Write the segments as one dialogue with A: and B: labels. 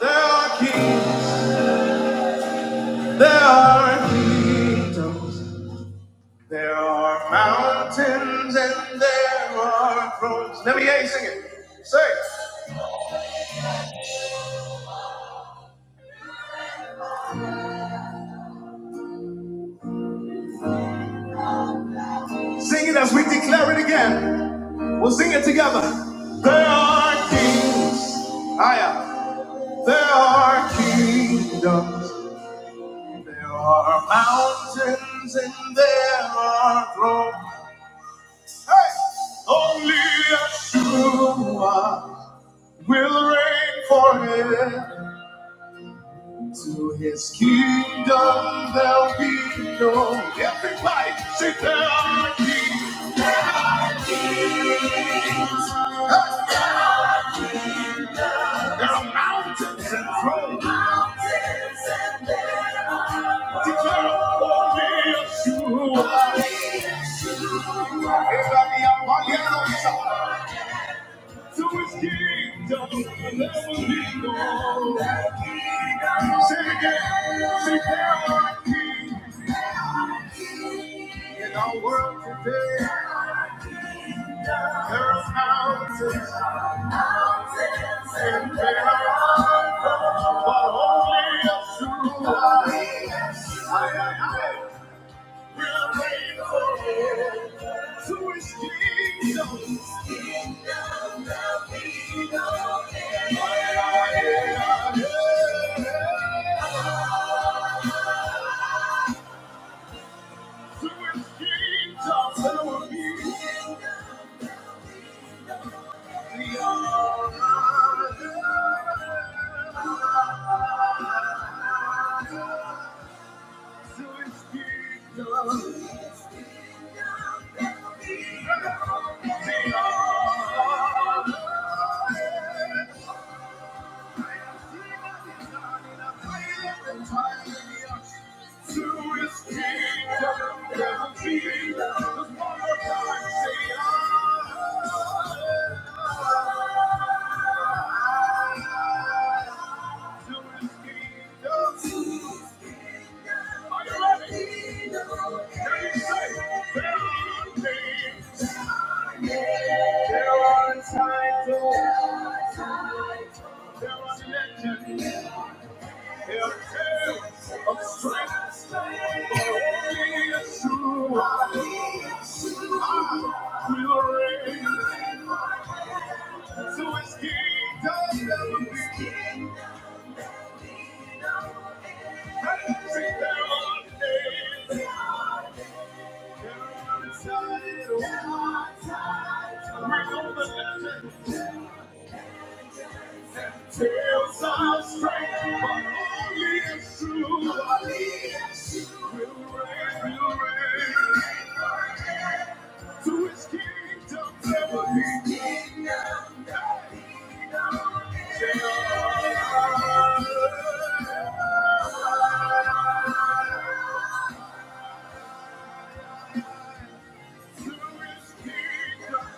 A: There are kings, there are kingdoms, there are mountains, and there are thrones. Let me hear you sing it. Say, it. sing it as we declare it again. We'll sing it together. There are kings, Aya. There are kingdoms, there are mountains, and there are thrones. Hey, only Yeshua. will reign forever. To his kingdom there'll be no everybody. Say there'll be. There are mountains and thrones. Mountains and there are thrones. Declare holy is you. Holy is you. Esa mi apariencia. To his kingdom will never be known. Sing again. Sing again, my king. In our world today, there are mountains and valleys, but only a true I will reign to His kingdom. Aye, aye, aye, aye. Thank you. There are titles. There are legends. We're on the legend. Tales of strength, but only is true. Only is true. Will reign, will reign. To his kingdom, never be. To his Kingdom, never be. To his kingdom.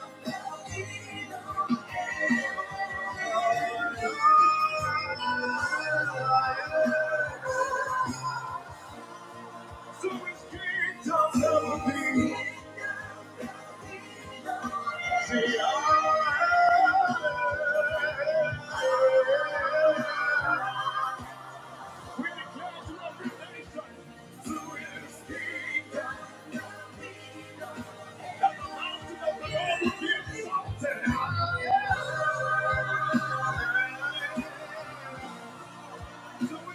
A: To his kingdom, never be. Yeah. Good evening,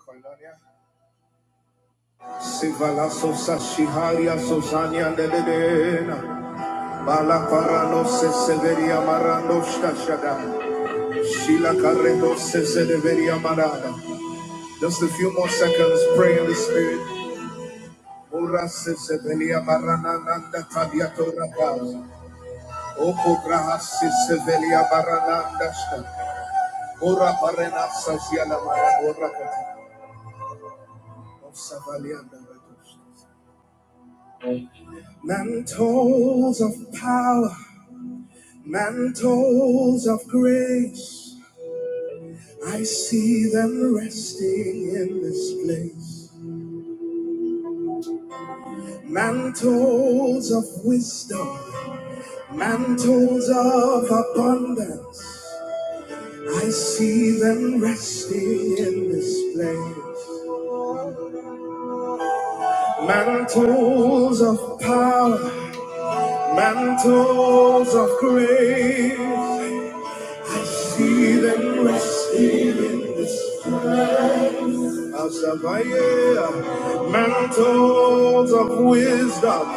A: Koinonia. Sivala sosa shiharia sosania dededena. Bala parano se severia marano stashada. Sheila Carreno Sesedeveria Marada. Just a few more seconds, pray in the spirit. Ora Sesevelia Marananda Tabiato Rapaz. Oko Graha Sesevelia Marananda Shta. Ora Parena Saziala Marada Rakata. Of Savalianda Ratos. Mantles of power, mantles of grace. I see them resting in this place. Mantles of wisdom, Mantles of abundance, I see them resting in this place. Mantles of power, mantles of grace, see them resting. Asabaya, mantles of wisdom,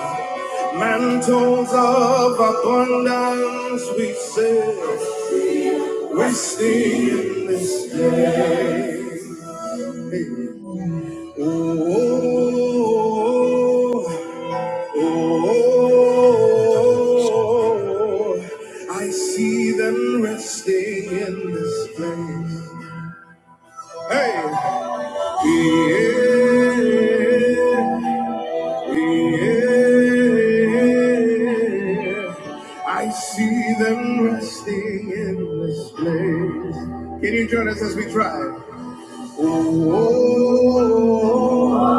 A: mantles of abundance, we say, resting in this. Oh, Oh, I see them resting in this place. Hey, yeah, yeah. I see them resting in this place. Can you join us as we try? Oh,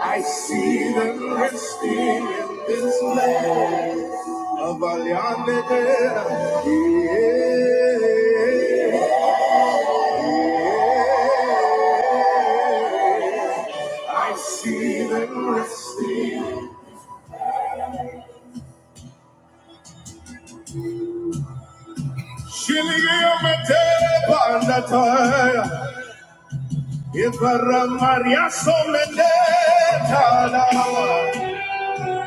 A: I see them resting in this land of Alianedera. I see them resting. Shilio mete pandataya. Ibara Maria Soledetana.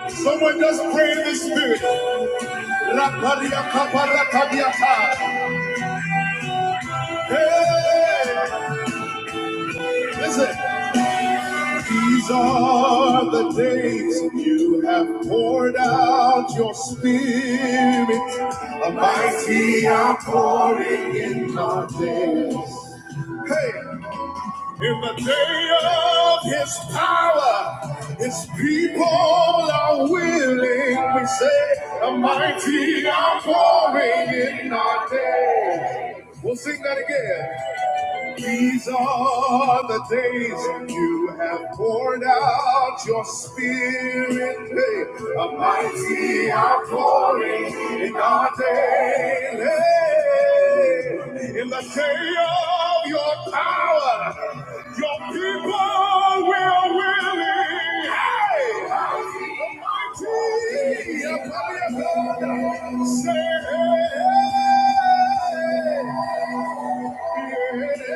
A: Someone just pray in the spirit. La Maria Caparata Hey, listen. These are the days you have poured out your spirit, a mighty outpouring in our days. Hey, in the day of his power, his people are willing. We say, a mighty outpouring in our days. We'll sing that again. These are the days you have poured out your spirit. Hey, a mighty outpouring in our day. Hey, in the day of your power, your people will willing. Hey, the mighty upon your Say, hey, hey, hey.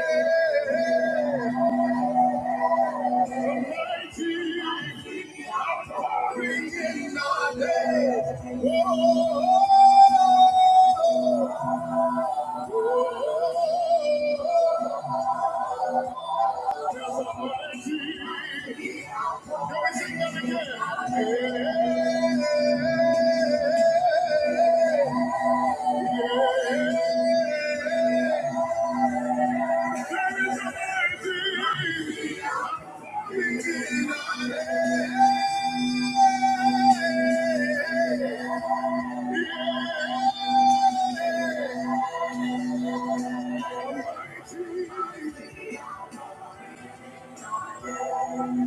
A: Every single day.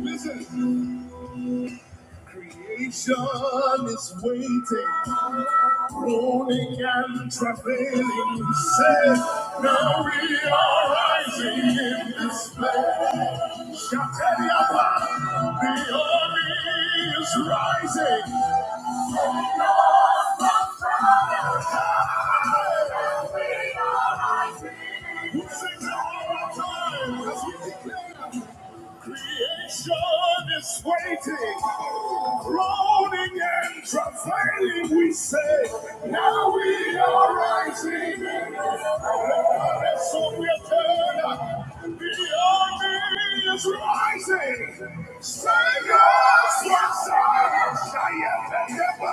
A: Listen, creation is waiting, groaning and travailing. Say, now we are rising in this place. Shatariapa, the army is rising. Who sings it all the time as we declare? Creation is waiting, groaning and travailing. We say, now we are rising. And so we are turning. The army is rising. Sing us what's up. Giant and never,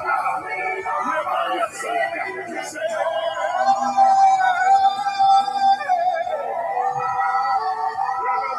A: never, never, never, never, Let your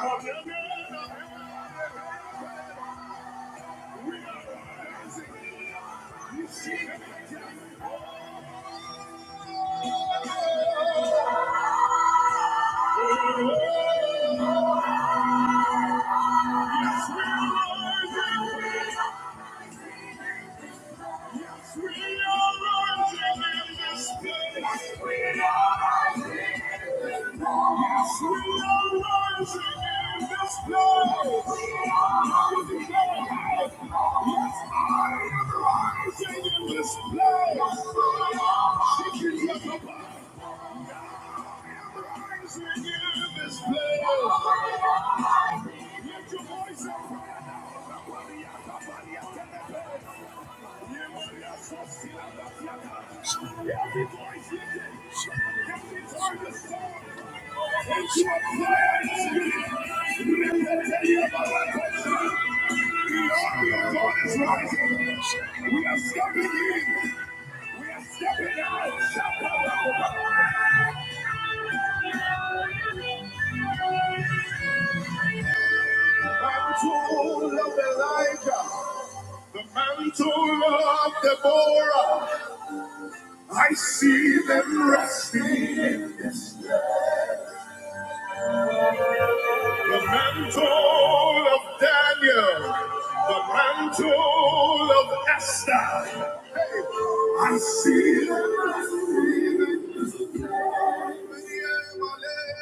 A: voice out, yes, I'm We are stepping in mantle of Elijah, the mantle of Deborah. I see them resting in this. The mantle of Daniel, the mantle of Esther. I see them resting in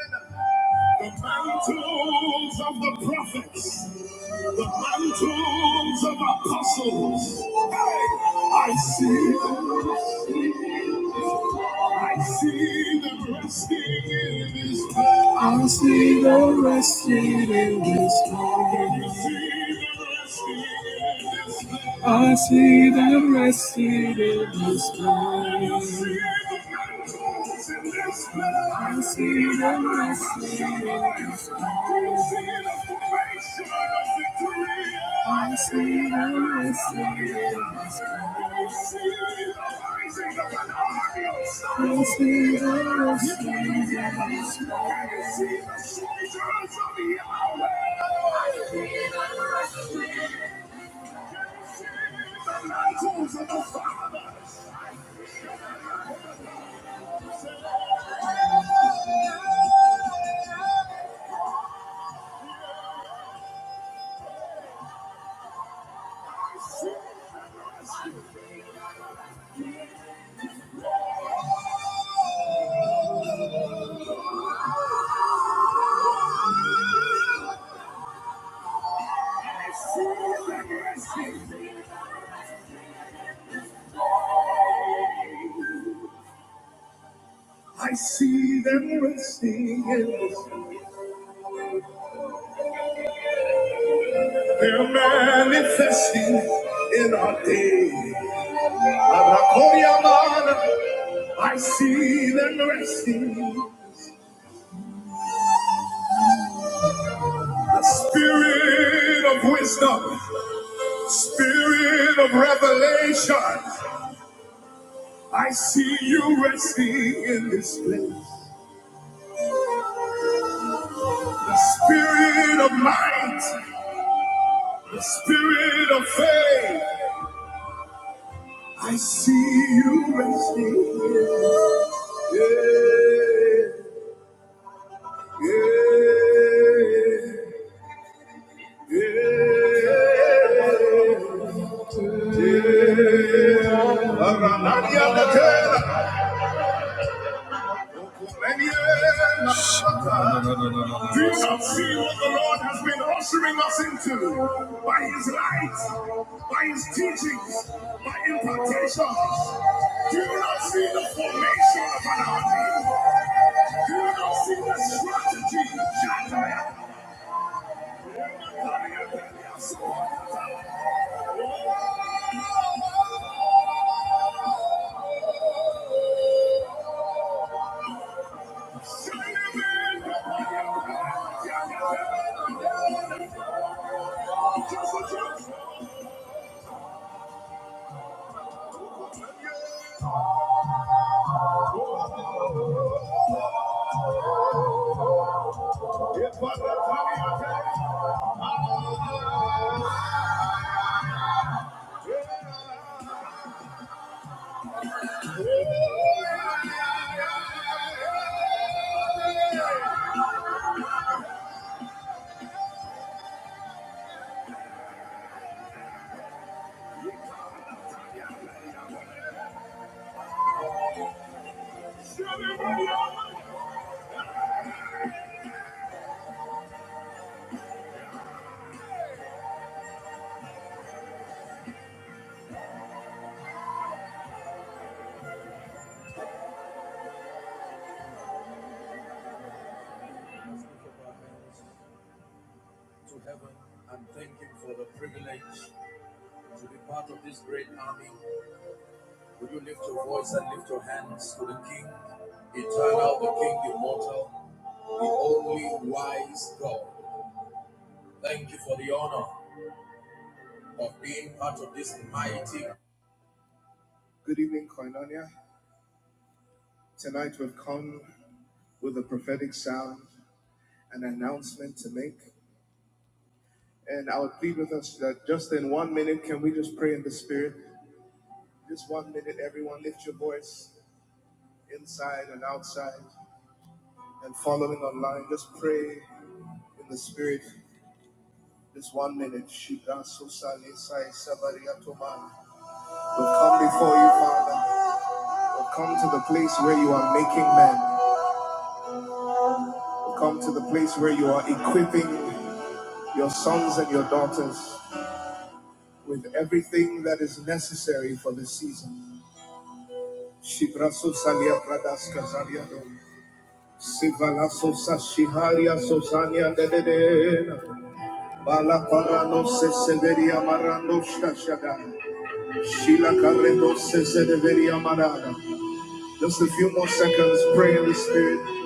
A: this. The mantles of the prophets, the mantles of apostles. Hey! I'll see the rested in this room. I see them rested in the sky. I see them rested in the sky. I see them rested in the sky. I see them rested in the grace. I see them resting in us. They're manifesting in our day. I see them resting. The spirit of wisdom, spirit of revelation. I see you resting in this place. The Spirit of might, the spirit of faith, I see you resting here. Yeah, yeah, yeah, yeah. Aranadia Nakela. Do you not see what the Lord has been ushering us into by His light, by His teachings, by impartations? Do you not see the formation of an army? Do you not see the strategy? Good evening, Koinonia. Tonight we've come with a prophetic sound, an announcement to make. And I would plead with us that just in one minute, can we just pray in the Spirit? Just one minute, everyone, lift your voice inside and outside and following online. Just pray in the Spirit. Just one minute. Shibraso We'll come before you, Father. We'll come to the place where you are making men. We'll come to the place where you are equipping your sons and your daughters with everything that is necessary for this season. Shibraso Salia Pradaska Zaliado. Sivalaso Sashiharia Sosania Dedena. Bala Parano se Severia Marando Shashada. Shila Carredo se Severia Marada. Just a few more seconds, pray in the spirit.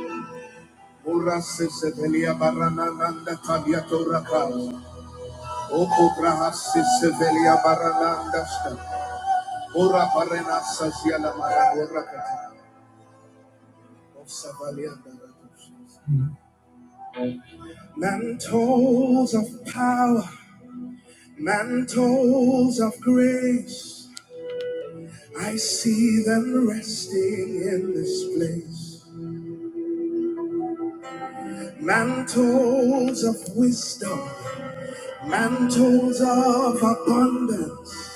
A: Ora se Severia Barananda Tabiato Raka. Oko Braha se Severia Barananda Shta. Ora Parena Sasiala Marando Rakata. Osavalianda Rakata. Mantles of power, mantles of grace. I see them resting in this place. Mantles of wisdom, mantles of abundance.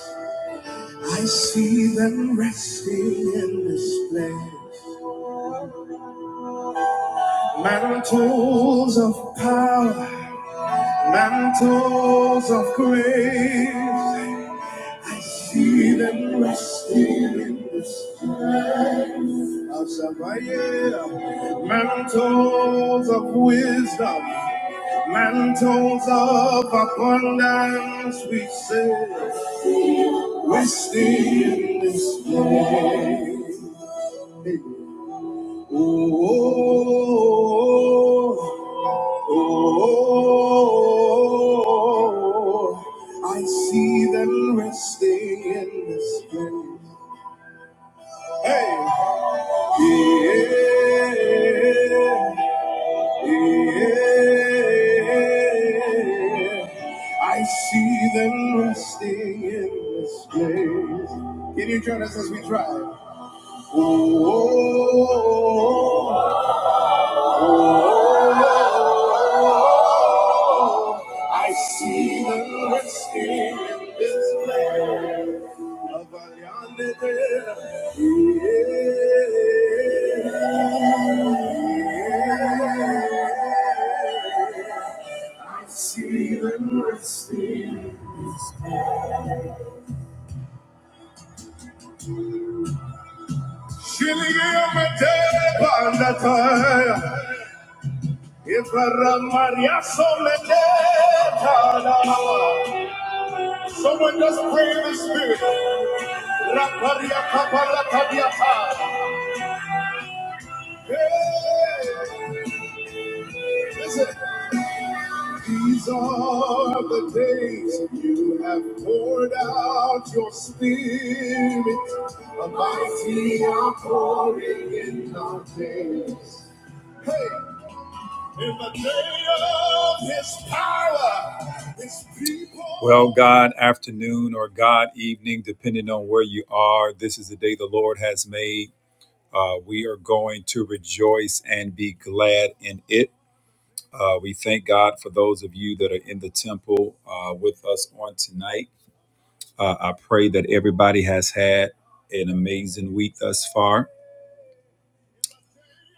A: I see them resting in this place. Mantles of power, mantles of grace. I see them resting in this mantles of wisdom, mantles of abundance, we say, we stand this place. Oh, oh, oh, oh, oh, I see them resting in this place. Hey, yeah. Yeah, I see them resting in this place. Can you join us as we drive? Oh, I see them resting in this place. Someone just pray in the spirit. Hey, listen. These are the days you have poured out your spirit, a mighty outpouring in our days. Hey, in the day of his power, his people. Well, God afternoon or God evening, depending on where you are, this is the day the Lord has made. Uh, we are going to rejoice and be glad in it. Uh, we thank God for those of you that are in the temple uh, with us on tonight. Uh, I pray that everybody has had an amazing week thus far.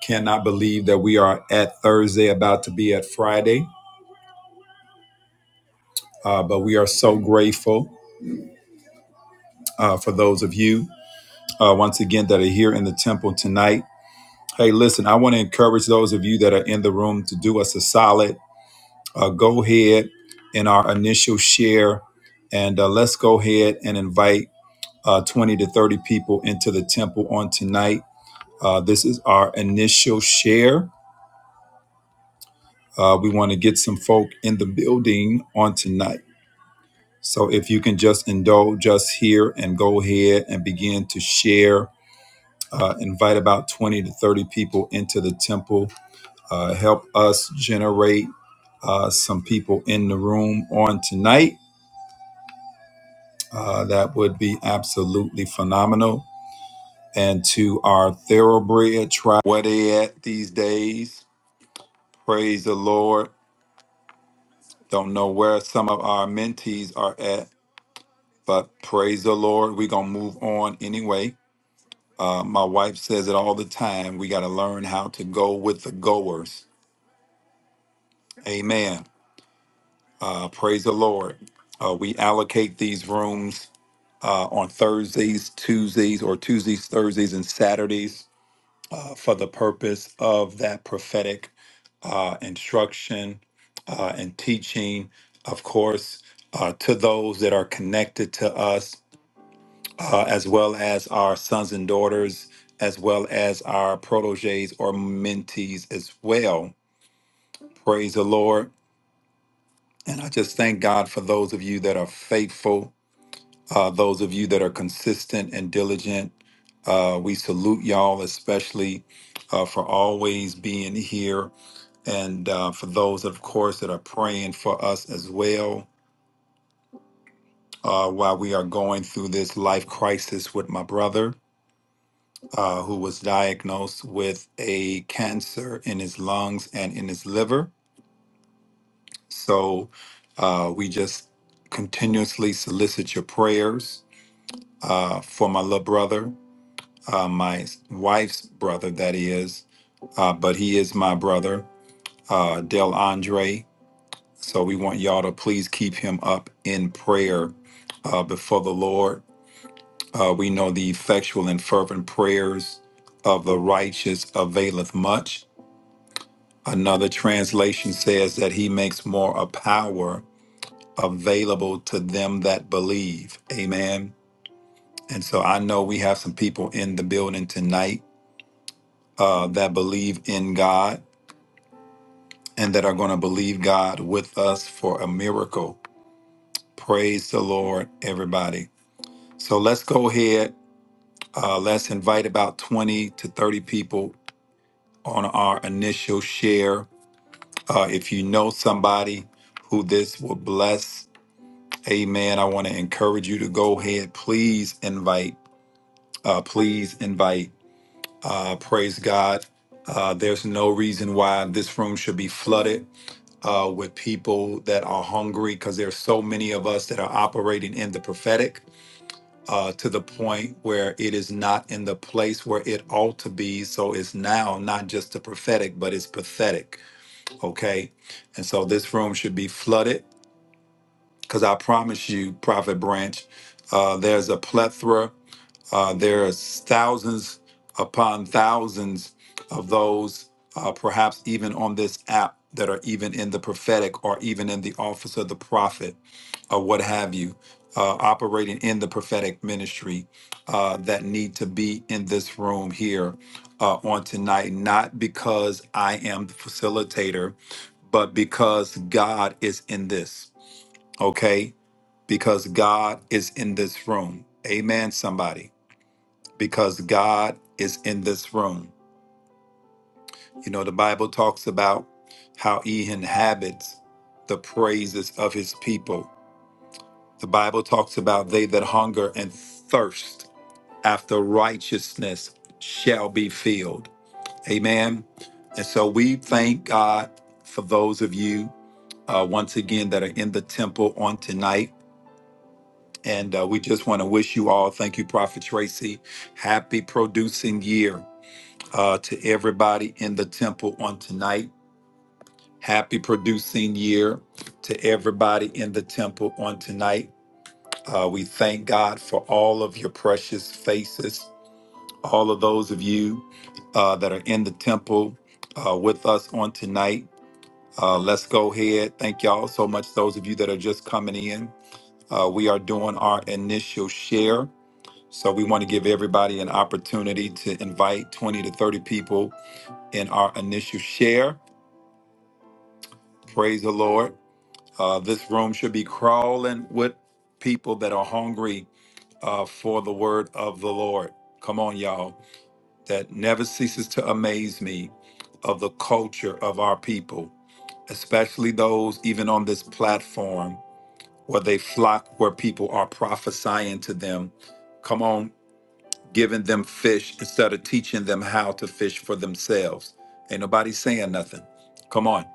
A: Cannot believe that we are at Thursday, about to be at Friday, uh, but we are so grateful uh, for those of you uh, once again that are here in the temple tonight. Hey, listen, I want to encourage those of you that are in the room to do us a solid uh, go ahead in our initial share and uh, let's go ahead and invite uh, 20 to 30 people into the temple on tonight. Uh, this is our initial share. Uh, we want to get some folk in the building on tonight. So if you can just indulge us here and go ahead and begin to share, uh, invite about 20 to 30 people into the temple, uh, help us generate uh, some people in the room on tonight Uh, that would be absolutely phenomenal. And to our thoroughbred tribe, where they at these days? Praise the Lord. Don't know where some of our mentees are at, but praise the Lord. We're going to move on anyway. Uh, my wife says it all the time. We got to learn how to go with the goers. Amen. Uh, praise the Lord. Uh, we allocate these rooms uh, on Thursdays, Tuesdays, or Tuesdays, Thursdays, and Saturdays for the purpose of that prophetic uh, instruction uh, and teaching, of course, uh, to those that are connected to us, uh, as well as our sons and daughters, as well as our proteges or mentees as well. Praise the Lord. And I just thank God for those of you that are faithful, uh, those of you that are consistent and diligent. Uh, we salute y'all, especially uh, for always being here and uh, for those, of course, that are praying for us as well uh, while we are going through this life crisis with my brother, uh, who was diagnosed with a cancer in his lungs and in his liver. So uh, we just continuously solicit your prayers uh, for my little brother, uh, my wife's brother, that is, uh, but he is my brother, uh, Del Andre So we want y'all to please keep him up in prayer uh, before the Lord. Uh, we know the effectual and fervent prayers of the righteous availeth much. Another translation says that he makes more a power available to them that believe. Amen. And so I know we have some people in the building tonight uh, that believe in God and that are going to believe God with us for a miracle. Praise the Lord, everybody. So let's go ahead. Uh, let's invite about 20 to 30 people on our initial share. Uh, if you know somebody who this will bless, amen. I want to encourage you to go ahead. Please invite. Uh, please invite. Uh, praise God. Uh, there's no reason why this room should be flooded uh, with people that are hungry because there's so many of us that are operating in the prophetic uh, to the point where it is not in the place where it ought to be. So it's now not just the prophetic, but it's pathetic. Okay. And so this room should be flooded because I promise you, Prophet Branch, uh, there's a plethora, uh, there are thousands upon thousands of those, uh, perhaps even on this app, that are even in the prophetic or even in the office of the prophet or what have you, uh, operating in the prophetic ministry uh, that need to be in this room here uh, on tonight, not because I am the facilitator, but because God is in this, okay? Because God is in this room. Amen, somebody. Because God is in this room. You know, the Bible talks about how he inhabits the praises of his people. The Bible talks about they that hunger and thirst after righteousness shall be filled. Amen. And so we thank God for those of you uh, once again that are in the temple on tonight. And uh, we just want to wish you all, thank you, Prophet Tracy, happy producing year uh, to everybody in the temple on tonight. Happy producing year to everybody in the temple on tonight. Uh, we thank God for all of your precious faces, all of those of you uh, that are in the temple uh, with us on tonight. Uh, let's go ahead. Thank y'all so much, those of you that are just coming in. Uh, we are doing our initial share. So we want to give everybody an opportunity to invite 20 to 30 people in our initial share. Praise the Lord. Uh, this room should be crawling with people that are hungry uh, for the word of the Lord. Come on, y'all. That never ceases to amaze me of the culture of our people, especially those even on this platform where they flock where people are prophesying to them. Come on, giving them fish instead of teaching them how to fish for themselves. Ain't nobody saying nothing. Come on.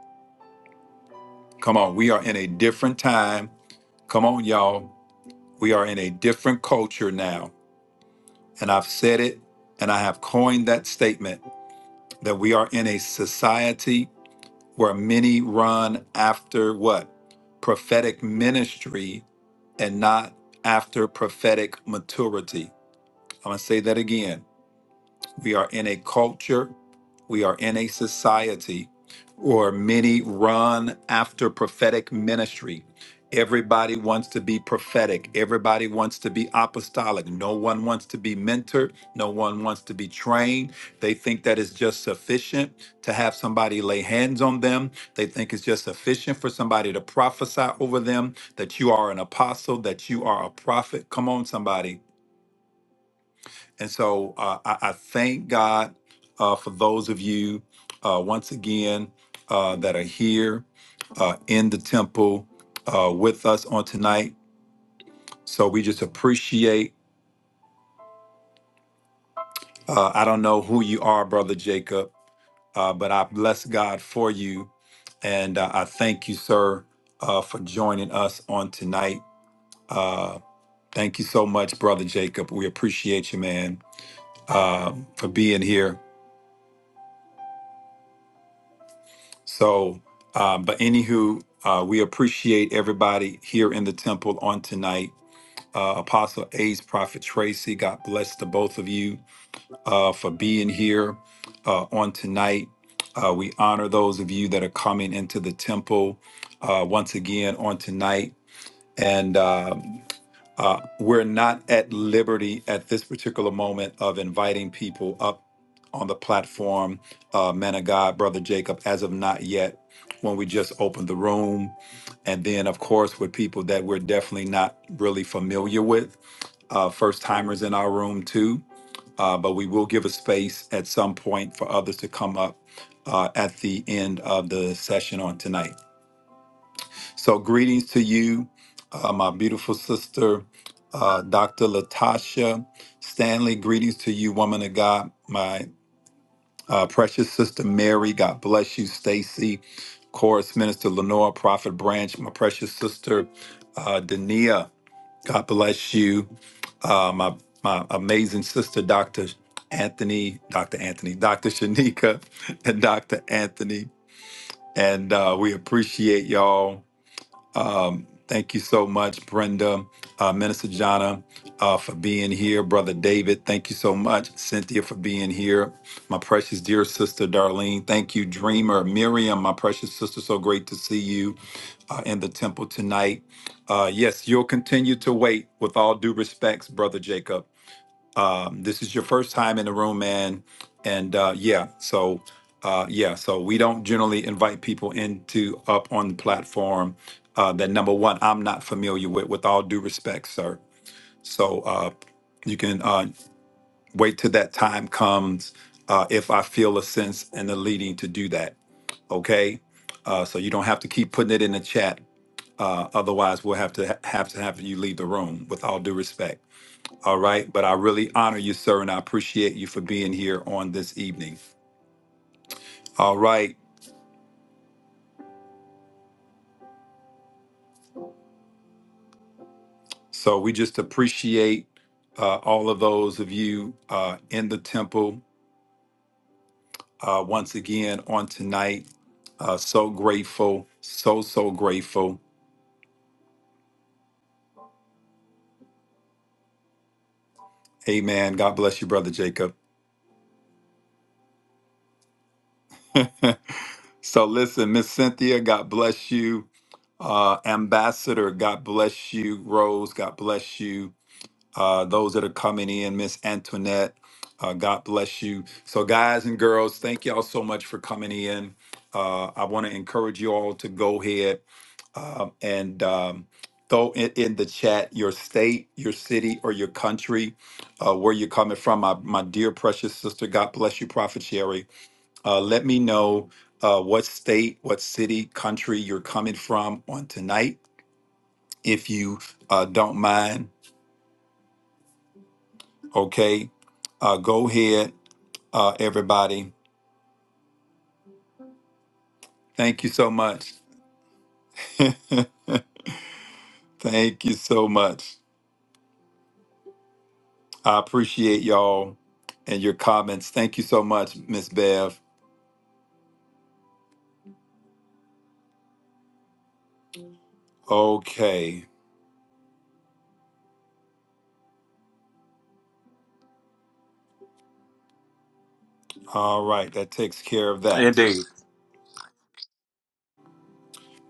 A: Come on. We are in a different time. Come on, y'all. We are in a different culture now and I've said it, and I have coined that statement that we are in a society where many run after what? Prophetic ministry and not after prophetic maturity. I'm going to say that again. We are in a culture we are in a society where many run after prophetic ministry. Everybody wants to be prophetic. Everybody wants to be apostolic. No one wants to be mentored. No one wants to be trained. They think that it's just sufficient to have somebody lay hands on them. They think it's just sufficient for somebody to prophesy over them that you are an apostle, that you are a prophet. Come on, somebody and so uh, I, I thank God uh, for those of you uh, once again uh, that are here uh, in the temple uh, with us on tonight. So we just appreciate. Uh, I don't know who you are, Brother Jacob, uh, but I bless God for you. And uh, I thank you, sir, uh, for joining us on tonight. Uh, thank you so much, Brother Jacob. We appreciate you, man, uh, for being here So, um, but anywho, uh, we appreciate everybody here in the temple on tonight. Uh, Apostle Ace, Prophet Tracy, God bless the both of you uh, for being here uh, on tonight. Uh, we honor those of you that are coming into the temple uh, once again on tonight. And uh, uh, we're not at liberty at this particular moment of inviting people up on the platform, uh, man of God, brother Jacob, as of not yet, when we just opened the room. And then, of course, with people that we're definitely not really familiar with, uh, first timers in our room too. Uh, but we will give a space at some point for others to come up uh, at the end of the session on tonight. So, greetings to you, uh, my beautiful sister, uh, Dr. Latasha Stanley. Greetings to you, woman of God, my uh, precious sister Mary. God bless you, Stacy, chorus minister Lenore, prophet branch, my precious sister uh, Dania. God bless you, uh, my my amazing sister, Dr. Anthony, Dr. Anthony, Dr. Shanika, and Dr. Anthony. And uh, we appreciate y'all. Um, thank you so much, Brenda, uh, Minister Jana, uh, for being here. Brother David, thank you so much. Cynthia, for being here. My precious dear sister, Darlene, thank you. Dreamer, Miriam, my precious sister, so great to see you uh, in the temple tonight. Uh, yes, you'll continue to wait with all due respects, Brother Jacob um, this is your first time in the room, man. And uh, yeah, so uh, yeah, so we don't generally invite people into up on the platform uh, that number one I'm not familiar with. With all due respect, sir. So uh, you can uh, wait till that time comes uh, if I feel a sense and the leading to do that. Okay, uh, so you don't have to keep putting it in the chat. Uh, otherwise, we'll have to have to have you leave the room. With all due respect. All right. But I really honor you, sir, and I appreciate you for being here on this evening. All right. So we just appreciate uh, all of those of you uh, in the temple uh, once again on tonight. Uh, so grateful. So, so grateful. Amen. God bless you, Brother Jacob. so listen, Miss Cynthia, God bless you. Uh, Ambassador, God bless you. Rose, God bless you uh, those that are coming in, Miss Antoinette. Uh, God bless you. So, guys and girls, thank y'all so much for coming in. Uh, I want to encourage you all to go ahead um, and um, throw in, in the chat your state, your city, or your country, uh, where you're coming from. My, my dear precious sister, God bless you, Prophet Sherry. Uh, let me know uh, what state, what city, country you're coming from on tonight, if you uh, don't mind Okay. Uh, go ahead, uh, everybody. Thank you so much. Thank you so much. I appreciate y'all and your comments. Thank you so much, Miss Bev. Okay. All right. That takes care of that.
B: Indeed.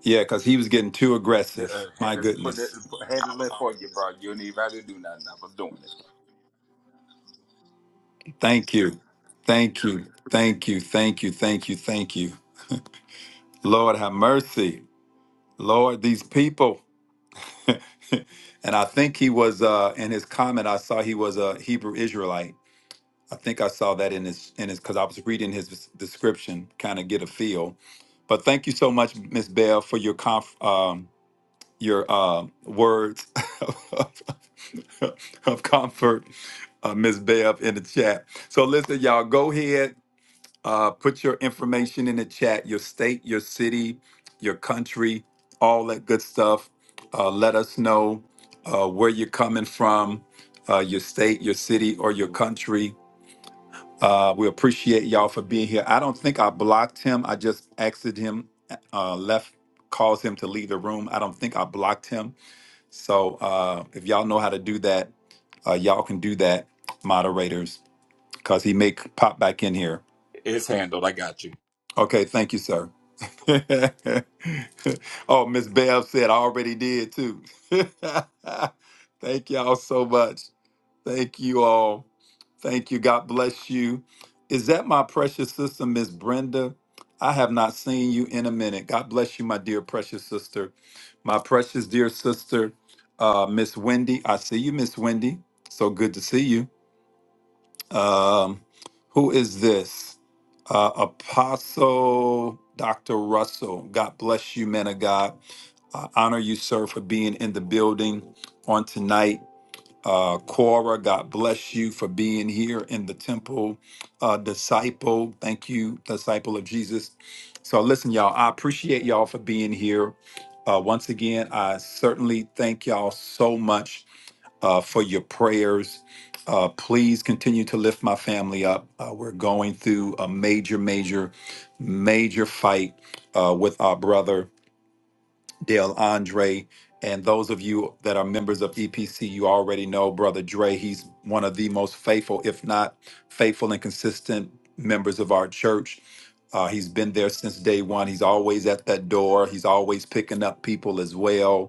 A: Yeah, because he was getting too
B: Uh,
A: aggressive.
B: ha-
A: My
B: uh, put it,
A: goodness.
B: put- handle it for you, bro. You don't even have to do nothing. I was doing it.
A: Thank you. Thank you. Thank you. Thank you. Thank you. Thank you. Lord have mercy. Lord, these people. and I think he was uh, in his comment. I saw he was a Hebrew Israelite. I think I saw that in his in his because I was reading his description, kind of get a feel. But thank you so much, Miss Bell, for your conf um, your uh, words of, of comfort, uh, Miss Bell, in the chat. So listen, y'all, go ahead uh, put your information in the chat, your state, your city, your country, all that good stuff. Uh, let us know uh, where you're coming from, uh, your state, your city, or your country. Uh, we appreciate y'all for being here. I don't think I blocked him. I just exited him, uh, left, caused him to leave the room. I don't think I blocked him. So uh, if y'all know how to do that, uh, y'all can do that, moderators, because he may c- pop back in here.
B: It's handled. I got you.
A: Okay, thank you, sir. oh, Miss Bev said I already did too. thank y'all so much. Thank you all. Thank you. God bless you. Is that my precious sister, Miss Brenda? I have not seen you in a minute. God bless you, my dear precious sister. My precious dear sister, uh, Miss Wendy. I see you, Miss Wendy. So good to see you. Um, who is this? Uh, Apostle Dr. Russell. God bless you, man of God. I honor you, sir, for being in the building on tonight. Uh, Cora, God bless you for being here in the temple. Uh, disciple, thank you, disciple of Jesus. So, listen, y'all, I appreciate y'all for being here. Uh, once again, I certainly thank y'all so much uh, for your prayers. Uh, please continue to lift my family up. Uh, we're going through a major, major, major fight uh, with our brother, Dale Andre. And those of you that are members of EPC, you already know Brother Dre. He's one of the most faithful, if not faithful and consistent members of our church. Uh, he's been there since day one. He's always at that door. He's always picking up people as well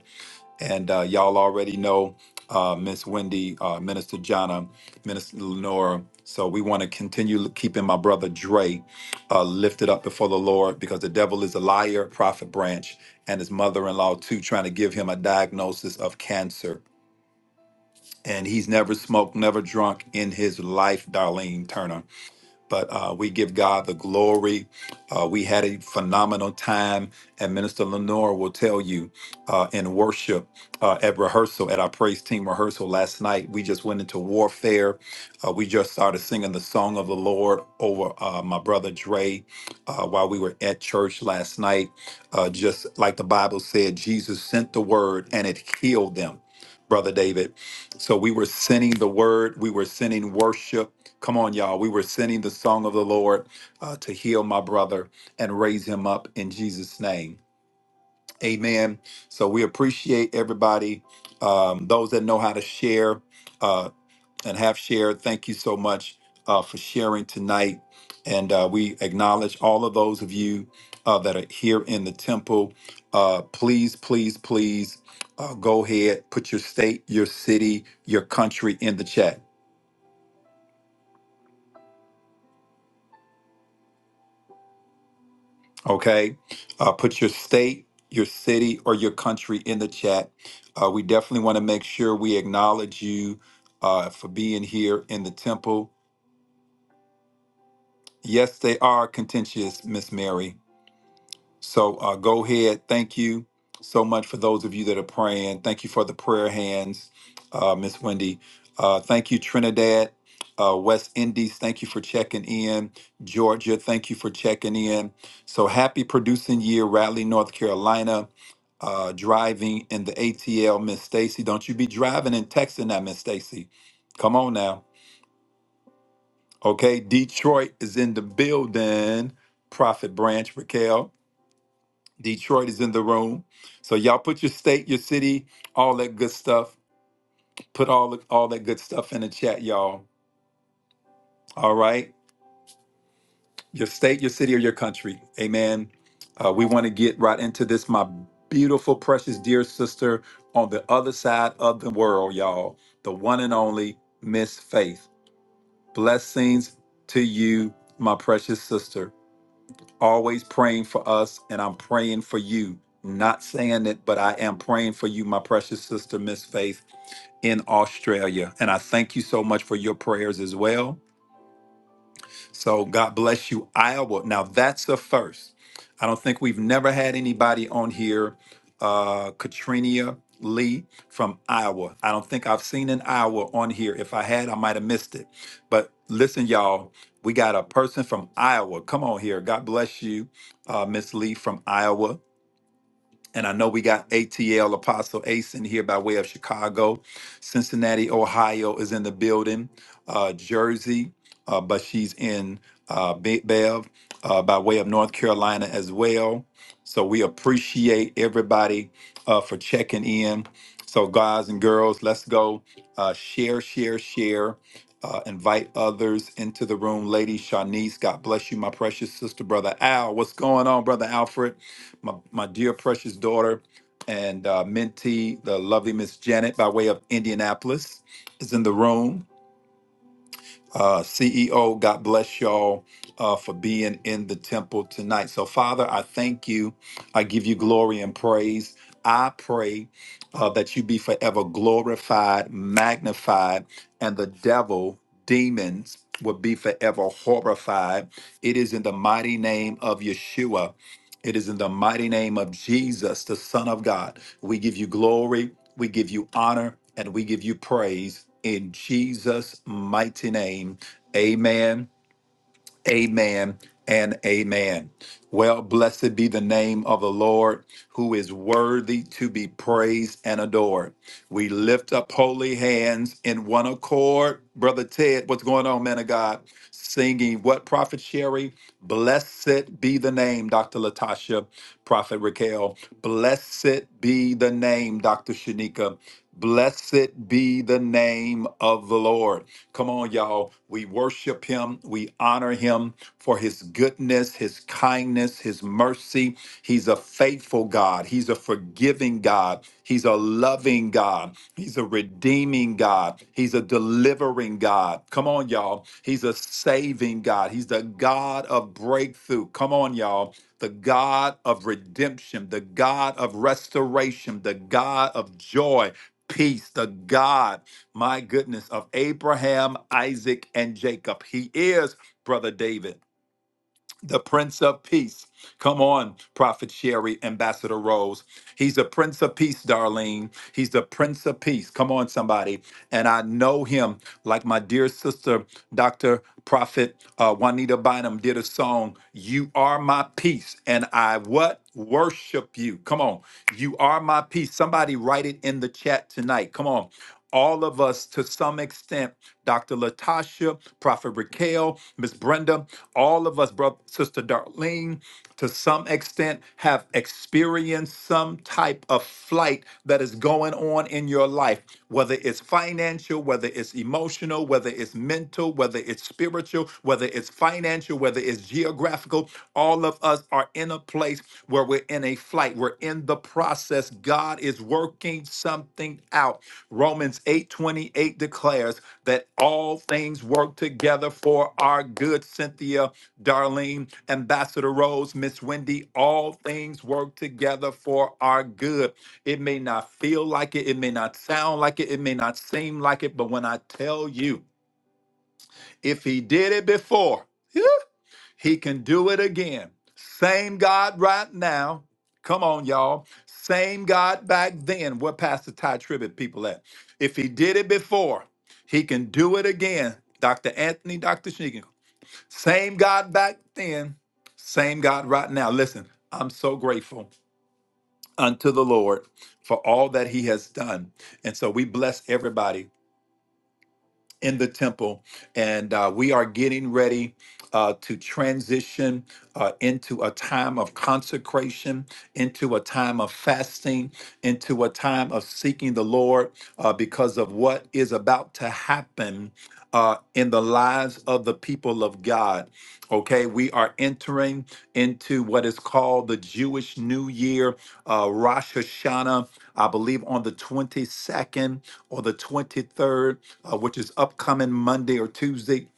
A: and uh, y'all already know uh, Miss Wendy, uh, Minister Jonna, Minister Lenora. So we want to continue keeping my brother Dre uh, lifted up before the Lord because the devil is a liar, Prophet Branch, and his mother in law, too, trying to give him a diagnosis of cancer. And he's never smoked, never drunk in his life, Darlene Turner. But uh, we give God the glory. Uh, we had a phenomenal time, and Minister Lenore will tell you uh, in worship uh, at rehearsal, at our praise team rehearsal last night. We just went into warfare. Uh, we just started singing the song of the Lord over uh, my brother Dre uh, while we were at church last night. Uh, just like the Bible said, Jesus sent the word and it healed them, Brother David. So we were sending the word, we were sending worship Come on, y'all. We were sending the song of the Lord uh, to heal my brother and raise him up in Jesus' name. Amen. So we appreciate everybody. Um, those that know how to share uh, and have shared, thank you so much uh, for sharing tonight. And uh, we acknowledge all of those of you uh, that are here in the temple. Uh, please, please, please uh, go ahead, put your state, your city, your country in the chat Okay. Uh, put your state, your city, or your country in the chat. Uh, we definitely want to make sure we acknowledge you uh, for being here in the temple. Yes, they are contentious, Miss Mary. So uh, go ahead. Thank you so much for those of you that are praying. Thank you for the prayer hands, uh, Miss Wendy. Uh, thank you, Trinidad. Uh, West Indies, thank you for checking in. Georgia, thank you for checking in. So happy producing year, Raleigh, North Carolina. Uh, driving in the ATL, Miss Stacy. Don't you be driving and texting that, Miss Stacy. Come on now. Okay, Detroit is in the building. Prophet Branch, Raquel. Detroit is in the room. So y'all put your state, your city, all that good stuff. Put all the- all that good stuff in the chat, y'all. All right, your state, your city, or your country. Amen. Uh, we want to get right into this, my beautiful, precious, dear sister on the other side of the world, y'all. The one and only Miss Faith. Blessings to you, my precious sister. always praying for us, and I'm praying for you. Not saying it, but I am praying for you, my precious sister, Miss Faith, in Australia. And I thank you so much for your prayers as well. So God bless you, Iowa. Now that's a first. I don't think we've never had anybody on here, uh, Katrina Lee from Iowa. I don't think I've seen an Iowa on here. If I had, I might have missed it. But listen, y'all, we got a person from Iowa. Come on here. God bless you, uh, Miss Lee from Iowa. And I know we got ATL Apostle Ace in here by way of Chicago. Cincinnati, Ohio is in the building. Uh, Jersey, uh, but she's in uh, Big Bev uh, by way of North Carolina as well. So we appreciate everybody uh, for checking in. So, guys and girls, let's go uh, share, share, share. Uh, invite others into the room. Lady Shanice, God bless you, my precious sister, brother Al. What's going on, brother Alfred? my, my dear precious daughter and uh, mentee, the lovely Miss Janet, by way of Indianapolis, is in the room. Uh, CEO, God bless y'all uh, for being in the temple tonight. So, Father, I thank you. I give you glory and praise. I pray uh, that you be forever glorified, magnified, and the devil, demons, will be forever horrified. It is in the mighty name of Yeshua it is in the mighty name of Jesus, the Son of God. We give you glory, we give you honor, and we give you praise in Jesus' mighty name. Amen Amen and amen. Well, blessed be the name of the Lord, who is worthy to be praised and adored. We lift up holy hands in one accord. Brother Ted, what's going on, man of God? Singing what, Prophet Sherry? Blessed be the name, Dr. Latasha, Prophet Raquel. Blessed be the name, Dr. Shanika. Blessed be the name of the Lord. Come on, y'all. We worship him. We honor him for his goodness, his kindness, his mercy. He's a faithful God. He's a forgiving God. He's a loving God. He's a redeeming God. He's a delivering God. Come on, y'all. He's a saving God. He's the God of breakthrough. Come on, y'all. The God of redemption, the God of restoration, the God of joy, peace, the God my goodness, of Abraham, Isaac, and Jacob. He is Brother David the Prince of Peace. Come on, Prophet Sherry, Ambassador Rose. He's a Prince of Peace, Darlene. He's the Prince of Peace. Come on, somebody. And I know him like my dear sister, Dr. Prophet uh, Juanita Bynum did a song, You Are My Peace. And I what? Worship you. Come on. You are my peace. Somebody write it in the chat tonight. Come on. All of us, to some extent, Dr. Latasha, Prophet Raquel, Miss Brenda. All of us, brother, sister Darlene, to some extent, have experienced some type of flight that is going on in your life, whether it's financial, whether it's emotional, whether it's mental, whether it's spiritual, whether it's financial, whether it's geographical. All of us are in a place where we're in a flight. We're in the process. God is working something out. Romans eight twenty eight declares that all things work together for our good. Cynthia, Darlene, Ambassador Rose, Miss Wendy, all things work together for our good. It may not feel like it, it may not sound like it, it may not seem like it, but when I tell you, if he did it before, yeah, he can do it again. Same God right now. Come on, y'all. Same God back then. Where Pastor Ty Tribbett people at? If he did it before, he can do it again. Dr. Anthony, Dr. Sheegan. Same God back then, same God right now. Listen, I'm so grateful unto the Lord for all that he has done. And so we bless everybody in the temple, and uh, we are getting ready uh, to transition uh, into a time of consecration, into a time of fasting, into a time of seeking the Lord uh, because of what is about to happen. Uh, in the lives of the people of God. Okay, we are entering into what is called the Jewish New Year, uh, Rosh Hashanah, I believe on the 22nd or the 23rd uh, which is upcoming Monday or Tuesday.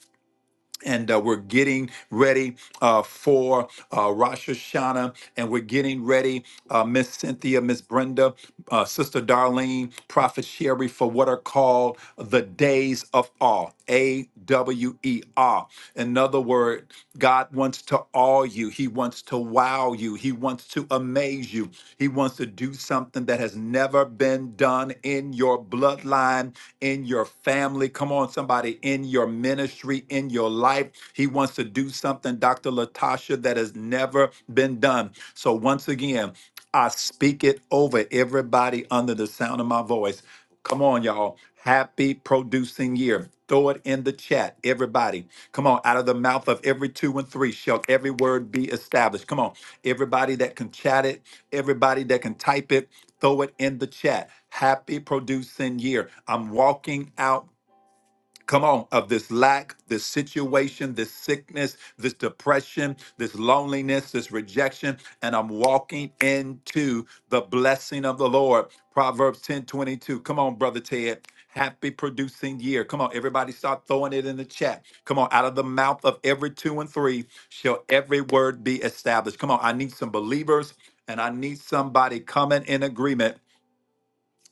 A: And uh, we're getting ready uh, for uh, Rosh Hashanah, and we're getting ready, uh, Miss Cynthia, Miss Brenda, uh, Sister Darlene, Prophet Sherry, for what are called the days of awe, A W E R. Another word, God wants to awe you. He wants to wow you. He wants to amaze you. He wants to do something that has never been done in your bloodline in your family. Come on, somebody, in your ministry, in your life. He wants to do something, Dr. Latasha, that has never been done. So, once again, I speak it over everybody under the sound of my voice. Come on, y'all. Happy producing year. Throw it in the chat, everybody. Come on, out of the mouth of every two and three shall every word be established. Come on, everybody that can chat it, everybody that can type it, Throw it in the chat. Happy producing year. I'm walking out. Come on, of this lack, this situation, this sickness, this depression, this loneliness, this rejection, and I'm walking into the blessing of the Lord. Proverbs 10 22. Come on, Brother Ted. Happy producing year. Come on, everybody start throwing it in the chat. Come on, out of the mouth of every two and three shall every word be established. Come on, I need some believers and I need somebody coming in agreement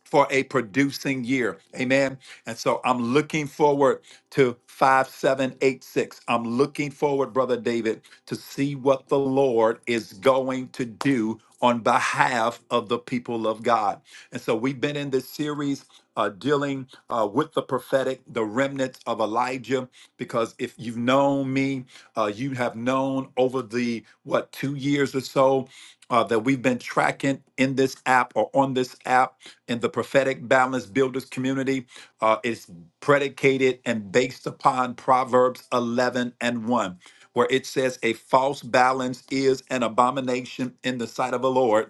A: for a producing year. Amen. And so I'm looking forward to 5786. I'm looking forward, Brother David, to see what the Lord is going to do on behalf of the people of God. And so we've been in this series uh, dealing uh, with the prophetic, the remnants of Elijah, because if you've known me, uh, you have known over the, what, two years or so uh, that we've been tracking in this app or on this app in the prophetic balance builders community uh, is predicated and based upon Proverbs 11 and 1, where it says, A false balance is an abomination in the sight of the Lord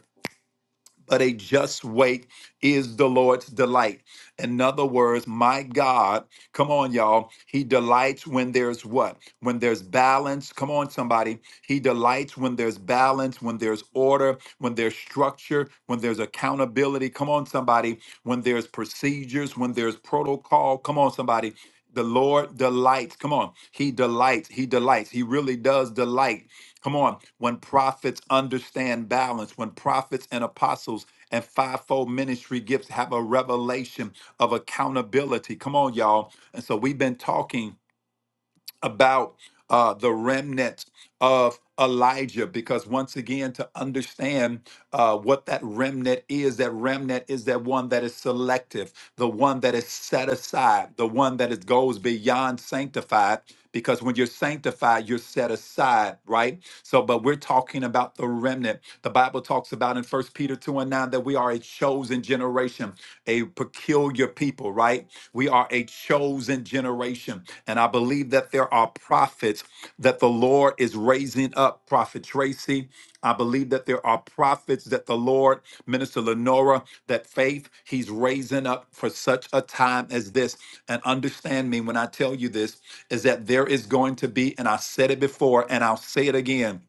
A: but a just wait is the Lord's delight. In other words, my God, come on, y'all. He delights when there's what? When there's balance. Come on, somebody. He delights when there's balance, when there's order, when there's structure, when there's accountability. Come on, somebody. When there's procedures, when there's protocol. Come on, somebody. The Lord delights. Come on. He delights. He delights. He really does delight Come on. When prophets understand balance, when prophets and apostles and fivefold ministry gifts have a revelation of accountability. Come on, y'all. And so we've been talking about uh, the remnant of Elijah, because once again, to understand uh, what that remnant is, that remnant is that one that is selective, the one that is set aside, the one that is, goes beyond sanctified. Because when you're sanctified, you're set aside, right? So, but we're talking about the remnant. The Bible talks about in First Peter 2 and 9 that we are a chosen generation, a peculiar people, right? We are a chosen generation and I believe that there are prophets that the Lord is raising up. Prophet Tracy, I believe that there are prophets that the Lord, Minister Lenora, that faith He's raising up for such a time as this. And understand me when I tell you this is that there is going to be, and I said it before, and I'll say it again.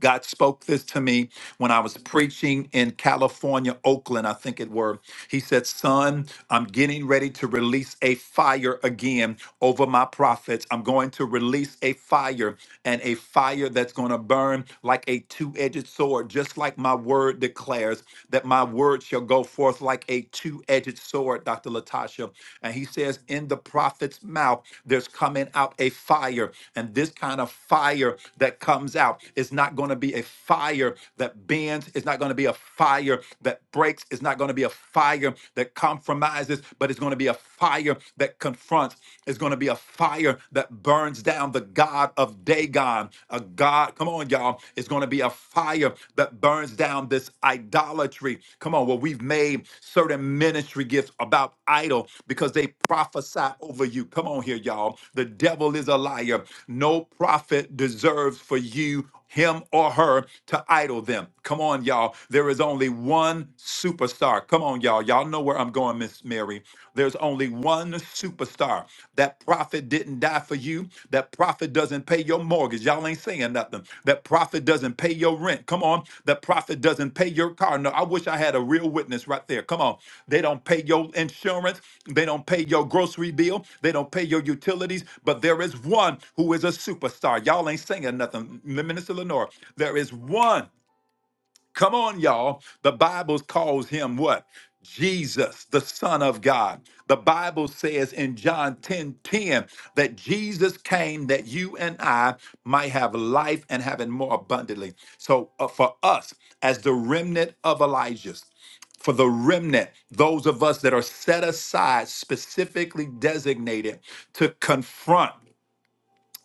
A: God spoke this to me when I was preaching in California, Oakland, I think it were. He said, Son, I'm getting ready to release a fire again over my prophets. I'm going to release a fire and a fire that's going to burn like a two edged sword, just like my word declares that my word shall go forth like a two edged sword, Dr. Latasha. And he says, In the prophet's mouth, there's coming out a fire. And this kind of fire that comes out is not going to be a fire that that bends. It's not going to be a fire that breaks. It's not going to be a fire that compromises, but it's going to be a fire that confronts. It's going to be a fire that burns down the God of Dagon. A God, come on, y'all. It's going to be a fire that burns down this idolatry. Come on, well, we've made certain ministry gifts about idol because they prophesy over you. Come on here, y'all. The devil is a liar. No prophet deserves for you him or her to idol them. Come on, y'all. There is only one superstar. Come on, y'all. Y'all know where I'm going, Miss Mary. There's only one superstar. That prophet didn't die for you. That prophet doesn't pay your mortgage. Y'all ain't saying nothing. That prophet doesn't doesn't pay your rent. Come on. The prophet doesn't pay your car. No, I wish I had a real witness right there. Come on. They don't pay your insurance. They don't pay your grocery bill. They don't pay your utilities. But there is one who is a superstar. Y'all ain't singing nothing, Minister Lenore. There is one Come on, y'all. The Bible calls him what? Jesus, the Son of God. The Bible says in John 10 10 that Jesus came that you and I might have life and have it more abundantly. So, uh, for us, as the remnant of Elijah's, for the remnant, those of us that are set aside, specifically designated to confront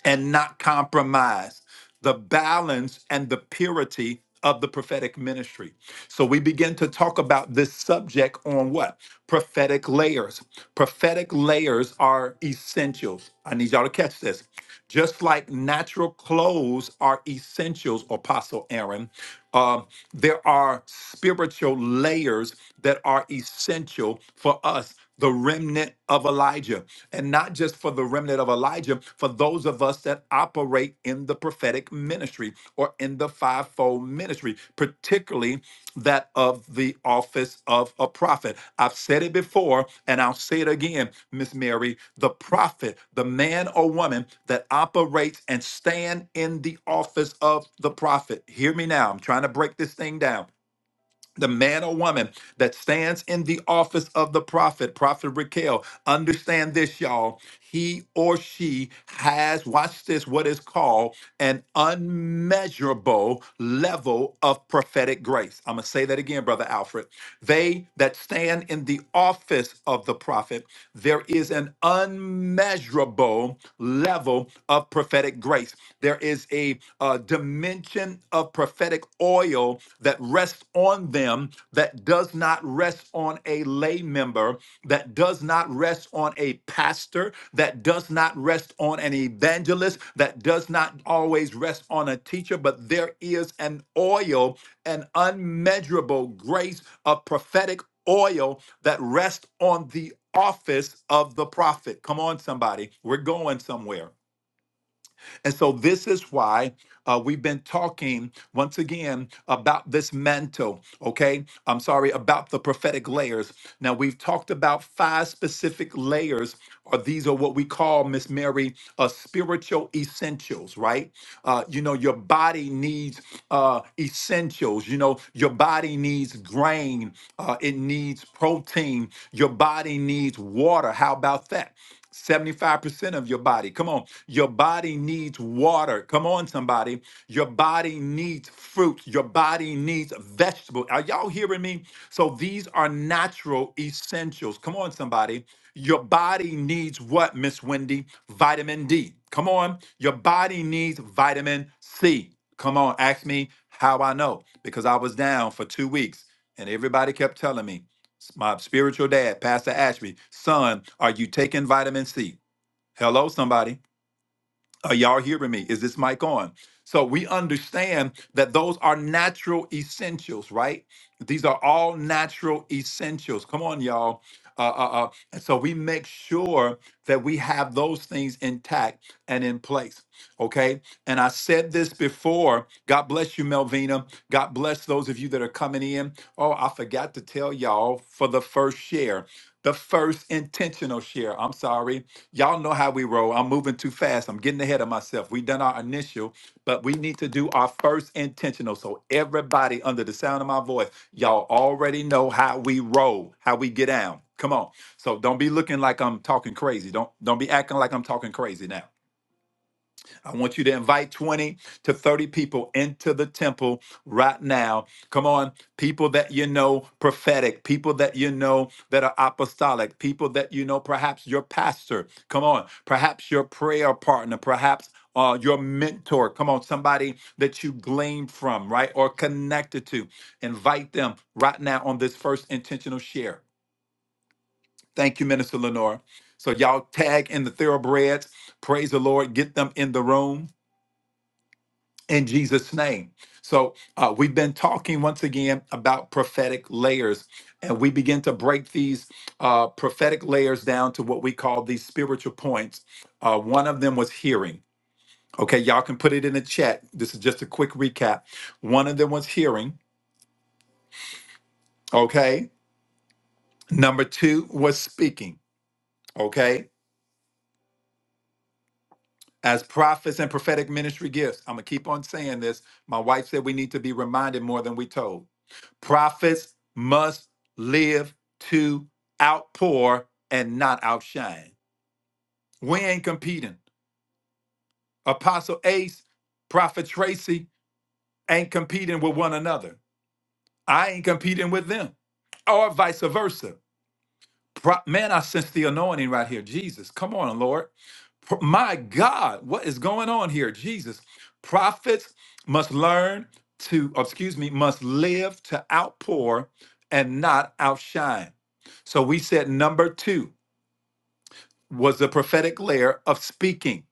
A: and not compromise the balance and the purity of the prophetic ministry. So we begin to talk about this subject on what? Prophetic layers. Prophetic layers are essentials. I need y'all to catch this. Just like natural clothes are essentials, Apostle Aaron, um, there are spiritual layers that are essential for us the remnant of Elijah. And not just for the remnant of Elijah, for those of us that operate in the prophetic ministry or in the fivefold ministry, particularly that of the office of a prophet. I've said it before and I'll say it again, Miss Mary, the prophet, the man or woman that operates and stand in the office of the prophet. Hear me now. I'm trying to break this thing down the man or woman that stands in the office of the prophet, Prophet Raquel, understand this, y'all. He or she has, watch this, what is called an unmeasurable level of prophetic grace. I'm going to say that again, Brother Alfred. They that stand in the office of the prophet, there is an unmeasurable level of prophetic grace. There is a, uh dimension of prophetic oil that rests on them that does not rest on a lay member, that does not rest on a pastor, that does not rest on an evangelist, that does not always rest on a teacher, but there is an oil, an unmeasurable grace, a prophetic oil that rests on the office of the prophet. Come on, somebody. We're going somewhere. And so this is why uh, we've been talking once again about this mantle, okay? I'm sorry, about the prophetic layers. Now, we've talked about five specific layers, or these are what we call, Miss Mary, uh, spiritual essentials, right? Uh, you know, your body needs uh, essentials. You know, your body needs grain, uh, it needs protein, your body needs water. How about that? 75% of your body. Come on. Your body needs water. Come on, somebody. Your body needs fruit. Your body needs vegetables. Are y'all hearing me? So these are natural essentials. Come on, somebody. Your body needs what, Miss Wendy? Vitamin D. Come on. Your body needs vitamin C. Come on. Ask me how I know because I was down for two weeks and everybody kept telling me my spiritual dad, Pastor Ashby, son, are you taking vitamin C? Hello, somebody. Are y'all hearing me? Is this mic on? So we understand that those are natural essentials, right? These are all natural essentials. Come on, y'all. Uh, uh, uh. And so we make sure that we have those things intact and in place. Okay. And I said this before. God bless you, Melvina. God bless those of you that are coming in. Oh, I forgot to tell y'all for the first share, the first intentional share. I'm sorry. Y'all know how we roll. I'm moving too fast. I'm getting ahead of myself. We done our initial, but we need to do our first intentional. So everybody under the sound of my voice, y'all already know how we roll, how we get down. Come on. So don't be looking like I'm talking crazy. Don't don't be acting like I'm talking crazy now. I want you to invite 20 to 30 people into the temple right now. Come on, people that you know prophetic, people that you know that are apostolic, people that you know perhaps your pastor. Come on, perhaps your prayer partner, perhaps uh, your mentor. Come on, somebody that you glean from, right? Or connected to. Invite them right now on this first intentional share. Thank you, Minister Lenore. So, y'all tag in the thoroughbreds. Praise the Lord. Get them in the room in Jesus' name. So, uh, we've been talking once again about prophetic layers, and we begin to break these uh, prophetic layers down to what we call these spiritual points. Uh, one of them was hearing. Okay, y'all can put it in the chat. This is just a quick recap. One of them was hearing. Okay. Number two was speaking. Okay. As prophets and prophetic ministry gifts, I'm going to keep on saying this. My wife said we need to be reminded more than we told. Prophets must live to outpour and not outshine. We ain't competing. Apostle Ace, Prophet Tracy ain't competing with one another. I ain't competing with them, or vice versa. Pro- Man, I sense the anointing right here. Jesus, come on, Lord. Pro- My God, what is going on here? Jesus, prophets must learn to, excuse me, must live to outpour and not outshine. So we said number two was the prophetic layer of speaking.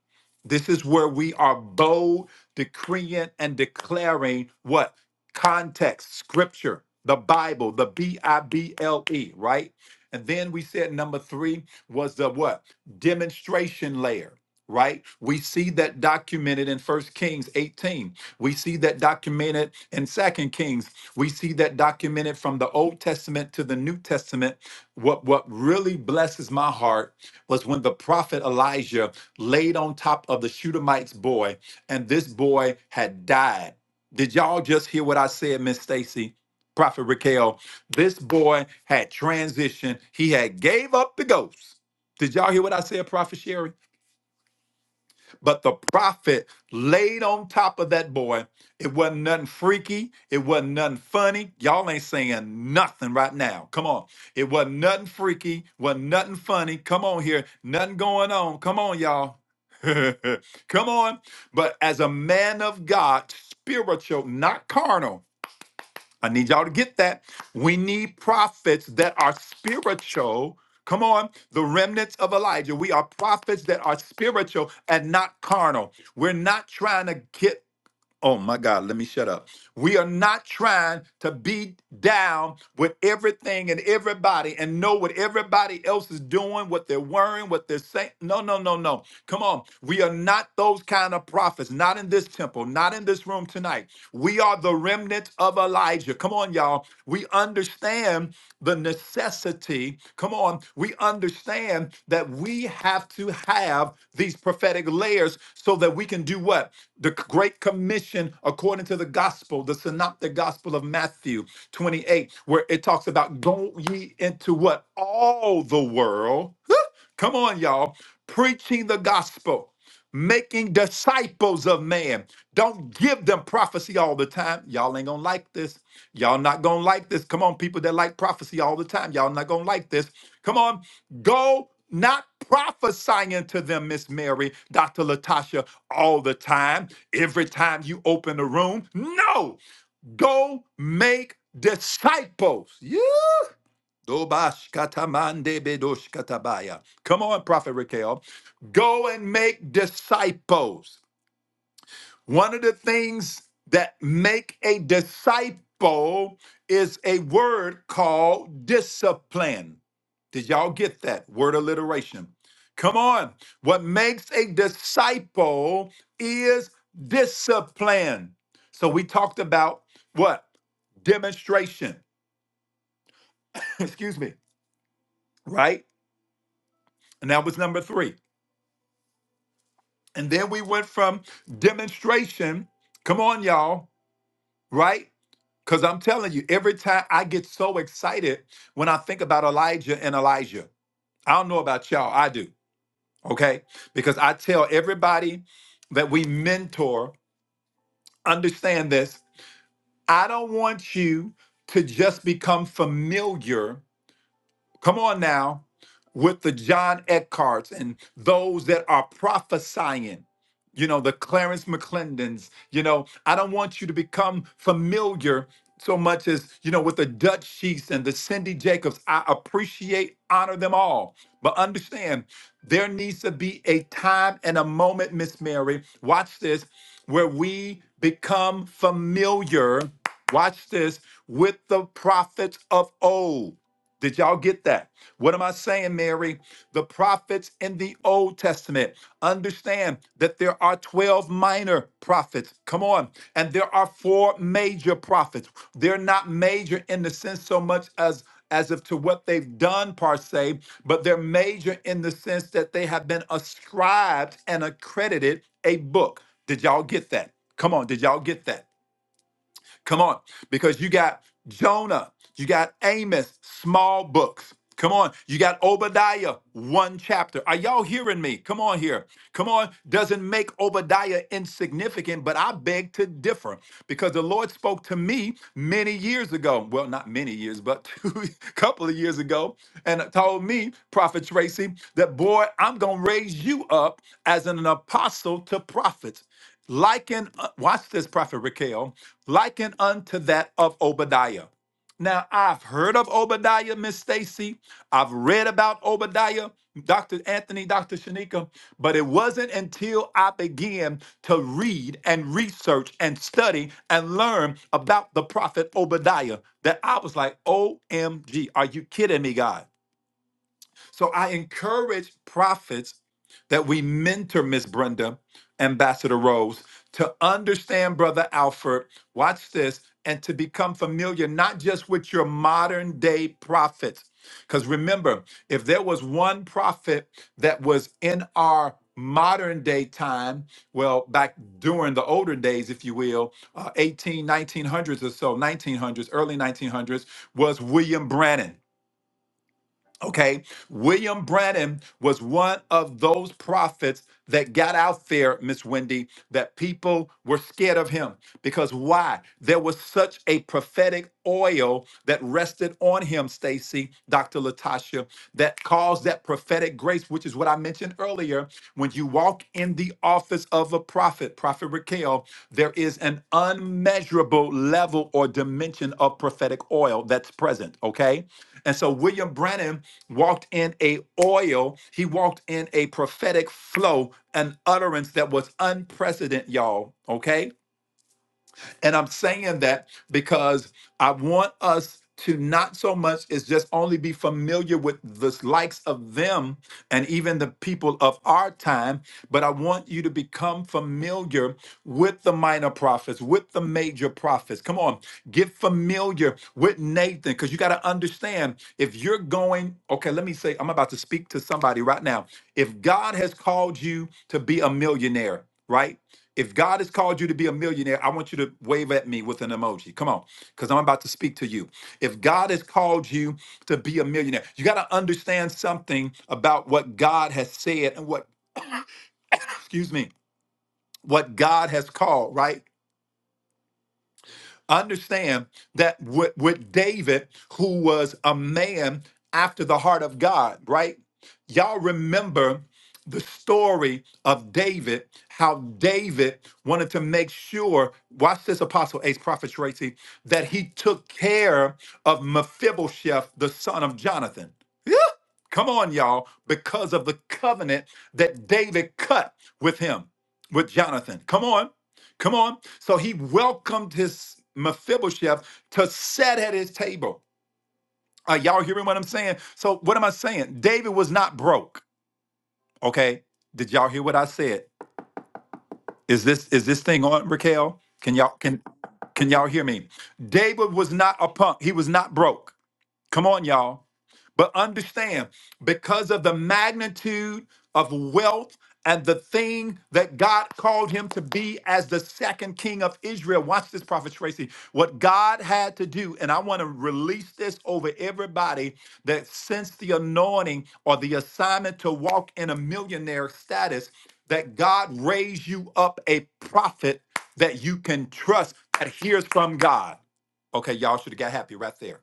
A: This is where we are bold, decreeing and declaring what? Context, scripture, the Bible, the B I B L E, right? And then we said number three was the what? Demonstration layer, right? We see that documented in First Kings 18. We see that documented in Second Kings. We see that documented from the Old Testament to the New Testament. What, what really blesses my heart was when the prophet Elijah laid on top of the Shudamite's boy, and this boy had died. Did y'all just hear what I said, Miss Stacy? Prophet Raquel, this boy had transitioned. He had gave up the ghost. Did y'all hear what I said, Prophet Sherry? But the prophet laid on top of that boy. It wasn't nothing freaky. It wasn't nothing funny. Y'all ain't saying nothing right now. Come on. It wasn't nothing freaky. Wasn't nothing funny. Come on here. Nothing going on. Come on, y'all. Come on. But as a man of God, spiritual, not carnal, I need y'all to get that. We need prophets that are spiritual. Come on, the remnants of Elijah. We are prophets that are spiritual and not carnal. We're not trying to get Oh my God, let me shut up. We are not trying to be down with everything and everybody and know what everybody else is doing, what they're wearing, what they're saying. No, no, no, no. Come on. We are not those kind of prophets, not in this temple, not in this room tonight. We are the remnant of Elijah. Come on, y'all. We understand the necessity. Come on, we understand that we have to have these prophetic layers so that we can do what? The Great Commission, according to the gospel, the synoptic gospel of Matthew 28, where it talks about go ye into what? All the world. Come on, y'all. Preaching the gospel making disciples of man. Don't give them prophecy all the time. Y'all ain't gonna like this. Y'all not gonna like this. Come on, people that like prophecy all the time. Y'all not gonna like this. Come on, go not prophesying to them, Miss Mary, Dr. Latasha, all the time, every time you open the room. No, go make disciples. Yeah, Dobashkatamande Come on, Prophet Raquel. Go and make disciples. One of the things that make a disciple is a word called discipline. Did y'all get that word alliteration? Come on. What makes a disciple is discipline. So we talked about what? Demonstration. Excuse me. Right? And that was number three. And then we went from demonstration. Come on, y'all, right? Because I'm telling you, every time I get so excited when I think about Elijah and Elijah. I don't know about y'all, I do, okay? Because I tell everybody that we mentor, understand this. I don't want you to just become familiar come on now, with the John Eckharts and those that are prophesying, you know, the Clarence McClendons, you know, I don't want you to become familiar so much as, you know, with the Dutch Sheets and the Cindy Jacobs. I appreciate, honor them all. But understand, there needs to be a time and a moment, Miss Mary, watch this, where we become familiar, watch this, with the prophets of old. Did y'all get that? What am I saying, Mary? The prophets in the Old Testament understand that there are 12 minor prophets. Come on. And there are four major prophets. They're not major in the sense so much as as of to what they've done per se, but they're major in the sense that they have been ascribed and accredited a book. Did y'all get that? Come on, did y'all get that? Come on, because you got Jonah, you got Amos, small books. Come on, you got Obadiah, one chapter. Are y'all hearing me? Come on here. Come on, doesn't make Obadiah insignificant, but I beg to differ because the Lord spoke to me many years ago. Well, not many years, but a couple of years ago, and told me, Prophet Tracy, that boy, I'm going to raise you up as an apostle to prophets liken, uh, watch this, Prophet Raquel, liken unto that of Obadiah. Now, I've heard of Obadiah, Miss Stacy. I've read about Obadiah, Dr. Anthony, Dr. Shanika, but it wasn't until I began to read and research and study and learn about the prophet Obadiah that I was like, OMG, are you kidding me, God? So I encourage prophets that we mentor Miss Brenda, Ambassador Rose, to understand Brother Alfred. Watch this, and to become familiar not just with your modern day prophets. Because remember, if there was one prophet that was in our modern day time, well, back during the older days, if you will, uh, 18, nineteen hundreds or so, 1900s, early 1900s, was William Brannan. Okay, William Branham was one of those prophets that got out there, Miss Wendy, that people were scared of him. Because why? There was such a prophetic oil that rested on him, Stacy, Dr. Latasha, that caused that prophetic grace, which is what I mentioned earlier, when you walk in the office of a prophet, Prophet Raquel, there is an unmeasurable level or dimension of prophetic oil that's present, okay? And so William Branham walked in a oil, he walked in a prophetic flow, an utterance that was unprecedented, y'all, okay? And I'm saying that because I want us to not so much is just only be familiar with the likes of them and even the people of our time, but I want you to become familiar with the minor prophets, with the major prophets. Come on, get familiar with Nathan because you got to understand if you're going, okay, let me say, I'm about to speak to somebody right now. If God has called you to be a millionaire, right? If God has called you to be a millionaire, I want you to wave at me with an emoji. Come on, because I'm about to speak to you. If God has called you to be a millionaire, you got to understand something about what God has said and what, excuse me, what God has called, right? Understand that with, with David, who was a man after the heart of God, right? Y'all remember the story of David, how David wanted to make sure, watch this, Apostle Ace, Prophet Tracy, that he took care of Mephibosheth, the son of Jonathan. Come on, y'all, because of the covenant that David cut with him, with Jonathan. Come on, come on. So he welcomed his Mephibosheth to sit at his table. Are y'all hearing what I'm saying? So what am I saying? David was not broke. Okay. Did y'all hear what I said? Is this is this thing on, Raquel? Can y'all can can y'all hear me? David was not a punk. He was not broke. Come on, y'all. But understand, because of the magnitude of wealth and the thing that God called him to be as the second king of Israel. Watch this, Prophet Tracy. What God had to do, and I want to release this over everybody that since the anointing or the assignment to walk in a millionaire status, that God raised you up a prophet that you can trust that hears from God. Okay, y'all should have got happy right there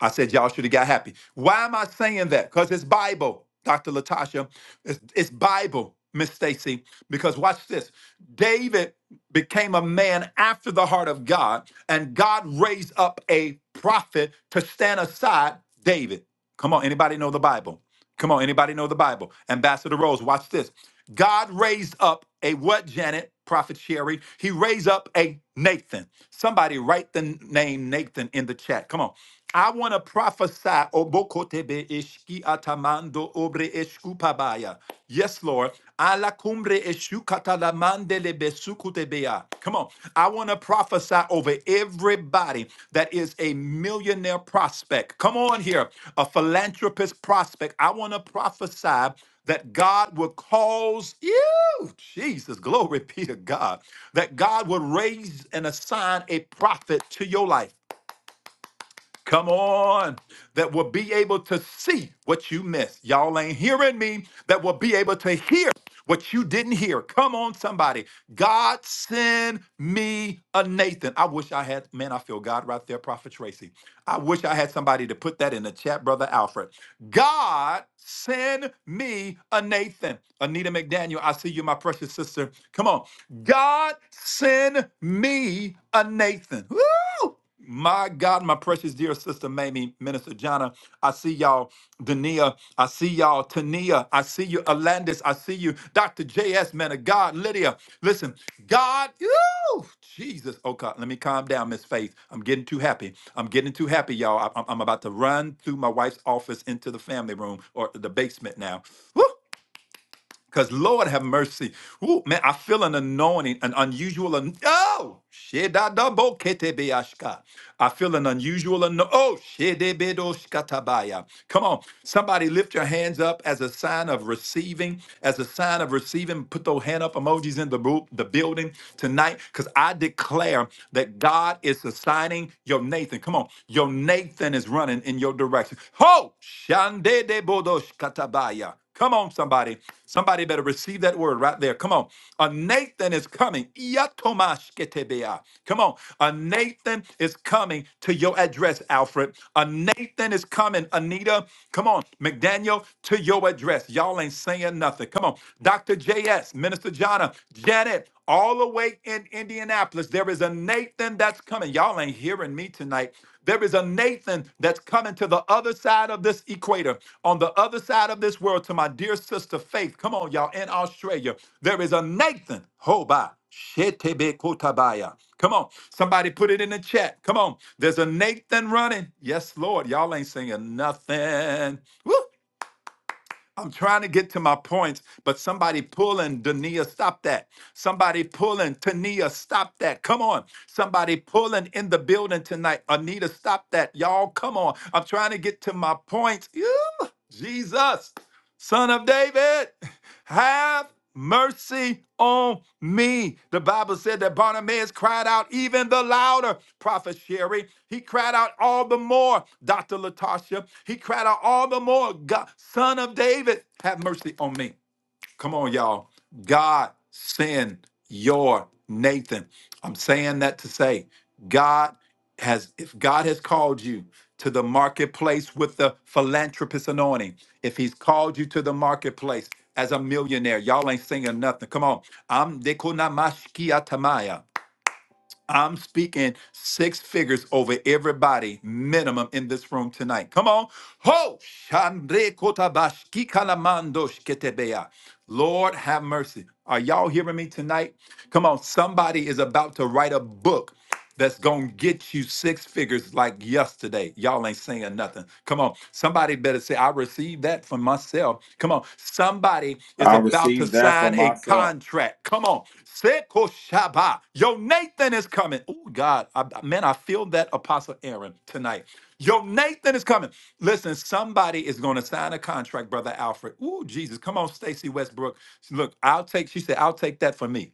A: I said y'all should have got happy. Why am I saying that? Because it's Bible, Dr. Latasha. It's, it's Bible, Miss Stacy. Because watch this. David became a man after the heart of God, and God raised up a prophet to stand aside David. Come on, anybody know the Bible? Come on, anybody know the Bible? Ambassador Rose, watch this. God raised up a what, Janet? Prophet Sherry. He raised up a Nathan. Somebody write the name Nathan in the chat. Come on. I want to prophesy. Obokotebe eshki atamando obre eshkupabaya. Yes, Lord. Ala cumbre eshukatalamande lebesukutebea. Come on. I want to prophesy over every everybody that is a millionaire prospect. Come on here, a philanthropist prospect. I want to prophesy that God will cause you, Jesus, glory be to God, that God will raise and assign a prophet to your life. Come on, that will be able to see what you missed. Y'all ain't hearing me. That will be able to hear what you didn't hear. Come on, somebody. God send me a Nathan. I wish I had, man, I feel God right there, Prophet Tracy. I wish I had somebody to put that in the chat, Brother Alfred. God, send me a Nathan. Anita McDaniel, I see you, my precious sister. Come on. God, send me a Nathan. Woo! My God, my precious dear sister Mamie, Minister Jana, I see y'all. Dania, I see y'all y'all. Tania, I see you. Alandis, I see you. Dr. J.S., man of God. Lydia, listen, God, ooh, Jesus. Okay, let me calm down, Miss Faith. I'm getting too happy. I'm getting too happy, y'all. I- I'm, I'm about to run through my wife's office into the family room or the basement now. Woo! Because Lord have mercy. Ooh, man, I feel an anointing, an unusual. An- oh, shedadaboketebeashka. I feel an unusual. An- oh, shedebedoshkatabaya. come on. Somebody lift your hands up as a sign of receiving, as a sign of receiving. Put those hand up emojis in the, bu- the building tonight because I declare that God is assigning your Nathan. Come on. Your Nathan is running in your direction. Ho, shandedebodoshkatabaya. Come on, somebody. Somebody better receive that word right there. Come on. A Nathan is coming. Iyatomashketebea. Come on. A Nathan is coming to your address, Alfred. A Nathan is coming, Anita. Come on. McDaniel, to your address. Y'all ain't saying nothing. Come on. Dr. J.S., Minister Jonna, Janet, all the way in Indianapolis, there is a Nathan that's coming. Y'all ain't hearing me tonight. There is a Nathan that's coming to the other side of this equator, on the other side of this world, to my dear sister Faith. Come on, y'all, in Australia. There is a Nathan. Hoba. shetebe kotabaya. Come on. Somebody put it in the chat. Come on. There's a Nathan running. Yes, Lord. Y'all ain't singing nothing. Woo. I'm trying to get to my points, but somebody pulling Dania, stop that. Somebody pulling Tania, stop that. Come on. Somebody pulling in the building tonight. Anita, stop that. Y'all, come on. I'm trying to get to my points. Ew, Jesus, son of David. Have mercy on me. The Bible said that Bartimaeus cried out even the louder, Prophet Sherry. He cried out all the more, Dr. Latasha. He cried out all the more, God, Son of David, have mercy on me. Come on, y'all. God send your Nathan. I'm saying that to say, God has, if God has called you to the marketplace with the philanthropist anointing, if He's called you to the marketplace as a millionaire, y'all ain't singing nothing. Come on. I'm Dekunamashkiatamaya. I'm speaking six figures over everybody minimum in this room tonight. Come on. Ho! Shandre kotabashki kalamando shketebeya. Lord have mercy. Are y'all hearing me tonight? Come on. Somebody is about to write a book that's going to get you six figures like yesterday. Y'all ain't saying nothing. Come on. Somebody better say, I received that for myself. Come on. Somebody is
B: I
A: about to
B: received that for
A: sign a
B: myself.
A: contract. Come on. Seko Shaba. Yo, Nathan is coming. Oh, God. I, man, I feel that Apostle Aaron tonight. Yo, Nathan is coming. Listen, somebody is going to sign a contract, Brother Alfred. Ooh, Jesus. Come on, Stacy Westbrook. Look, I'll take, she said, I'll take that for me.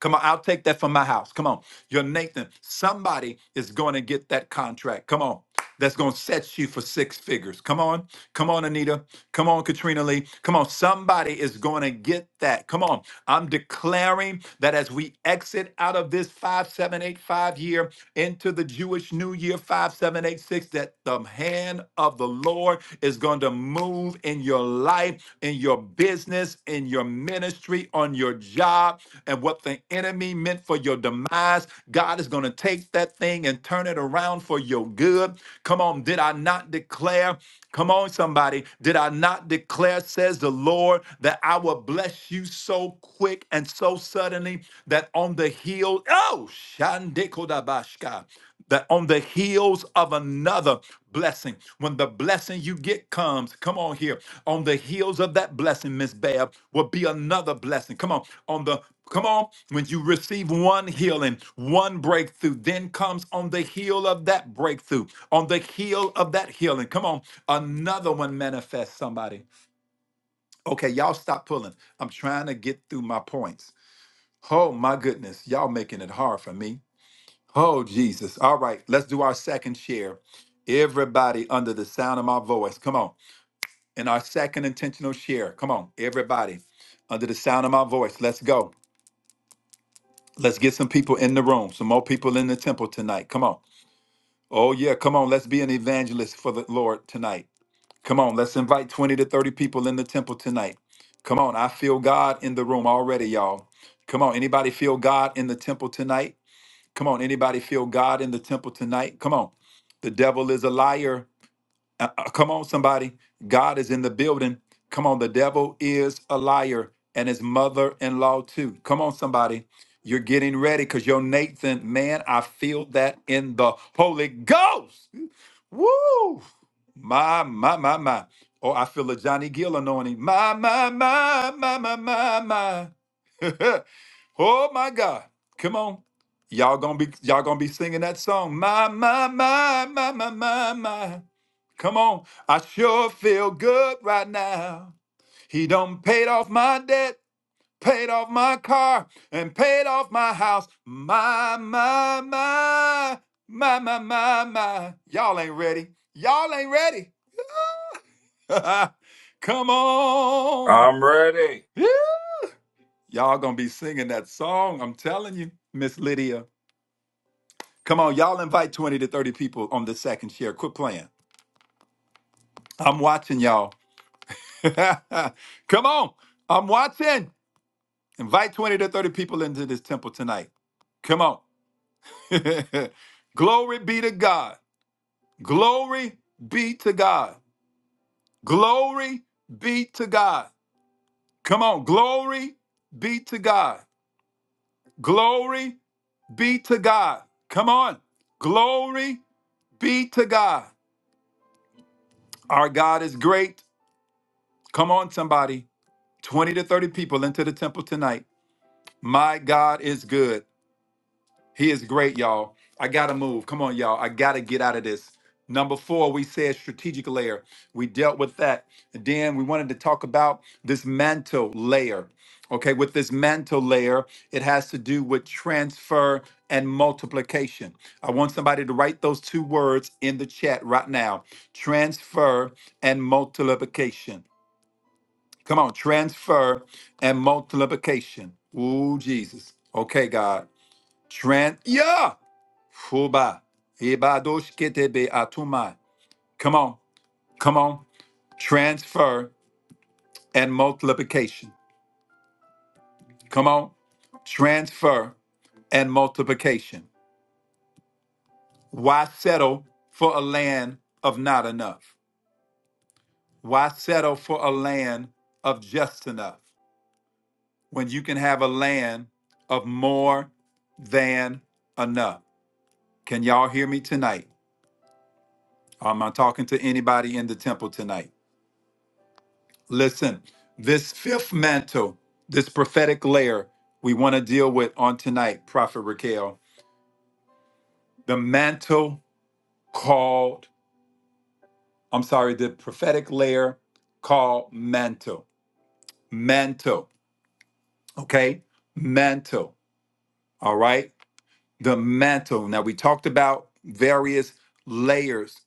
A: Come on, I'll take that from my house. Come on. you're Nathan, somebody is going to get that contract. Come on. That's going to set you for six figures. Come on. Come on, Anita. Come on, Katrina Lee. Come on. Somebody is going to get that. Come on. I'm declaring that as we exit out of this 5785 year into the Jewish New Year 5786, that the hand of the Lord is is going to move in your life, in your business, in your ministry, on your job. And what the enemy meant for your demise, God is going to take that thing and turn it around for your good. Come on, did I not declare? Come on, somebody. Did I not declare, says the Lord, that I will bless you so quick and so suddenly that on the hill, oh, Shandekodabashka that on the heels of another blessing, when the blessing you get comes, come on here, on the heels of that blessing, Miss Bab, will be another blessing. Come on, on the Come on, when you receive one healing, one breakthrough, then comes on the heel of that breakthrough, on the heel of that healing. Come on, another one manifests somebody. Okay, y'all stop pulling. I'm trying to get through my points. Oh my goodness, y'all making it hard for me. Oh, Jesus. All right, let's do our second share. Everybody under the sound of my voice, come on. And our second intentional share, come on, everybody under the sound of my voice, let's go. Let's get some people in the room, some more people in the temple tonight. Come on. Oh, yeah, come on. Let's be an evangelist for the Lord tonight. Come on, let's invite 20 to 30 people in the temple tonight. Come on, I feel God in the room already, y'all. Come on, anybody feel God in the temple tonight? Come on, anybody feel God in the temple tonight? Come on. The devil is a liar. Uh, uh, come on, somebody. God is in the building. Come on, the devil is a liar and his mother in law too. Come on, somebody. You're getting ready because your Nathan, man, I feel that in the Holy Ghost. Woo! My, my, my, my. Oh, I feel a Johnny Gill anointing. My, my, my, my, my, my, my. Oh my God. Come on. Y'all gonna be y'all gonna be singing that song. My, my, my, my, my, my, my. Come on. I sure feel good right now. He done paid off my debt, paid off my car, and paid off my house. My, my, my, my, my, my, my. Y'all ain't ready. Y'all ain't ready. Come on.
B: I'm ready.
A: Y'all gonna be singing that song. I'm telling you, Miss Lydia. Come on, y'all invite 20 to 30 people on the second share. Quit playing. I'm watching y'all. Come on. I'm watching. Invite 20 to 30 people into this temple tonight. Come on. Glory be to God. Glory be to God. Glory be to God. Come on. Glory be to God. Glory be to God. Come on. Glory be to God. Our God is great. Come on, somebody. 20 to 30 people into the temple tonight. My God is good. He is great, y'all. I gotta move. Come on, y'all. I gotta get out of this. Number four, we said strategic layer. We dealt with that. And Then we wanted to talk about this mantle layer. Okay, with this mantle layer, it has to do with transfer and multiplication. I want somebody to write those two words in the chat right now transfer and multiplication Come on, transfer and multiplication. Ooh, Jesus. Okay, God. Tran yeah. Fuba. Ibadoshketebe atuma. Come on. Come on. Transfer and multiplication. Come on. Transfer and multiplication. Why settle for a land of not enough? Why settle for a land of just enough when you can have a land of more than enough? Can y'all hear me tonight? Am I talking to anybody in the temple tonight? Listen, this fifth mantle, this prophetic layer we want to deal with on tonight, Prophet Raquel, the mantle called, I'm sorry, the prophetic layer called mantle. Mantle, okay? Mantle, all right? the mantle. Now, we talked about various layers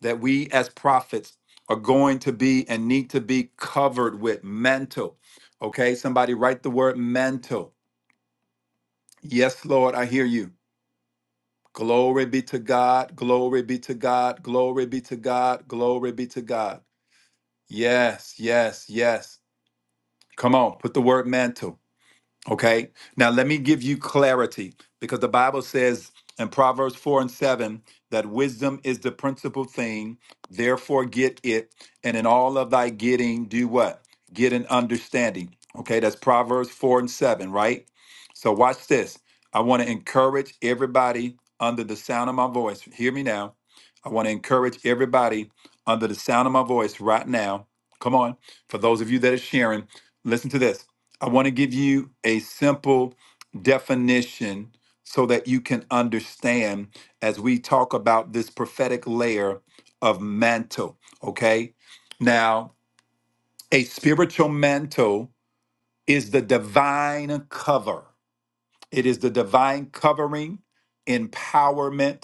A: that we as prophets are going to be and need to be covered with mantle. Okay, somebody write the word mantle. Yes, Lord, I hear you. Glory be to God, glory be to God, glory be to God, glory be to God. Yes, yes, yes. Come on, put the word mantle. Okay. Now, let me give you clarity because the Bible says in Proverbs 4 and 7 that wisdom is the principal thing. Therefore, get it. And in all of thy getting, do what? Get an understanding. Okay. That's Proverbs 4 and 7, right? So, watch this. I want to encourage everybody under the sound of my voice. Hear me now. I want to encourage everybody under the sound of my voice right now. Come on. For those of you that are sharing, listen to this I want to give you a simple definition so that you can understand as we talk about this prophetic layer of mantle. Okay. Now, a spiritual mantle is the divine cover, it is the divine covering, empowerment,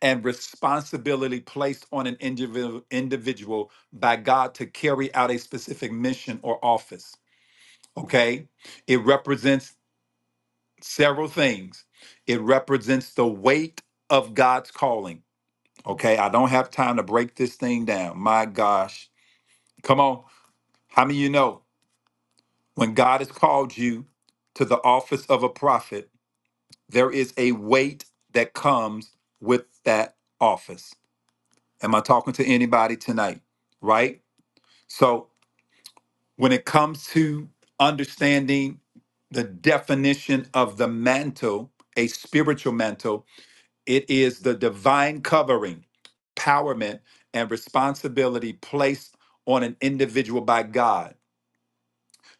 A: and responsibility placed on an individual individual by God to carry out a specific mission or office. Okay? It represents several things. It represents the weight of God's calling. Okay, I don't have time to break this thing down. My gosh. Come on. How many of you know when God has called you to the office of a prophet, there is a weight that comes with that office? Am I talking to anybody tonight? Right? So, when it comes to understanding the definition of the mantle, a spiritual mantle, It is the divine covering, empowerment, and responsibility placed on an individual by God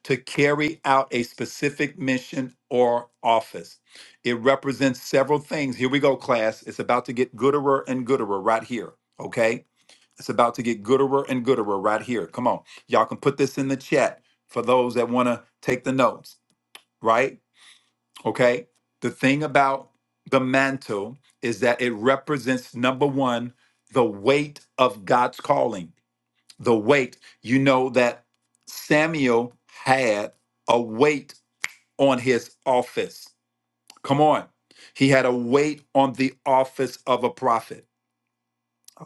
A: to carry out a specific mission or office. It represents several things. Here we go, class. It's about to get gooder and gooder right here. Okay? It's about to get gooder and gooder right here. Come on. Y'all can put this in the chat for those that want to take the notes, right? Okay. The thing about the mantle is that it represents number one, the weight of God's calling. The weight. You know that Samuel had a weight on his office. Come on. He had a weight on the office of a prophet.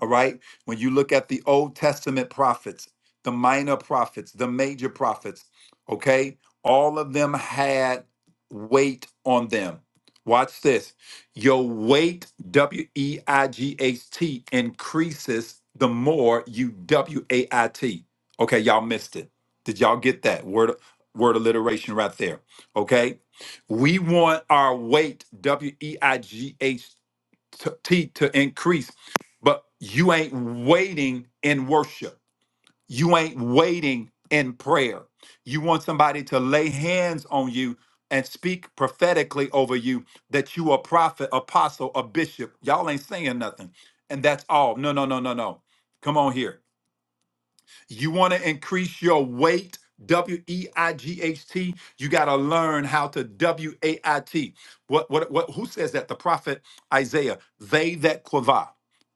A: All right. When you look at the Old Testament prophets, the minor prophets, the major prophets, okay, all of them had weight on them. Watch this. Your weight, W E I G H T, increases the more you W A I T. Okay, y'all missed it. Did y'all get that word word alliteration right there? Okay, we want our weight, W E I G H T to, T to increase. But you ain't waiting in worship. You ain't waiting in prayer. You want somebody to lay hands on you and speak prophetically over you that you a prophet, apostle, a bishop. Y'all ain't saying nothing. And that's all. No, no, no, no, no. Come on here. You want to increase your weight, W E I G H T. You got to learn how to W A I T. What, what, what, who says that? The prophet Isaiah. They that quava,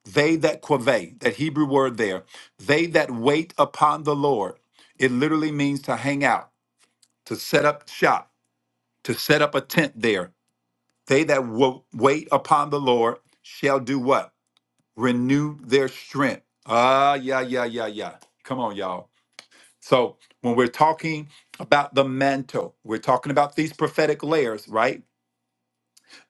A: they that quave, that Hebrew word there, they that wait upon the Lord. It literally means to hang out, to set up shop, to set up a tent there. They that wo- wait upon the Lord shall do what? Renew their strength. Ah, yeah, yeah, yeah, yeah. Come on, y'all so when we're talking about the mantle, we're talking about these prophetic layers, right?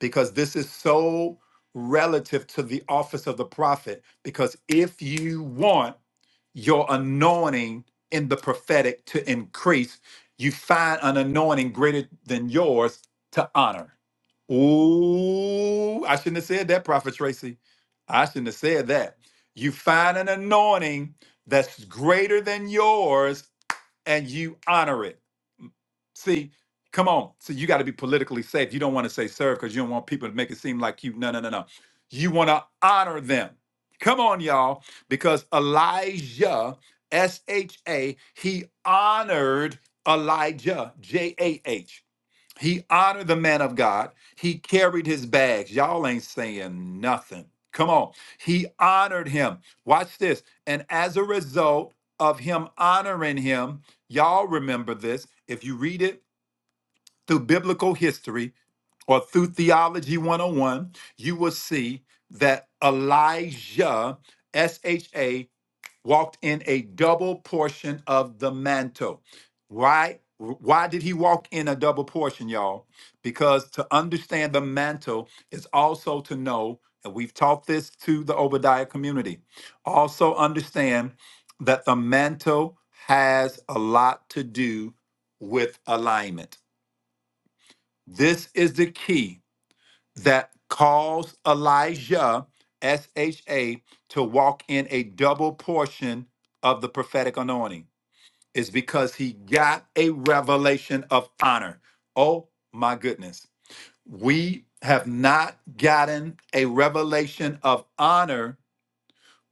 A: Because this is so relative to the office of the prophet. Because if you want your anointing in the prophetic to increase, you find an anointing greater than yours to honor. Ooh, I shouldn't have said that, Prophet Tracy. I shouldn't have said that. You find an anointing that's greater than yours and you honor it. See, come on. So you got to be politically safe. You don't want to say serve because you don't want people to make it seem like you. No, no, no, no. You want to honor them. Come on, y'all, because Elijah, S H A, he honored Elijah, J A H. He honored the man of God. He carried his bags. Y'all ain't saying nothing. Come on. He honored him. Watch this. And as a result of him honoring him, y'all remember this. If you read it, through biblical history or through theology 101, you will see that Elijah, S H A, walked in a double portion of the mantle. Why? Why did he walk in a double portion, y'all? Because to understand the mantle is also to know, and we've taught this to the Obadiah community, also understand that the mantle has a lot to do with alignment this is the key that caused Elijah, S H A, to walk in a double portion of the prophetic anointing. Is because he got a revelation of honor. Oh my goodness. We have not gotten a revelation of honor.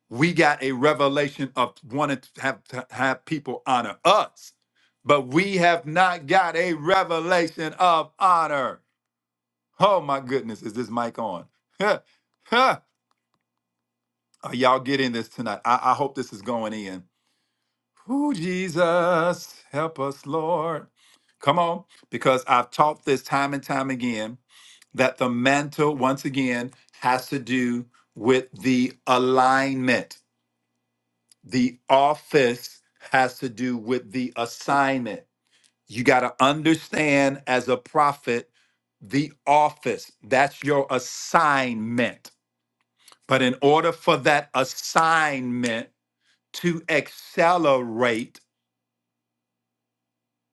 A: We got a revelation of wanting to have, to have people honor us, but we have not got a revelation of honor. Oh my goodness, is this mic on? Are y'all getting this tonight? I, I hope this is going in. Ooh, Jesus, help us, Lord. Come on, because I've taught this time and time again that the mantle, once again, has to do with the alignment. The office has to do with the assignment. You got to understand as a prophet the office. That's your assignment But in order for that assignment to accelerate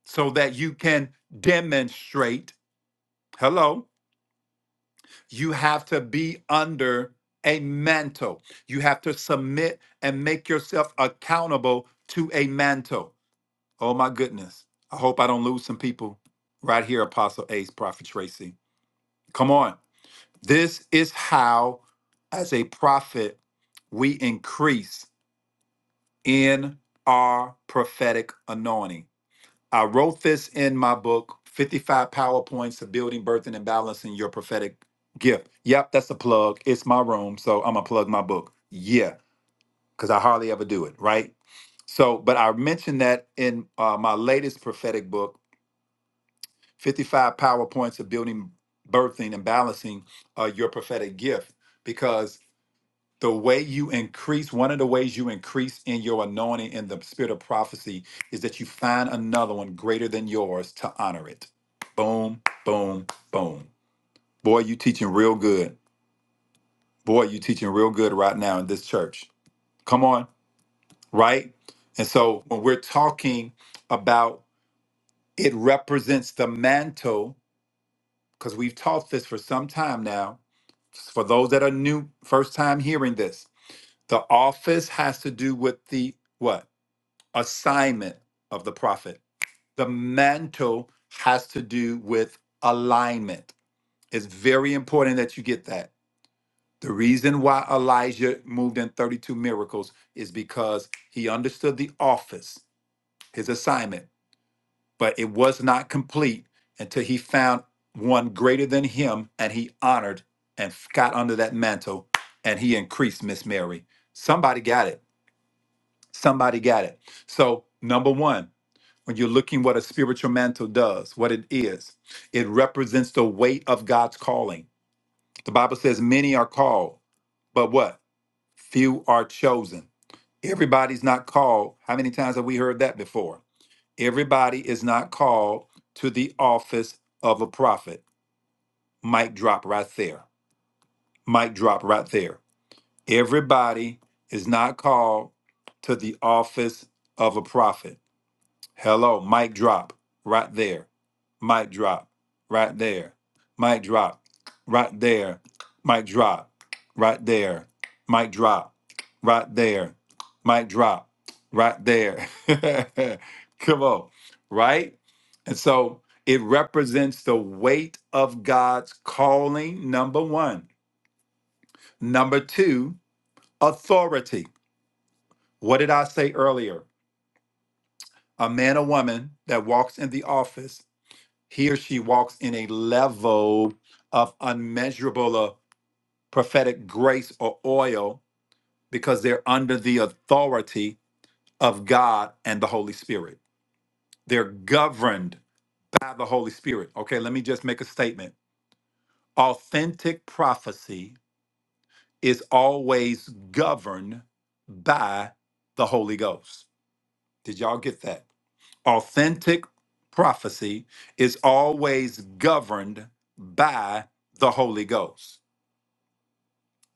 A: so that you can demonstrate, hello, you have to be under a mantle. You have to submit and make yourself accountable to a mantle. Oh my goodness. I hope I don't lose some people right here, Apostle Ace, Prophet Tracy. Come on. This is how, as a prophet, we increase in our prophetic anointing. I wrote this in my book, 55 PowerPoints to Building, Birthing, and Balancing Your Prophetic Gift. Yep, that's a plug. It's my room, so I'm going to plug my book. Yeah, because I hardly ever do it, right? So, but I mentioned that in uh, my latest prophetic book, 55 PowerPoints of Building, Birthing, and Balancing uh, Your Prophetic Gift, because the way you increase, one of the ways you increase in your anointing in the spirit of prophecy is that you find another one greater than yours to honor it. Boom, boom, boom. Boy, you teaching real good. Boy, you teaching real good right now in this church. Come on, right? And so when we're talking about it represents the mantle, because we've taught this for some time now. For those that are new, first time hearing this, the office has to do with the what? assignment of the prophet. The mantle has to do with alignment. It's very important that you get that. The reason why Elijah moved in 32 miracles is because he understood the office, his assignment, but it was not complete until he found one greater than him and he honored and got under that mantle and he increased Miss Mary. Somebody got it. Somebody got it. So, number one, when you're looking what a spiritual mantle does, what it is, it represents the weight of God's calling. The Bible says many are called, but what? Few are chosen. Everybody's not called. How many times have we heard that before? Everybody is not called to the office of a prophet. Mic drop right there. Mic drop right there. Everybody is not called to the office of a prophet. Hello, mic drop right there. Might drop right there, Might drop right there, Might drop right there, Might drop right there, Might drop right there. Come on, right? And so it represents the weight of God's calling, number one. Number two, authority. What did I say earlier? A man or woman that walks in the office He or she walks in a level of unmeasurable uh, prophetic grace or oil because they're under the authority of God and the Holy Spirit. They're governed by the Holy Spirit. Okay, let me just make a statement. Authentic prophecy is always governed by the Holy Ghost. Did y'all get that? Authentic prophecy is always governed by the Holy Ghost.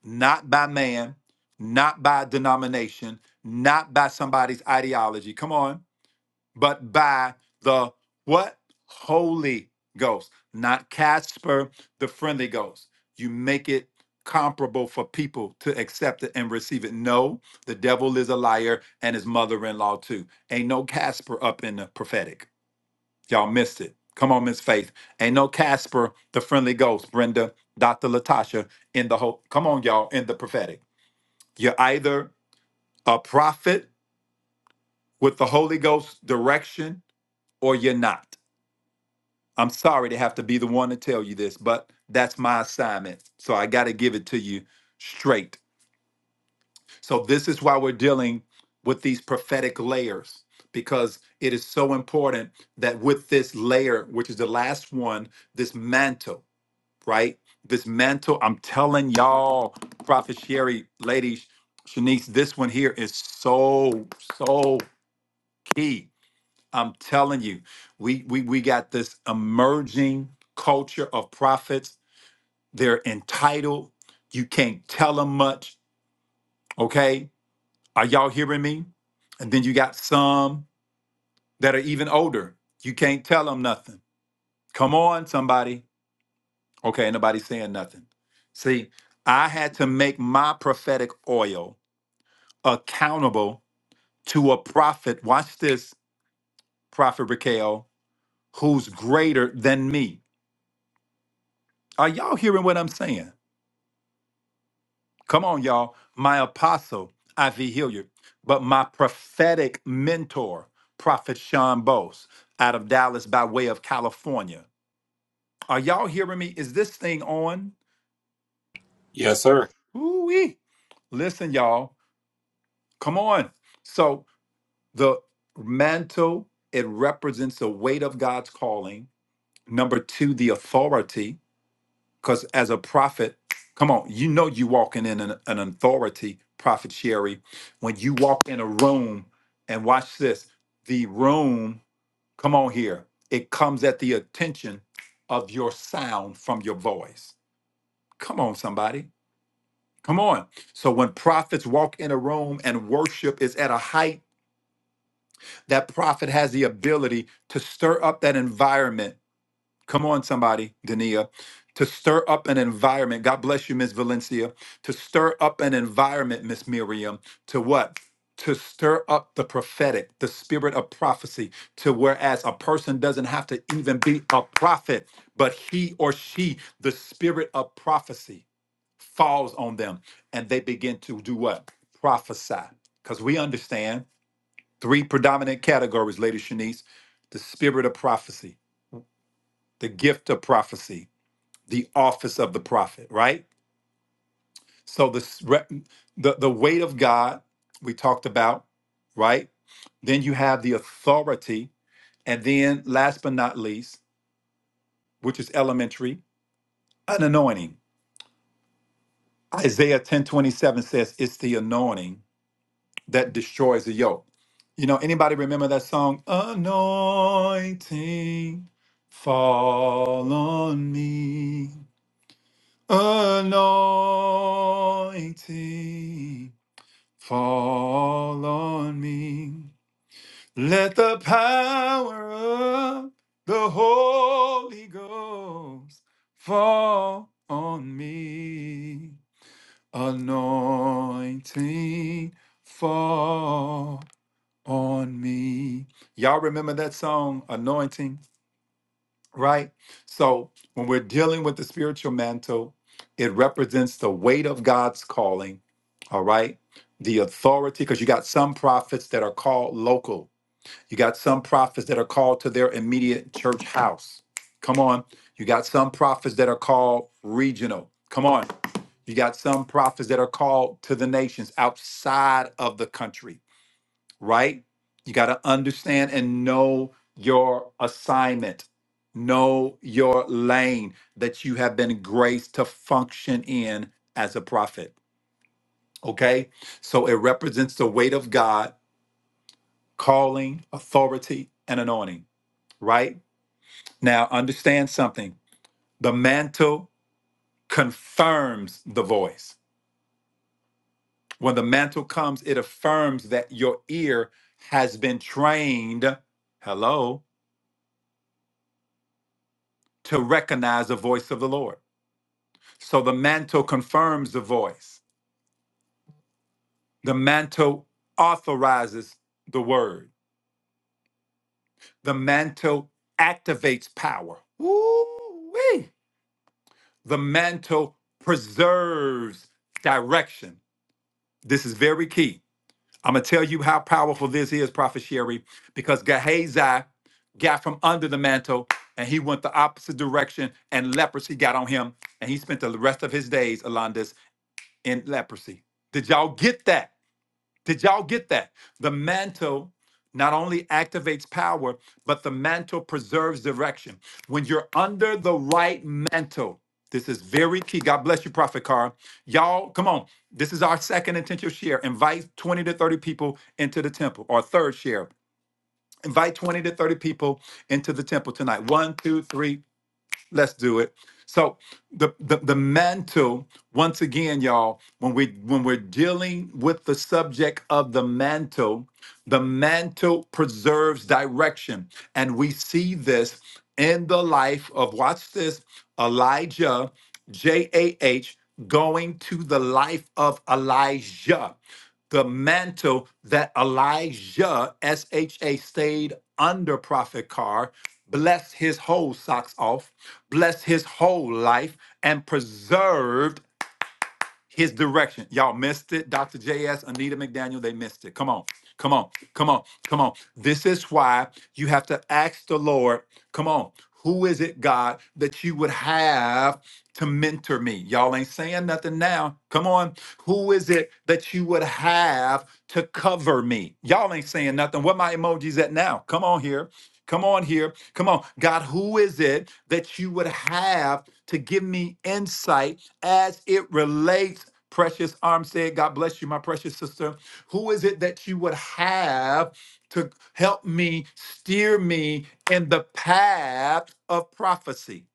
A: not by man, not by denomination, not by somebody's ideology. Come on, but by the what? Holy Ghost, not Casper, the friendly ghost. You make it comparable for people to accept it and receive it. No, the devil is a liar and his mother in law too. Ain't no Casper up in the prophetic. Y'all missed it. Come on, Miss Faith. Ain't no Casper, the friendly ghost, Brenda, Dr. Latasha, in the whole, come on, y'all, in the prophetic. You're either a prophet with the Holy Ghost direction or you're not. I'm sorry to have to be the one to tell you this, but that's my assignment. So I got to give it to you straight. So this is why we're dealing with these prophetic layers because it is so important that with this layer, which is the last one, this mantle, right? This mantle, I'm telling y'all, Prophet Sherry, ladies, Shanice, this one here is so, so key I'm telling you, we we we got this emerging culture of prophets. They're entitled. You can't tell them much. Okay, are y'all hearing me? And then you got some that are even older. You can't tell them nothing. Come on, somebody. Okay, ain't nobody saying nothing. See, I had to make my prophetic oil accountable to a prophet. Watch this, Prophet Raquel, who's greater than me. Are y'all hearing what I'm saying? Come on, y'all. My apostle, Ivy Hilliard, but my prophetic mentor, Prophet Sean Bose, out of Dallas by way of California. Are y'all hearing me? Is this thing on?
B: Yes, sir.
A: Ooh-wee. Listen, y'all. Come on. So the mantle, it represents the weight of God's calling. Number two, the authority. Because as a prophet, come on, you know you walking in an, an authority, Prophet Sherry, when you walk in a room and watch this, the room, come on here, it comes at the attention of your sound from your voice. Come on, somebody. Come on. So when prophets walk in a room and worship is at a height, that prophet has the ability to stir up that environment Come on, somebody, Dania, to stir up an environment. God bless you, Miss Valencia. To stir up an environment, Miss Miriam, to what? To stir up the prophetic, the spirit of prophecy, to whereas a person doesn't have to even be a prophet, but he or she, the spirit of prophecy falls on them and they begin to do what? Prophesy. Because we understand three predominant categories, Lady Shanice the spirit of prophecy, the gift of prophecy, the office of the prophet, right? So the s- re- the, the weight of God we talked about, right? Then you have the authority, and then last but not least, which is elementary, an anointing. Isaiah ten twenty seven says it's the anointing that destroys the yoke. You know, anybody remember that song? Anointing fall on me. Anointing Fall on me. Let the power of the Holy Ghost fall on me. Anointing fall on me. Y'all remember that song, Anointing? right? So when we're dealing with the spiritual mantle, it represents the weight of God's calling, all right? The authority, because you got some prophets that are called local. You got some prophets that are called to their immediate church house. Come on. You got some prophets that are called regional. Come on. You got some prophets that are called to the nations outside of the country right? You got to understand and know your assignment, know your lane that you have been graced to function in as a prophet. Okay? So it represents the weight of God, calling, authority, and anointing, right? Now, understand something the mantle confirms the voice. When the mantle comes, it affirms that your ear has been trained. Hello? to recognize the voice of the Lord. So the mantle confirms the voice. The mantle authorizes the word. The mantle activates power. Woo-wee. The mantle preserves direction. This is very key. I'm going to tell you how powerful this is, Prophet Sherry, because Gehazi got from under the mantle and he went the opposite direction and leprosy got on him and he spent the rest of his days, Alondis, in leprosy. Did y'all get that? Did y'all get that? The mantle not only activates power, but the mantle preserves direction. When you're under the right mantle, this is very key. God bless you, Prophet Carr. Y'all, come on. This is our second intentional share. Invite 20 to 30 people into the temple, or third share. Invite 20 to 30 people into the temple tonight. One, two, three, Let's do it. So the, the the mantle, once again, y'all, when we when we're dealing with the subject of the mantle, the mantle preserves direction. And we see this in the life of watch this, Elijah, J-A-H, going to the life of Elijah the mantle that Elijah, S H A, stayed under Prophet Carr, blessed his whole socks off, blessed his whole life, and preserved his direction. Y'all missed it. Dr. JS, Anita McDaniel, they missed it. Come on. Come on. Come on. Come on. This is why you have to ask the Lord, come on, who is it, God, that you would have to mentor me? Y'all ain't saying nothing now. Come on. Who is it that you would have to cover me? Y'all ain't saying nothing. What my emojis at now? Come on here. Come on here. Come on. God, who is it that you would have to give me insight? as it relates, precious arm said, God bless you, my precious sister. Who is it that you would have to help me, steer me in the path of prophecy?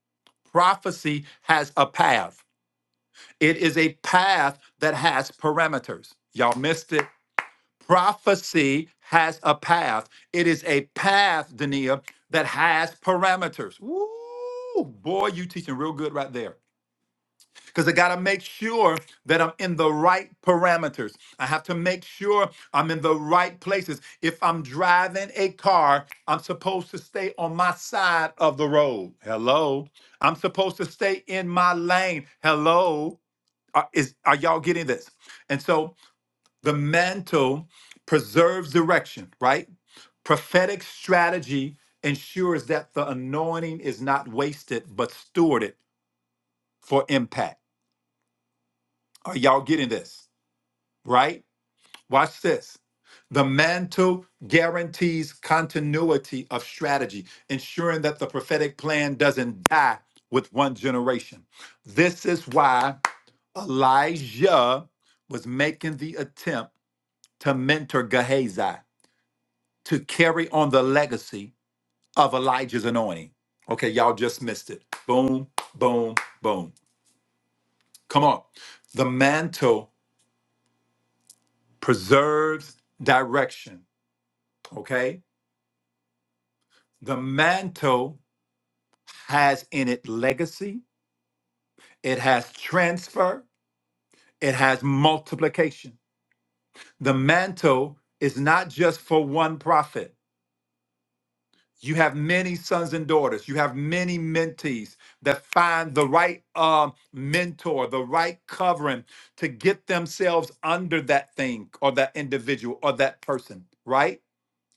A: Prophecy has a path, it is a path that has parameters. Y'all missed it. Prophecy has a path. It is a path, Dania, that has parameters. Woo! Boy, you teaching real good right there because I got to make sure that I'm in the right parameters. I have to make sure I'm in the right places. If I'm driving a car, I'm supposed to stay on my side of the road. Hello. I'm supposed to stay in my lane. Hello. Are, is, are y'all getting this? And so the mantle preserves direction, right? Prophetic strategy ensures that the anointing is not wasted, but stewarded for impact. Are y'all getting this? right? Watch this. The mantle guarantees continuity of strategy, ensuring that the prophetic plan doesn't die with one generation. This is why Elijah was making the attempt to mentor Gehazi to carry on the legacy of Elijah's anointing. Okay, y'all just missed it. Boom, boom, boom. Come on. The mantle preserves direction, okay? The mantle has in it legacy, it has transfer, it has multiplication. The mantle is not just for one prophet. You have many sons and daughters, you have many mentees that find the right um, mentor, the right covering to get themselves under that thing or that individual or that person, right?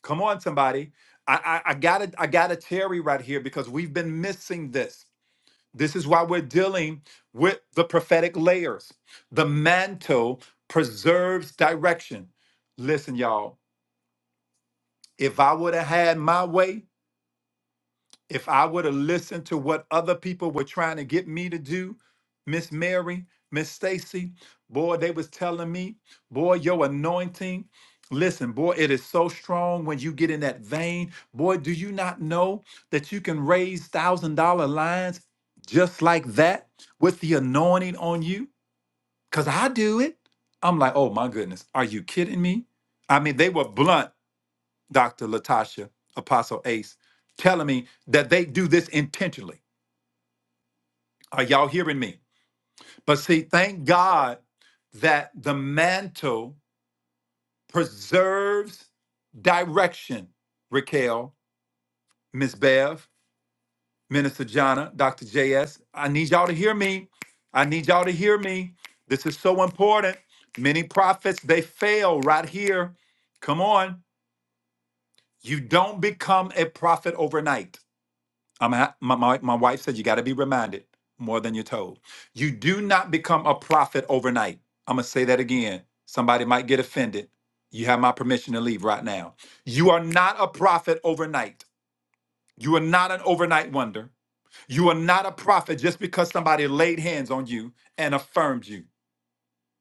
A: Come on, somebody. I, I, I gotta I gotta tarry right here because we've been missing this. This is why we're dealing with the prophetic layers. The mantle preserves direction. Listen, y'all, if I would have had my way, if I would have listened to what other people were trying to get me to do, Miss Mary, Miss Stacy, boy, they was telling me, boy, your anointing. Listen, boy, it is so strong when you get in that vein. Boy, do you not know that you can raise thousand dollar lines just like that with the anointing on you? Cause I do it. I'm like, oh my goodness, are you kidding me? I mean, they were blunt Dr. Latasha, Apostle Ace, telling me that they do this intentionally. Are y'all hearing me? But see, thank God that the mantle preserves direction. Raquel, Miss Bev, Minister Jana, Dr. JS, I need y'all to hear me. I need y'all to hear me. This is so important. Many prophets, they fail right here. Come on. You don't become a prophet overnight. I'm ha- my, my, my wife says you got to be reminded more than you're told. You do not become a prophet overnight. I'm going to say that again. Somebody might get offended. You have my permission to leave right now. You are not a prophet overnight. You are not an overnight wonder. You are not a prophet just because somebody laid hands on you and affirmed you.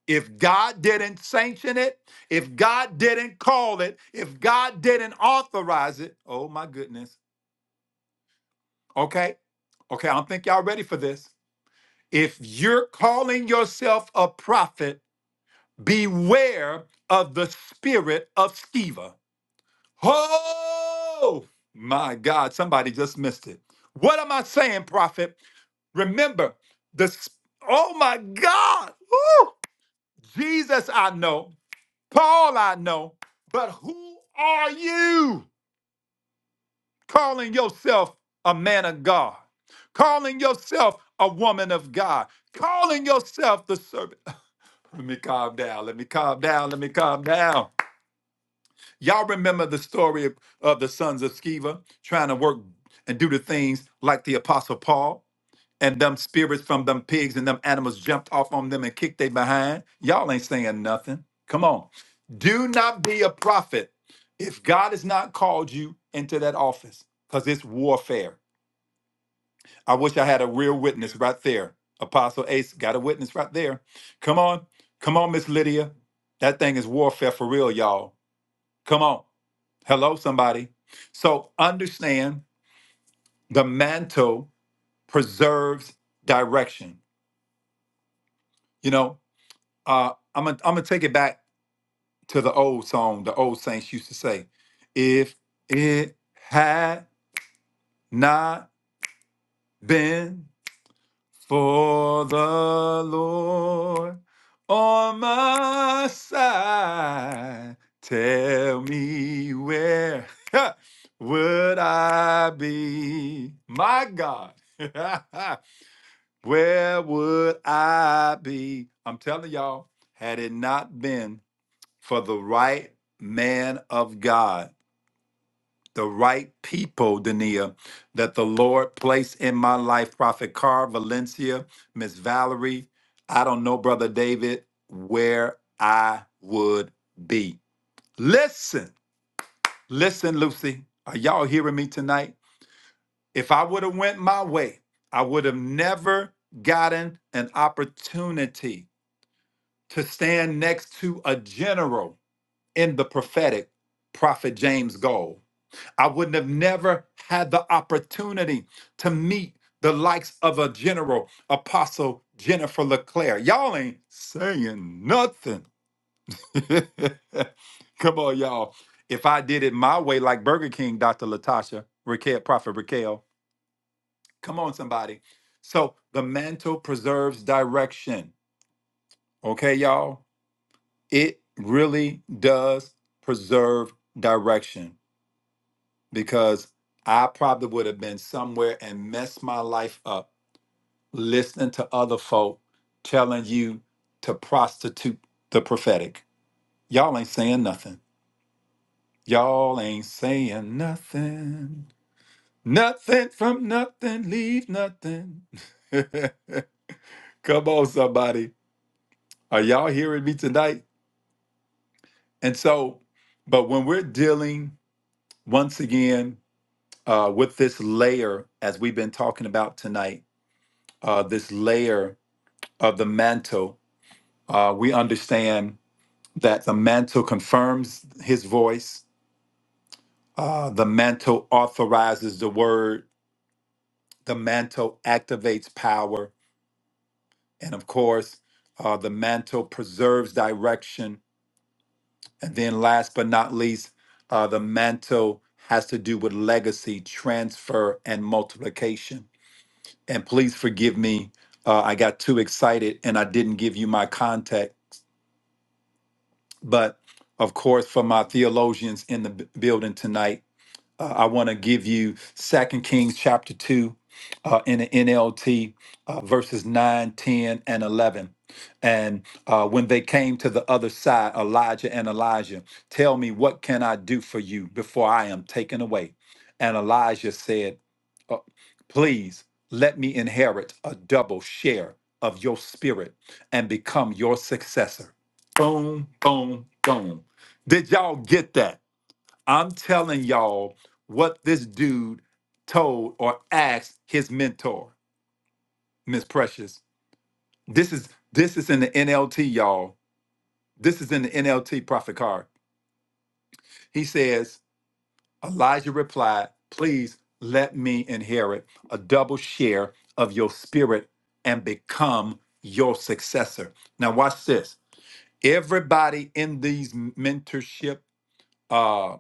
A: If God didn't sanction it, if God didn't call it, if God didn't authorize it, oh my goodness. Okay? Okay, I don't think y'all ready for this. If you're calling yourself a prophet, beware of the spirit of Sceva. Oh, my God, somebody just missed it. What am I saying, prophet? Remember, the s- oh my God, woo! Jesus I know, Paul I know, but who are you calling yourself a man of God, calling yourself a woman of God, calling yourself the servant? Let me calm down. Let me calm down. Let me calm down. Y'all remember the story of, of the sons of Sceva trying to work and do the things like the apostle Paul and them spirits from them pigs and them animals jumped off on them and kicked they behind. Y'all ain't saying nothing. Come on. Do not be a prophet if God has not called you into that office because it's warfare. I wish I had a real witness right there. Apostle Ace got a witness right there. Come on. Come on, Miss Lydia. That thing is warfare for real, y'all. Come on. Hello, somebody. So understand the mantle preserves direction. You know, uh, I'm gonna I'm gonna take it back to the old song, the old saints used to say, if it had not been For the Lord on my side, tell me where would I be? My God, where would I be? I'm telling y'all, had it not been for the right man of God the right people, Dania, that the Lord placed in my life. Prophet Carr, Valencia, Miss Valerie. I don't know, Brother David, where I would be. Listen, listen, Lucy. Are y'all hearing me tonight? If I would have went my way, I would have never gotten an opportunity to stand next to a general in the prophetic, Prophet James Gold. I wouldn't have never had the opportunity to meet the likes of a general, Apostle Jennifer LeClaire. Y'all ain't saying nothing. Come on, y'all. If I did it my way, like Burger King, Dr. Latasha, Raquel, Prophet Raquel, come on, somebody. So the mantle preserves direction. Okay, y'all? It really does preserve direction. because I probably would have been somewhere and messed my life up listening to other folk telling you to prostitute the prophetic. Y'all ain't saying nothing. Y'all ain't saying nothing. Nothing from nothing, leave nothing. Come on, somebody. Are y'all hearing me tonight? And so, but when we're dealing once again uh, with this layer, as we've been talking about tonight, uh, this layer of the mantle, uh, we understand that the mantle confirms his voice, uh, the mantle authorizes the word, the mantle activates power, and of course, uh, the mantle preserves direction. And then, last but not least, uh, the mantle has to do with legacy, transfer, and multiplication. And please forgive me, uh, I got too excited and I didn't give you my contact. But of course, for my theologians in the b- building tonight, uh, I want to give you Second Kings chapter 2 uh, in the NLT, uh, verses 9, 10, and 11. And uh, when they came to the other side, Elijah and Elijah, tell me, what can I do for you before I am taken away? And Elijah said, uh, please let me inherit a double share of your spirit and become your successor. Boom, boom, boom. Did y'all get that? I'm telling y'all what this dude told or asked his mentor, Miss Precious. This is this is in the NLT, y'all. This is in the NLT profit card. He says, Elijah replied, Please let me inherit a double share of your spirit and become your successor. Now, watch this. Everybody in these mentorship, uh,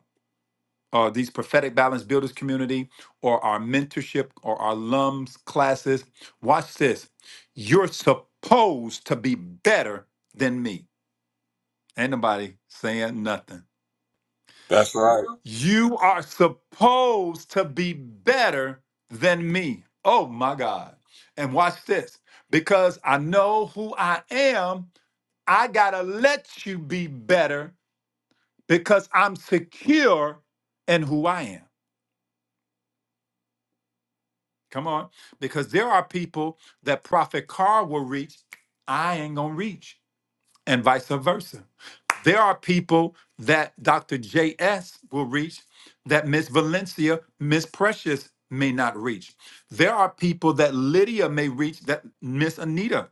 A: or these prophetic balance builders community, or our mentorship or our alums classes, watch this. You're supposed to be better than me. Ain't nobody saying nothing.
B: That's right.
A: You are supposed to be better than me. Oh my God. And watch this because I know who I am. I got to let you be better because I'm secure in who I am. Come on. Because there are people that Prophet Carr will reach, I ain't going to reach. and vice versa. There are people that Dr. JS will reach that Miss Valencia, Miss Precious may not reach. There are people that Lydia may reach that Miss Anita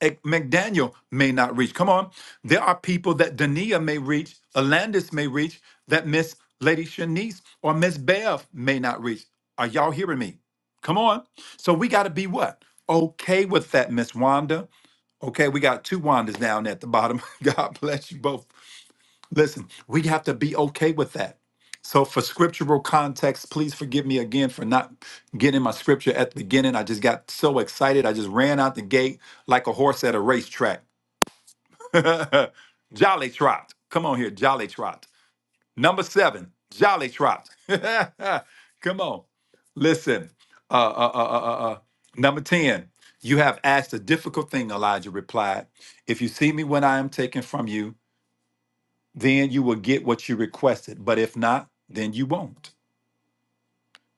A: eh, McDaniel may not reach. Come on. There are people that Dania may reach, Alandis may reach, that Miss Lady Shanice or Miss Bev may not reach. Are y'all hearing me? Come on. So we got to be what? Okay with that, Miss Wanda. Okay, we got two Wandas down at the bottom. God bless you both. Listen, we have to be okay with that. So, for scriptural context, please forgive me again for not getting my scripture at the beginning. I just got so excited. I just ran out the gate like a horse at a racetrack. jolly trot. Come on here, jolly trot. Number seven, Jolly Trot. Come on. Listen. Uh, uh, uh, uh, uh, uh. Number 10, you have asked a difficult thing, Elijah replied. If you see me when I am taken from you, then you will get what you requested. But if not, then you won't.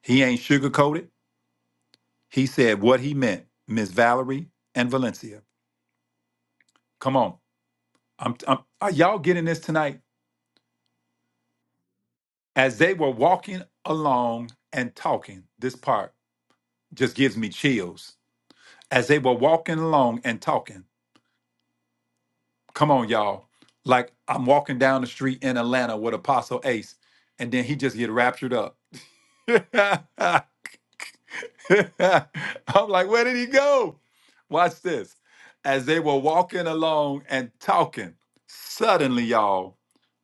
A: He ain't sugarcoated. He said what he meant, Miss Valerie and Valencia. Come on. I'm, I'm, are y'all getting this tonight? As they were walking along and talking, this part just gives me chills as they were walking along and talking. Come on, y'all. Like I'm walking down the street in Atlanta with Apostle Ace, and then he just get raptured up. I'm like, where did he go? Watch this. As they were walking along and talking, suddenly, y'all,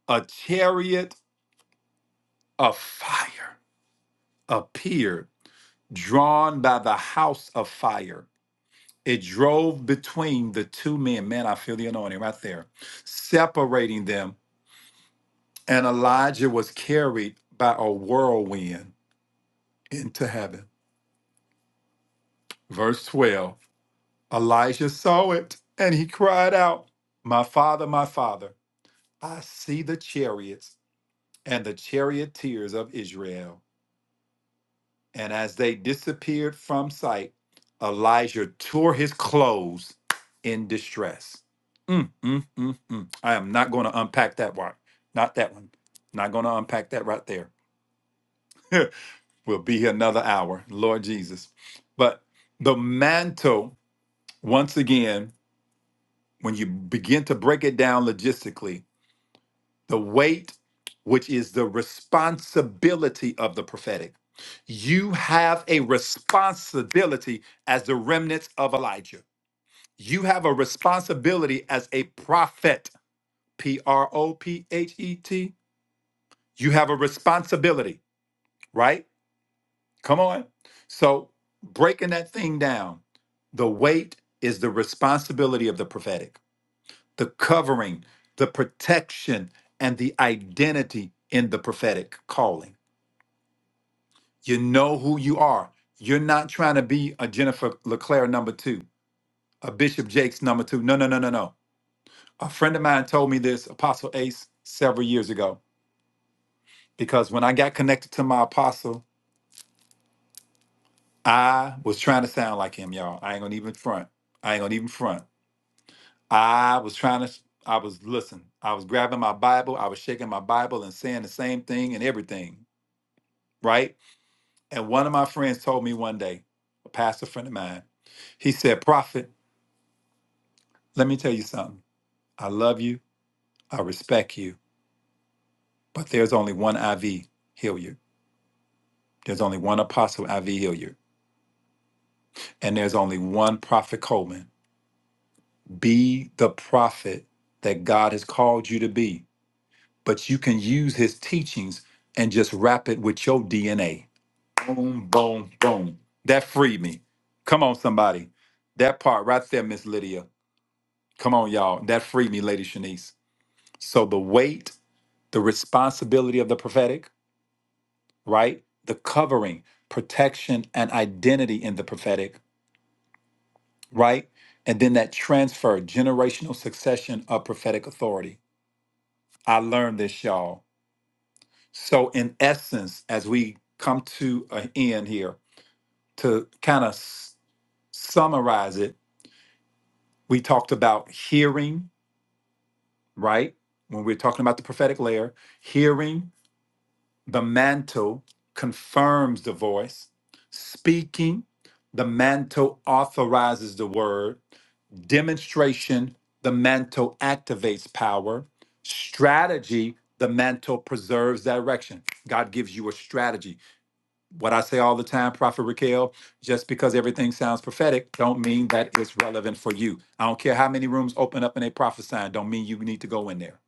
A: a chariot of fire appeared, drawn by the house of fire. It drove between the two men. Man, I feel the anointing right there, separating them And Elijah was carried by a whirlwind into heaven. Verse 12 Elijah saw it and he cried out, My father, my father, I see the chariots and the charioteers of Israel. And as they disappeared from sight, Elijah tore his clothes in distress. Mm, mm, mm, mm. I am not going to unpack that one. Not that one. Not going to unpack that right there. We'll be here another hour, Lord Jesus. But the mantle, once again, when you begin to break it down logistically, the weight, which is the responsibility of the prophetic. You have a responsibility as the remnants of Elijah. You have a responsibility as a prophet, P R O P H E T. You have a responsibility, right? Come on. So breaking that thing down. The weight is the responsibility of the prophetic, the covering, the protection, and the identity in the prophetic calling. You know who you are. You're not trying to be a Jennifer LeClaire number two, a Bishop Jakes number two. No, no, no, no, no. A friend of mine told me this, Apostle Ace, several years ago, because when I got connected to my apostle, I was trying to sound like him, y'all. I ain't gonna even front. I ain't gonna even front. I was trying to, I was, listen, I was grabbing my Bible, I was shaking my Bible and saying the same thing and everything, right? And one of my friends told me one day, a pastor friend of mine, he said, Prophet, let me tell you something. I love you, I respect you, but there's only one IV Hilliard. There's only one apostle IV Hilliard, and there's only one prophet Coleman. Be the prophet that God has called you to be, but you can use his teachings and just wrap it with your DNA Boom, boom, boom. That freed me. Come on, somebody. That part right there, Miss Lydia. Come on, y'all. That freed me, Lady Shanice. So the weight, the responsibility of the prophetic, right? The covering, protection, and identity in the prophetic, right? And then that transfer, generational succession of prophetic authority. I learned this, y'all. So, in essence, as we come to an end here, to kind of summarize it, We talked about hearing, right? When we're talking about the prophetic layer, hearing the mantle confirms the voice, speaking, the mantle authorizes the word, demonstration, the mantle activates power, strategy, the mantle preserves direction. God gives you a strategy what I say all the time, Prophet Raquel, just because everything sounds prophetic, don't mean that it's relevant for you. I don't care how many rooms open up and they prophesy, don't mean you need to go in there.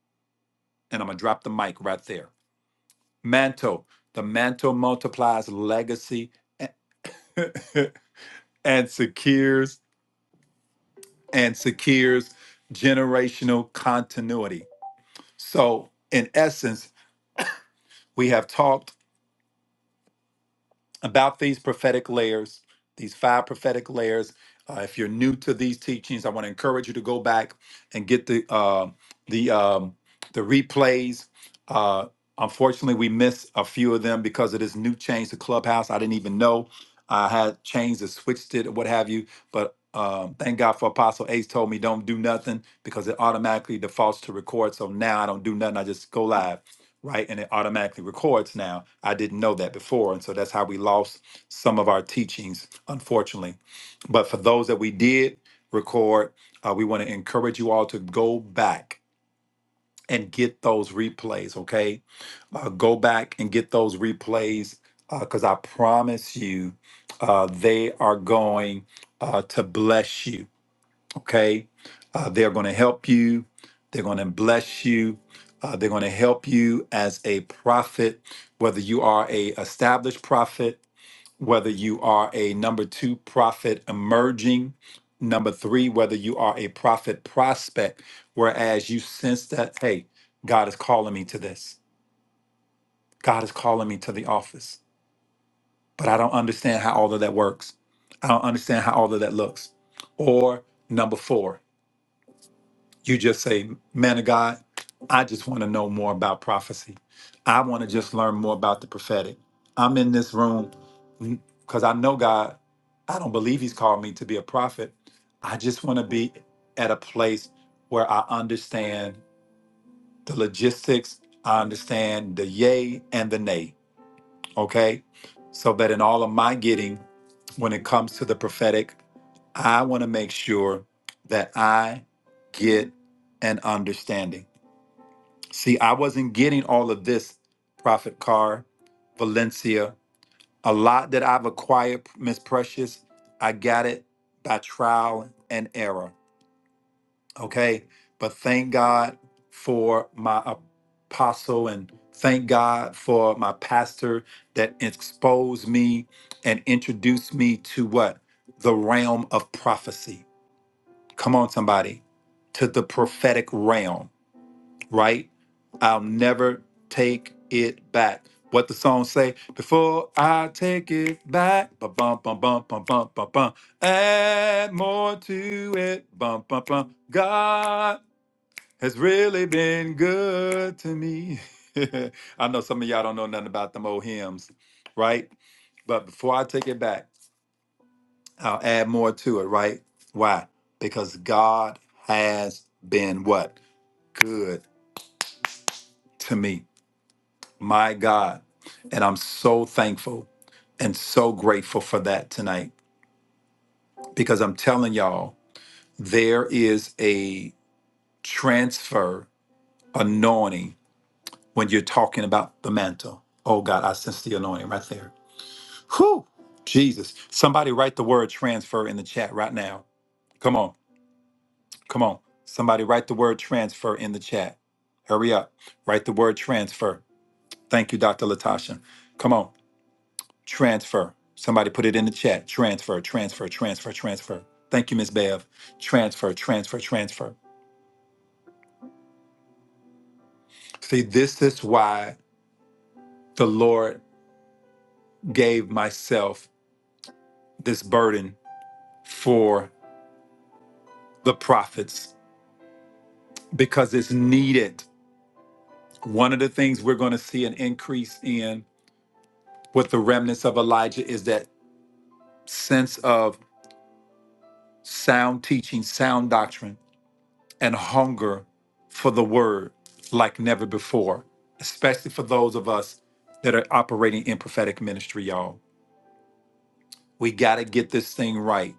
A: And I'm gonna drop the mic right there. Mantle. The mantle multiplies legacy and secures and secures generational continuity. So in essence, we have talked about these prophetic layers, these five prophetic layers. Uh, if you're new to these teachings, I want to encourage you to go back and get the uh, the um, the replays. Uh, unfortunately, we missed a few of them because of this new change to Clubhouse. I didn't even know uh, I had changed or switched it or what have you. But um, thank God for Apostle Ace told me don't do nothing because it automatically defaults to record. So now I don't do nothing. I just go live right? And it automatically records now. I didn't know that before. And so that's how we lost some of our teachings, unfortunately. But for those that we did record, uh, we want to encourage you all to go back and get those replays, okay? Uh, go back and get those replays because I promise you uh, they are going uh, to bless you okay? Uh, they're going to help you. They're going to bless you. Uh, they're going to help you as a prophet, whether you are a established prophet, whether you are a number two prophet emerging, number three, whether you are a prophet prospect, whereas you sense that, hey, God is calling me to this. God is calling me to the office, but I don't understand how all of that works. I don't understand how all of that looks. Or number four, you just say, man of God, I just want to know more about prophecy. I want to just learn more about the prophetic. I'm in this room because I know God. I don't believe He's called me to be a prophet. I just want to be at a place where I understand the logistics, I understand the yay and the nay, okay? So that in all of my getting, when it comes to the prophetic, I want to make sure that I get an understanding. See, I wasn't getting all of this, Prophet Carr, Valencia. A lot that I've acquired, Miss Precious, I got it by trial and error. Okay. But thank God for my apostle and thank God for my pastor that exposed me and introduced me to what? The realm of prophecy. Come on, somebody, to the prophetic realm right? I'll never take it back. What the song say? Before I take it back, ba bum bum bum bum bum bum bum. Add more to it, bum bum bum. God has really been good to me. I know some of y'all don't know nothing about them old hymns, right? But before I take it back, I'll add more to it, right? Why? Because God has been what? Good to me. My God. And I'm so thankful and so grateful for that tonight because I'm telling y'all, there is a transfer anointing when you're talking about the mantle. Oh God, I sense the anointing right there. Whew, Jesus. Somebody write the word transfer in the chat right now. Come on, come on. Somebody write the word transfer in the chat. Hurry up. Write the word transfer. Thank you, Dr. Latasha. Come on. Transfer. Somebody put it in the chat. Transfer, transfer, transfer, transfer. Thank you, Ms. Bev. Transfer, transfer, transfer. See, this is why the Lord gave myself this burden for the prophets because it's needed. One of the things we're going to see an increase in with the remnants of Elijah is that sense of sound teaching, sound doctrine and hunger for the word like never before, especially for those of us that are operating in prophetic ministry, y'all. We got to get this thing right.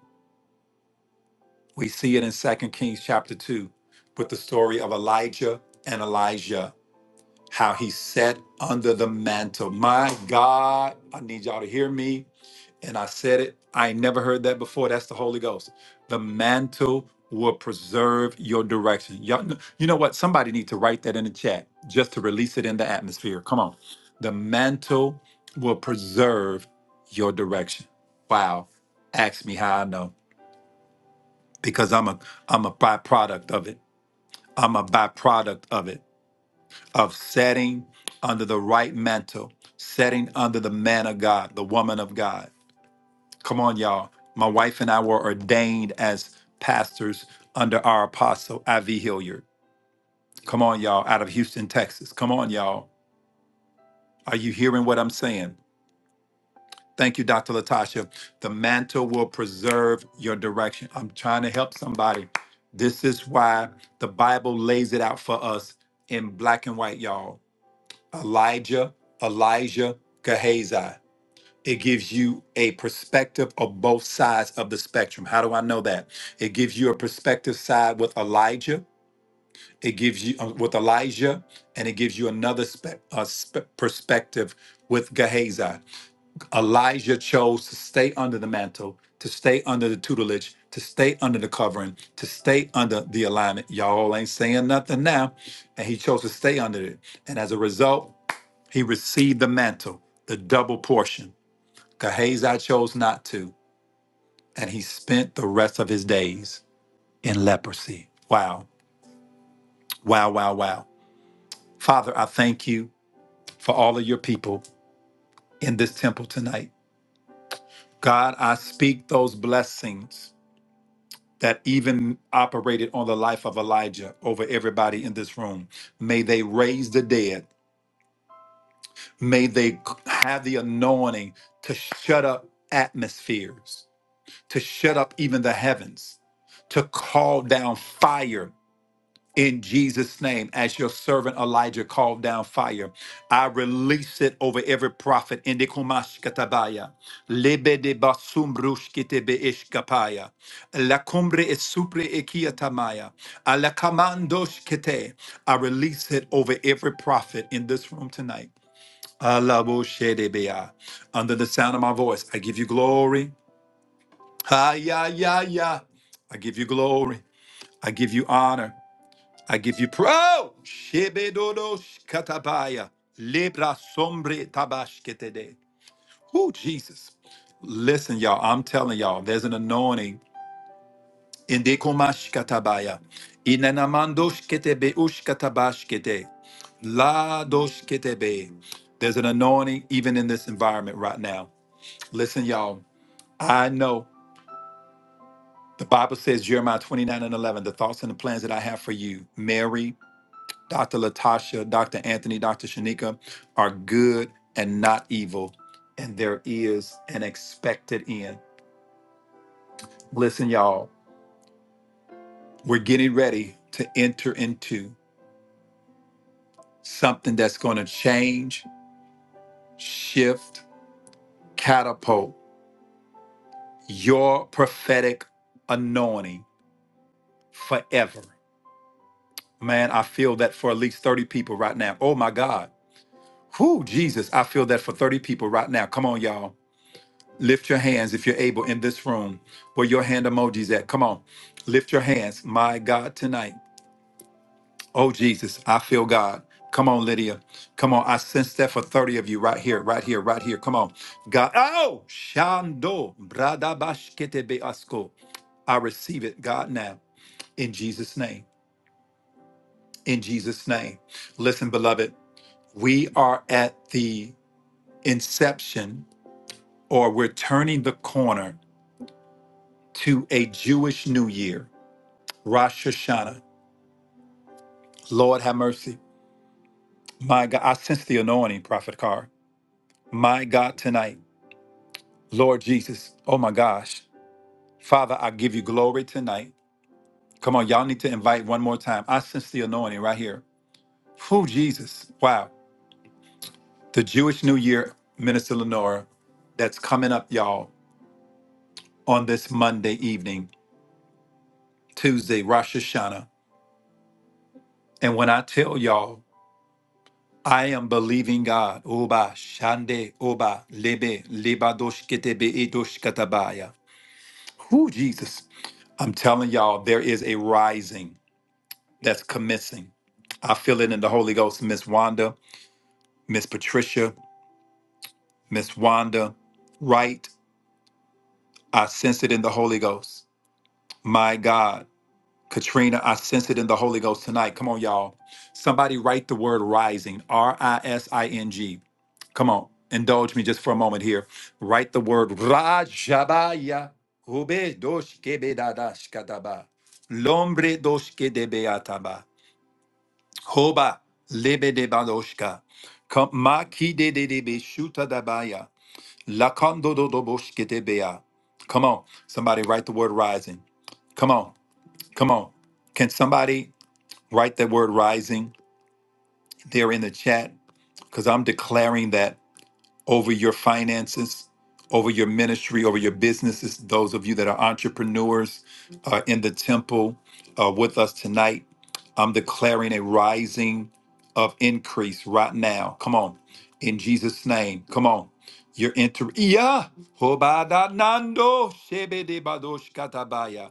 A: We see it in 2 Kings chapter 2 with the story of Elijah and Elijah, how he sat under the mantle. My God, I need y'all to hear me and I said it, I ain't never heard that before. That's the Holy Ghost. The mantle will preserve your direction. Y'all, kn- you know what? Somebody need to write that in the chat just to release it in the atmosphere. Come on. The mantle will preserve your direction. Wow. Ask me how I know because I'm a I'm a byproduct of it. I'm a byproduct of it of setting under the right mantle, setting under the man of God, the woman of God. Come on, y'all. My wife and I were ordained as pastors under our apostle, I.V. Hilliard. Come on, y'all, out of Houston, Texas. Come on, y'all. Are you hearing what I'm saying? Thank you, Dr. Latasha. The mantle will preserve your direction. I'm trying to help somebody. This is why the Bible lays it out for us in black and white, y'all. Elijah, Elijah, Gehazi. It gives you a perspective of both sides of the spectrum. How do I know that? It gives you a perspective side with Elijah. It gives you uh, with Elijah, and it gives you another spe- uh, spe- perspective with Gehazi. Elijah chose to stay under the mantle, to stay under the tutelage, to stay under the covering, to stay under the alignment. Y'all ain't saying nothing now, and he chose to stay under it. And as a result, he received the mantle, the double portion. Gehazi chose not to, and he spent the rest of his days in leprosy. Wow, wow, wow, wow. Father, I thank you for all of your people in this temple tonight. God, I speak those blessings that even operated on the life of Elijah over everybody in this room. May they raise the dead. May they have the anointing to shut up atmospheres, to shut up even the heavens, to call down fire in Jesus' name, as your servant Elijah called down fire, I release it over every prophet. Indikumash lebe de basum rushkite ishkapaya, la cumbre es supre ekiatamaya, ala kamandosh kete. I release it over every prophet in this room tonight. Alaboshedebea. Under the sound of my voice, I give you glory. Ha ya ya ya. I give you glory. I give you honor. I give you praise. Oh! Shebedodosh katabaya. Libra sombre tabashketede. Oh, Jesus. Listen, y'all. I'm telling y'all, there's an anointing. Indekomash katabaya. Inanamandosh ketebe ush katabashkete. La dosh ketebe. There's an anointing even in this environment right now. Listen, y'all. I know the Bible says, Jeremiah 29 and 11, the thoughts and the plans that I have for you, Mary Dr. Latasha, Dr. Anthony, Dr. Shanika are good and not evil, and there is an expected end. Listen, y'all, we're getting ready to enter into something that's going to change, shift, catapult your prophetic anointing forever. Man, I feel that for at least 30 people right now. Oh my God. Whoo, Jesus, I feel that for 30 people right now. Come on, y'all. Lift your hands if you're able in this room where your hand emojis at. Come on. Lift your hands. My God, tonight. Oh, Jesus, I feel God. Come on, Lydia. Come on. I sense that for 30 of you right here, right here, right here. Come on. God. Oh, Shando. bradabashkete beasko. I receive it, God, now in Jesus' name. In Jesus' name. Listen, beloved, we are at the inception or we're turning the corner to a Jewish New Year. Rosh Hashanah. Lord, have mercy. My God, I sense the anointing, Prophet Carr. My God, tonight, Lord Jesus, oh my gosh. Father, I give you glory tonight. Come on, y'all need to invite one more time. I sense the anointing right here. Who, Jesus? Wow. The Jewish New Year, Minister Lenora, that's coming up, y'all, on this Monday evening, Tuesday, Rosh Hashanah. And when I tell y'all, I am believing God. Oba shande oba lebe lebadosh ketebe Edosh katabaya. Who Jesus? I'm telling y'all, there is a rising that's commencing. I feel it in the Holy Ghost, Miss Wanda, Miss Patricia, Miss Wanda, right? I sense it in the Holy Ghost. My God. Katrina, I sense it in the Holy Ghost tonight. Come on, y'all. Somebody write the word rising, R I S I N G. Come on, indulge me just for a moment here. Write the word Rajabaya. Ube doshke bedadashkataba. Lombre doshke de beataba. Hoba lebe de badoshka. Kom- Maki de de de be shuta dabaya. Lakando do do boshke de Come on, somebody write the word rising. Come on, come on. Can somebody? Write that word rising there in the chat because I'm declaring that over your finances, over your ministry, over your businesses. Those of you that are entrepreneurs uh, in the temple uh, with us tonight, I'm declaring a rising of increase right now. Come on. In Jesus' name. Come on. You're entering. Yeah. Hobada nando shebede badosh katabaya.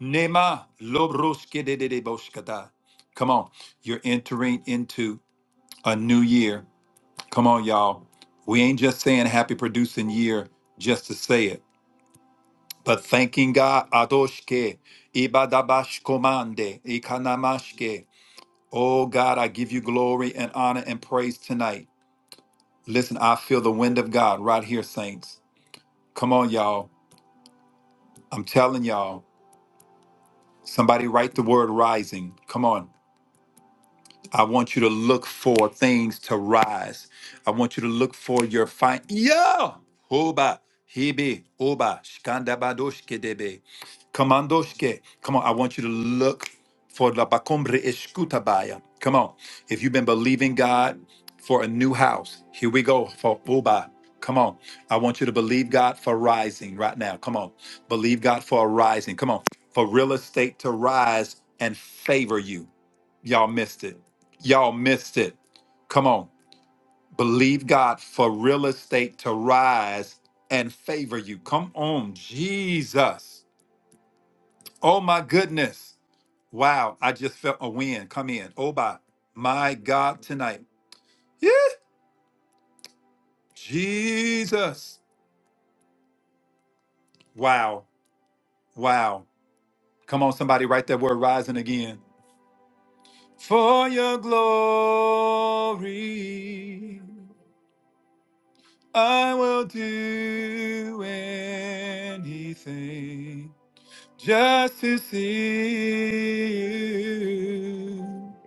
A: Nema lobroshkedededeboshkata. Come on, you're entering into a new year. Come on, y'all. We ain't just saying happy producing year just to say it, but thanking God. Adoshke, ibadabashkomande, ikanamashke. Oh God, I give you glory and honor and praise tonight. Listen, I feel the wind of God right here, saints. Come on, y'all. I'm telling y'all. Somebody write the word rising. Come on. I want you to look for things to rise. I want you to look for your fine. Yeah. Oba. Hebe. Oba. Shkandabadoshke debe. Kamandoshke. Come on. I want you to look for la bakombre eskutabaya. Come on. If you've been believing God for a new house, here we go for Oba. Come on. I want you to believe God for rising right now. Come on. Believe God for a rising. Come on. For real estate to rise and favor you. Y'all missed it. Y'all missed it. Come on. Believe God for real estate to rise and favor you. Come on, Jesus. Oh my goodness. Wow. I just felt a wind come in. Oh my, my God tonight. Yeah. Jesus. Wow. Wow. Come on, somebody write that word rising again. For your glory. I will do anything just to see you,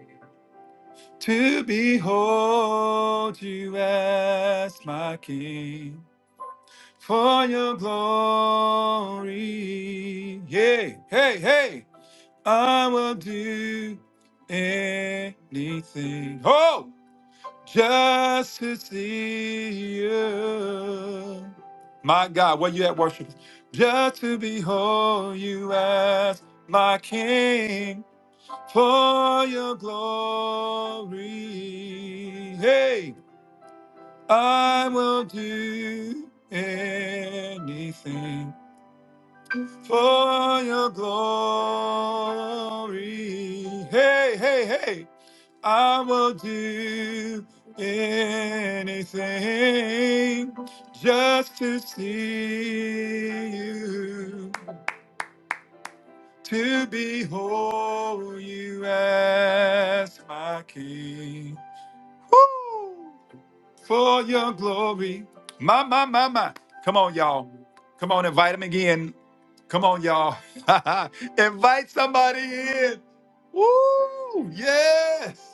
A: to behold you as my king for your glory. Yay, hey, hey, I will do anything. Oh. just to see you. My God, where you at worship? Just to behold you as my King for your glory. Hey, I will do anything for your glory. Hey, hey, hey. I will do anything just to see you, to behold you as my king. Woo! For your glory. My, my, my, my. Come on, y'all. Come on, invite him again. Come on, y'all. invite somebody in. Woo! Yes.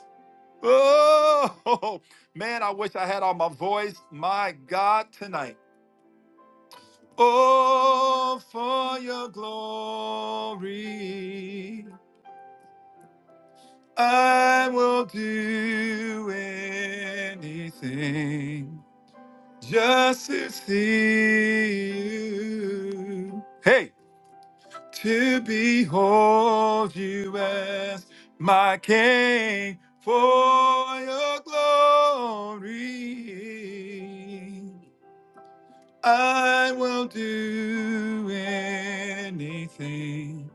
A: Oh, man, I wish I had all my voice. My God, tonight. Oh, for your glory, I will do anything just to see you. Hey, to behold you as my king for your glory. I will do anything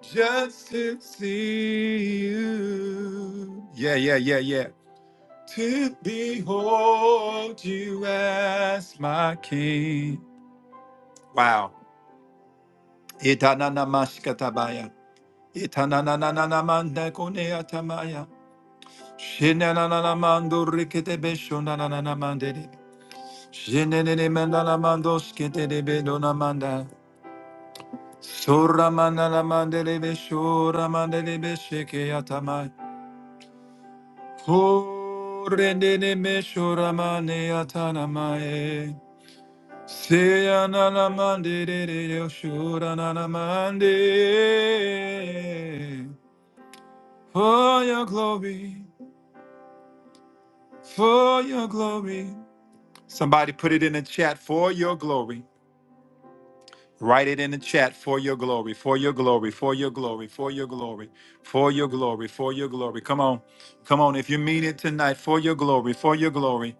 A: just to see you. Yeah, yeah, yeah, yeah. To behold you as my king. Wow. Itananamashkatabaya. Itananananamandakoneatamaya. Shinanananamandoriketebeshonananamandere. Shinenenemenana- Rendenemeshoramane atanamae. Somebody put it in the chat for your glory. Write it in the chat for your glory, for your glory, for your glory, for your glory, for your glory, for your glory. Come on, come on. If you mean it tonight, for your glory, for your glory,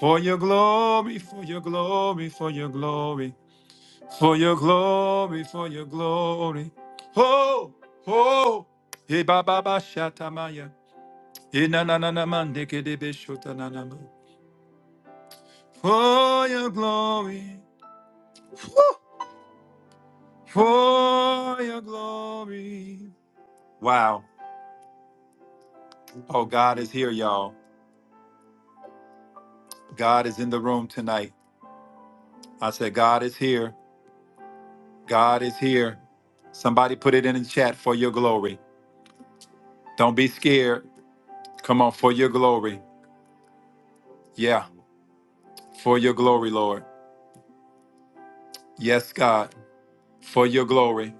A: for your glory, for your glory, for your glory, for your glory, for your glory. Ho, ho. Hey, ba, ba, ba, shatamaya. Hey, na, na, na, na, man, deke, debe, shota na shotananama. for your glory, for your glory. Wow. Oh, God is here, y'all. God is in the room tonight. I said, God is here. God is here. Somebody put it in the chat for your glory. Don't be scared. Come on, for your glory. Yeah, for your glory, Lord. Yes, God, for your glory.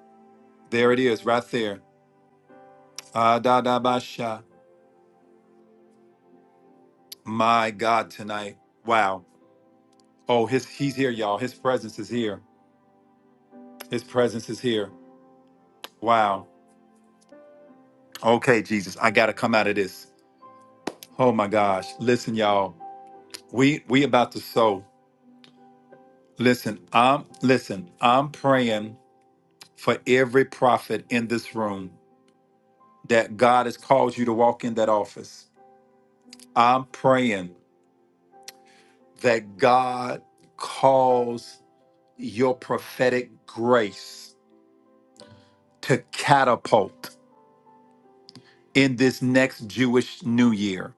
A: There it is, right there. Adadabasha. My God, tonight. Wow. Oh, his, he's here, y'all. His presence is here. His presence is here. Wow. Okay, Jesus, I gotta come out of this. Oh my gosh. Listen, y'all. We we about to sow. Listen, I'm listen, I'm praying for every prophet in this room that God has called you to walk in that office. I'm praying that God calls your prophetic grace to catapult in this next Jewish new year.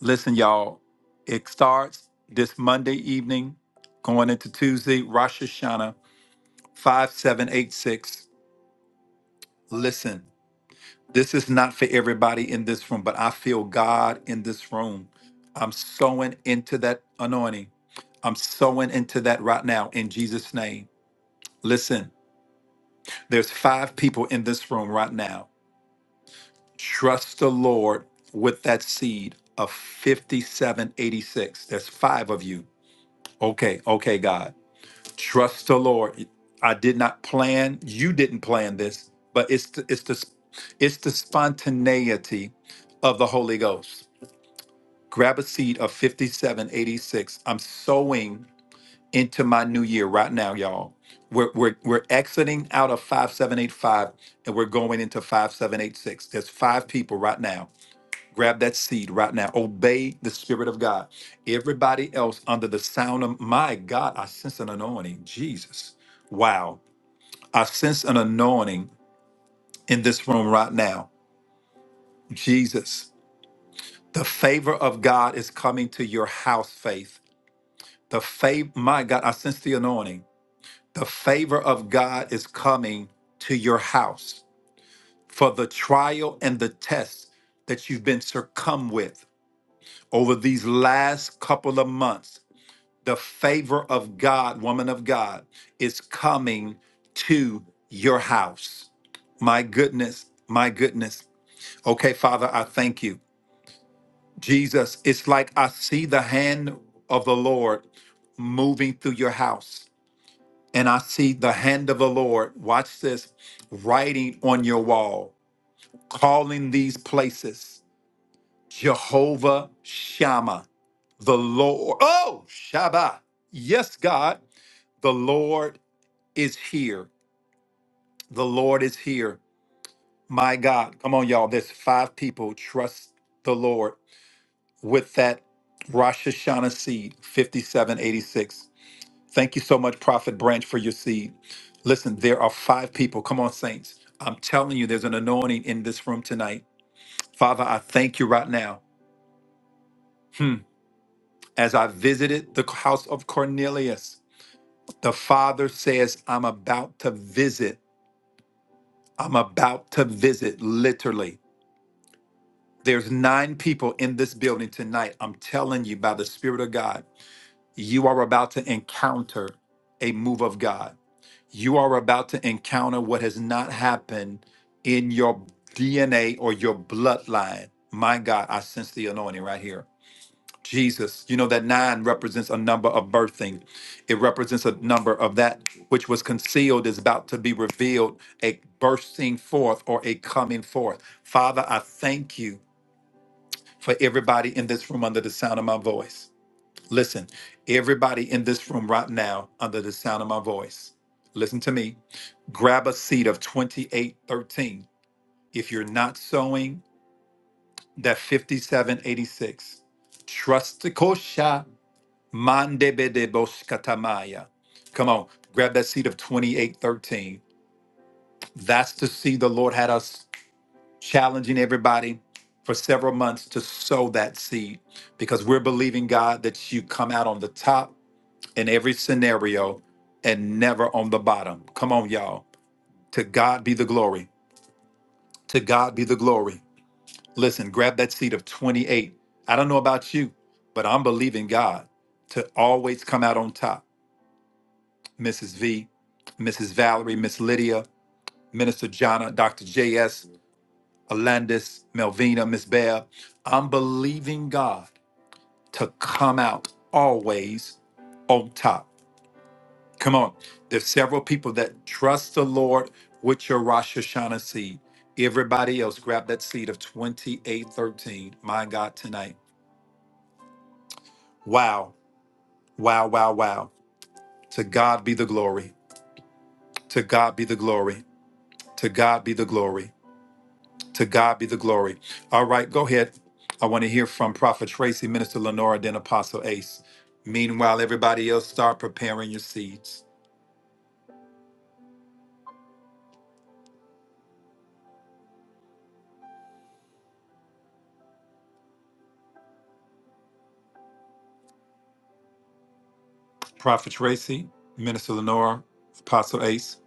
A: Listen, y'all, it starts this Monday evening, going into Tuesday, Rosh Hashanah 5786. Listen, this is not for everybody in this room, but I feel God in this room. I'm sowing into that anointing. I'm sowing into that right now in Jesus' name. Listen, there's five people in this room right now. Trust the Lord with that seed of 5786. There's five of you. Okay, okay, God. Trust the Lord. I did not plan. You didn't plan this, but it's the, it's the it's the spontaneity of the Holy Ghost. Grab a seed of 5786. I'm sowing into my new year right now, y'all. We're, we're, we're exiting out of 5785 and we're going into 5786. There's five people right now Grab that seed right now. Obey the Spirit of God. Everybody else under the sound of my God, I sense an anointing. Jesus. Wow. I sense an anointing in this room right now. Jesus. The favor of God is coming to your house, faith. The favor, my God, I sense the anointing. The favor of God is coming to your house for the trial and the test that you've been succumbed with over these last couple of months The favor of God, woman of God, is coming to your house. My goodness, my goodness. Okay, Father, I thank you. Jesus, it's like I see the hand of the Lord moving through your house. And I see the hand of the Lord, watch this, writing on your wall, calling these places Jehovah Shammah, the Lord. Oh, Shabbat. Yes, God, the Lord is here. The Lord is here. My God. Come on, y'all. There's five people. Trust the Lord with that Rosh Hashanah seed, 5786. Thank you so much, Prophet Branch, for your seed. Listen, there are five people. Come on, saints. I'm telling you, there's an anointing in this room tonight. Father, I thank you right now. Hmm. As I visited the house of Cornelius, the father says, I'm about to visit. I'm about to visit, literally. There's nine people in this building tonight. I'm telling you, by the Spirit of God, you are about to encounter a move of God. You are about to encounter what has not happened in your DNA or your bloodline. My God, I sense the anointing right here. Jesus, you know that nine represents a number of birthing. It represents a number of that which was concealed is about to be revealed, a bursting forth or a coming forth. Father, I thank you for everybody in this room under the sound of my voice. Listen, everybody in this room right now under the sound of my voice, listen to me. Grab a seat of 2813. If you're not sowing that 5786, trust the kosha mandebedeboskatamaya. Come on, grab that seat of 2813. That's the seed the Lord had us challenging everybody for several months to sow that seed because we're believing God that you come out on the top in every scenario and never on the bottom. Come on, y'all. To God be the glory. To God be the glory. Listen, grab that seed of 28. I don't know about you, but I'm believing God to always come out on top. Mrs. V, Mrs. Valerie, Miss Lydia, Minister Jonna, Dr. JS. Alandis, Melvina, Miss Bear. I'm believing God to come out always on top. Come on. There's several people that trust the Lord with your Rosh Hashanah seed. Everybody else, grab that seed of 2813. My God, tonight. Wow. Wow, wow, wow. To God be the glory. To God be the glory. To God be the glory. To God be the glory. All right, go ahead. I want to hear from Prophet Tracy, Minister Lenora, then Apostle Ace. Meanwhile, everybody else start preparing your seeds. Prophet Tracy, Minister Lenora, Apostle Ace.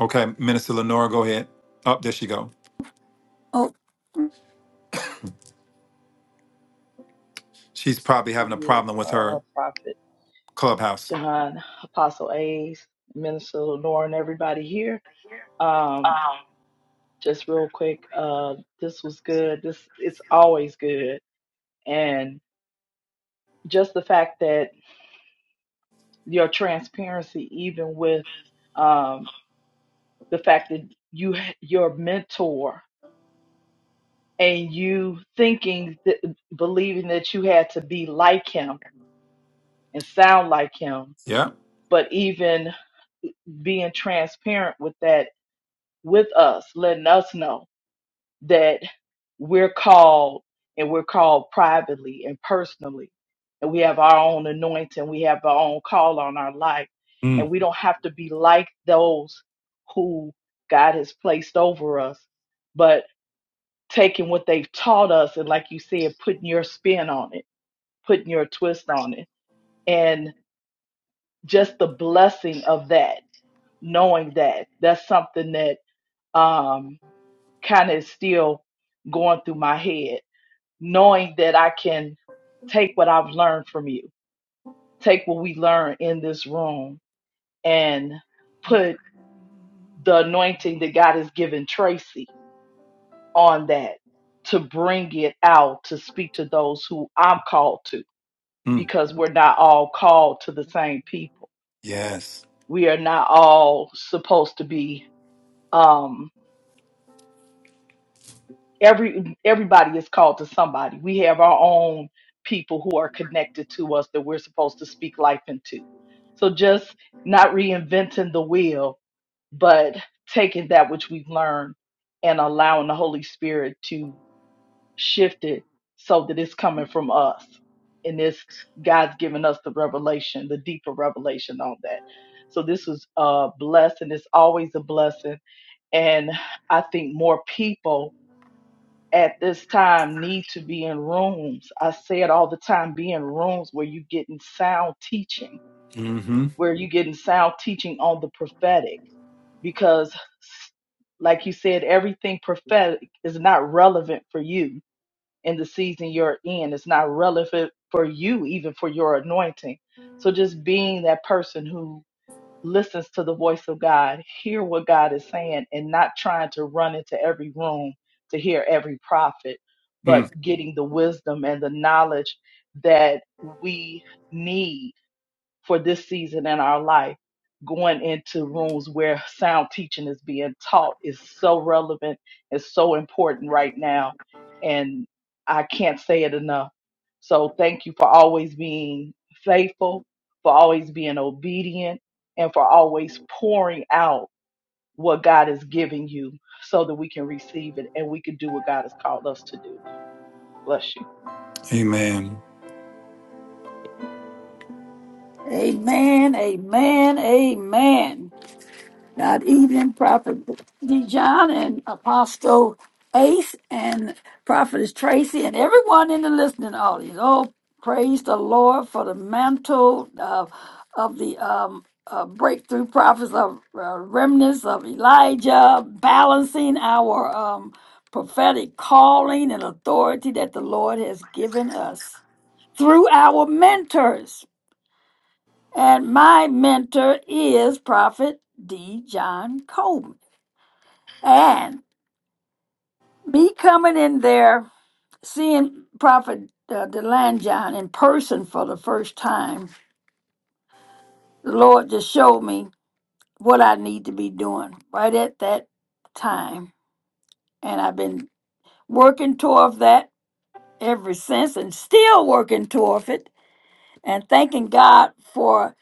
A: Okay, Minister Lenora, go ahead. Up there she go.
C: Oh,
A: She's probably
D: to
A: having a
D: you,
A: problem with
D: uh,
A: her
D: Prophet
A: clubhouse.
D: John, Apostle Ace, Minister Lenore, and everybody here. Um, just real quick, uh, this was good. This it's always good, and just the fact that your transparency, even with um, the fact that you your mentor and you thinking that believing that you had to be like him and sound like him,
A: Yeah.
D: but even being transparent with that with us, letting us know that we're called and we're called privately and personally. And we have our own anointing, we have our own call on our life.
A: Mm,
D: And we don't have to be like those who God has placed over us, but taking what they've taught us and, like you said, putting your spin on it, putting your twist on it. And just the blessing of that, knowing that that's something that. um, kind of is still going through my head, knowing that I can take what I've learned from you, take what we learned in this room, and put the anointing that God has given Tracy on that to bring it out to speak to those who I'm called to,
A: mm,
D: because we're not all called to the same people.
A: yes.
D: We are not all supposed to be. um, every everybody is called to somebody. We have our own people who are connected to us that we're supposed to speak life into. So just not reinventing the wheel, but taking that which we've learned and allowing the Holy Spirit to shift it so that it's coming from us. And this God's given us the revelation, the deeper revelation on that. So this was a blessing. It's always a blessing. And I think more people at this time need to be in rooms. I say it all the time, be in rooms where you getting sound teaching,
A: Mm-hmm.
D: where you getting sound teaching on the prophetic. Because like you said, everything prophetic is not relevant for you in the season you're in. It's not relevant for you, even for your anointing. So just being that person who listens to the voice of God, hear what God is saying, and not trying to run into every room to hear every prophet, but
A: Mm.
D: getting the wisdom and the knowledge that we need for this season in our life, going into rooms where sound teaching is being taught is so relevant, is so important right now. And I can't say it enough. So thank you for always being faithful, for always being obedient, and for always pouring out what God is giving you so that we can receive it and we can do what God has called us to do. Bless you.
A: Amen.
C: amen, amen, amen. God evening, Prophet D. and Apostle Ace and Prophetess Tracy and everyone in the listening audience. Oh, praise the Lord for the mantle of, of the um, uh, breakthrough prophets of uh, remnants of Elijah, balancing our um, prophetic calling and authority that the Lord has given us through our mentors. And my mentor is Prophet D. John Coleman. And me coming in there, seeing Prophet uh, DeLanjon in person for the first time, the Lord just showed me what I need to be doing right at that time. And I've been working toward that ever since and still working toward it and thanking God for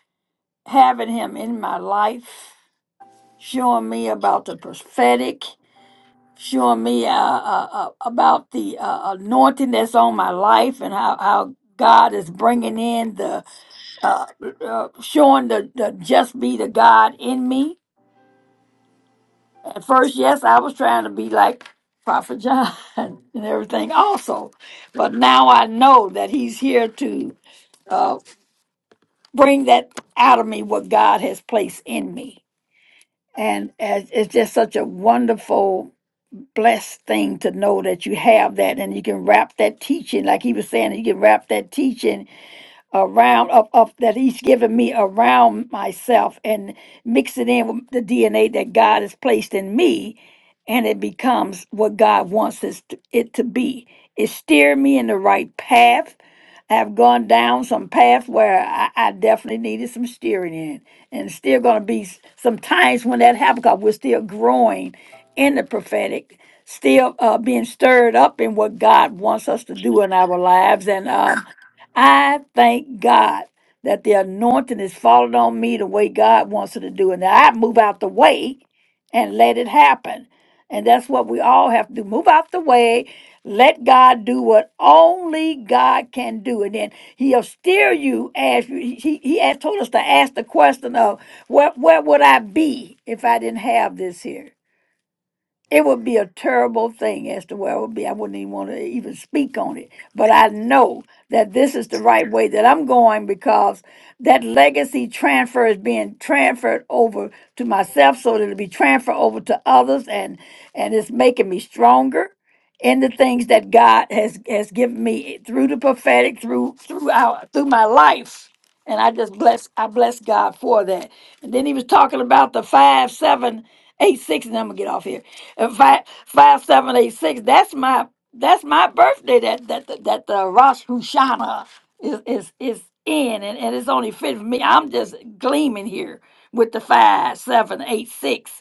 C: having him in my life, showing me about the prophetic showing me uh, uh, uh, about the uh, anointing that's on my life and how, how God is bringing in the, uh, uh, showing the, the just be the God in me. At first, yes, I was trying to be like Prophet John and everything also. But now I know that he's here to uh, bring that out of me, what God has placed in me. And as, it's just such a wonderful blessed thing to know that you have that and you can wrap that teaching, like he was saying, you can wrap that teaching around of, of that he's given me around myself and mix it in with the DNA that God has placed in me and it becomes what God wants us to- it to be. It steered me in the right path. I have gone down some path where I, I definitely needed some steering in. And still gonna be s- some times when that happens because we're still growing in the prophetic, still uh, being stirred up in what God wants us to do in our lives. And um I thank God that the anointing is falling on me the way God wants it to do. And that I move out the way and let it happen. And that's what we all have to do. Move out the way. Let God do what only God can do. And then he'll steer you as you, he, he had told us to ask the question of where, where would I be if I didn't have this here? It would be a terrible thing as to where I would be. I wouldn't even want to even speak on it. But I know that this is the right way that I'm going because that legacy transfer is being transferred over to myself so that it'll be transferred over to others and and it's making me stronger in the things that God has has given me through the prophetic, through throughout through my life. And I just bless I bless God for that. And then he was talking about the five seven eight six, and I'm gonna get off here. And five five seven eight six. That's my that's my birthday. That that that, that the Rosh Hashanah is is is in, and, and it's only fit for me. I'm just gleaming here with the five seven eight six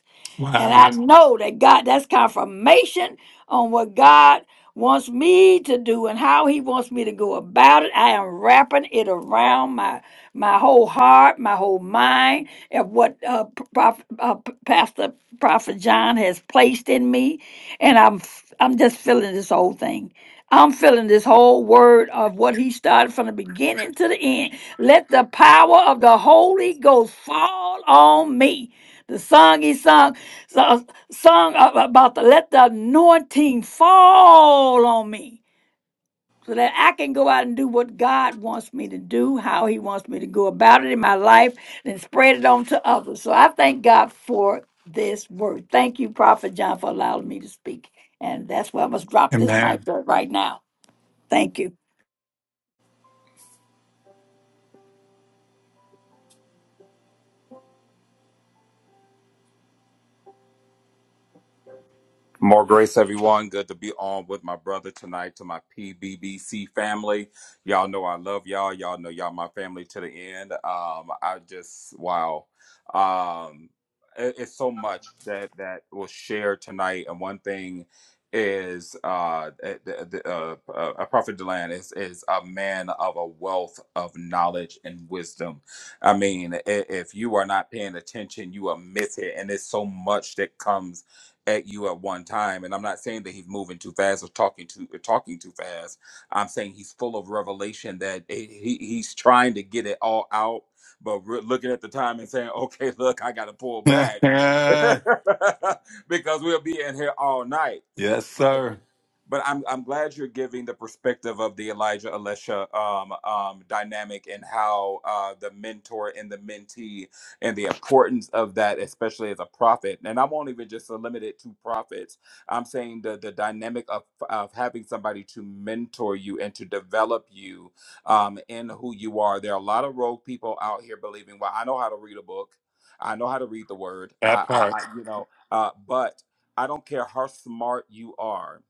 C: and
A: Wow.
C: I know that God, that's confirmation on what God wants me to do and how he wants me to go about it. I am wrapping it around my my whole heart, my whole mind and what uh, Prof, uh, Pastor Prophet John has placed in me. And I'm f- I'm just feeling this whole thing. I'm feeling this whole word of what he started from the beginning to the end. Let the power of the Holy Ghost fall on me. The song he sung so, a song about the let the anointing fall on me so that I can go out and do what God wants me to do, how He wants me to go about it in my life, and spread it on to others. So I thank God for this word. Thank you, Prophet John, for allowing me to speak. And that's where I must drop this mic
A: Amen.
C: right now. Thank you.
B: More grace, everyone. Good to be on with my brother tonight to my PBBC family. Y'all know I love y'all. Y'all know y'all my family to the end. Um, I just wow. Um, it- it's so much that that was shared tonight, and one thing is uh, eh, the, the, uh, uh prophet deland is is a man of a wealth of knowledge and wisdom i mean i- if you are not paying attention you are missing and it's so much that comes at you at one time. And I'm not saying that he's moving too fast or talking too talking too fast. I'm saying he's full of revelation that he, he- he's trying to get it all out, but we're looking at the time and saying, "Okay, look, I got to pull back
A: yes,
B: because we'll be in here all night."
A: sir.
B: but I'm I'm glad you're giving the perspective of the Elijah Elisha um, um, dynamic and how uh, the mentor and the mentee and the importance of that, especially as a prophet. And I won't even just limit it to prophets. I'm saying the the dynamic of of having somebody to mentor you and to develop you um, in who you are. There are a lot of rogue people out here believing, well, I know how to read a book. I know how to read the word.
A: That
B: I,
A: part.
B: I, I you know, uh, but I don't care how smart you are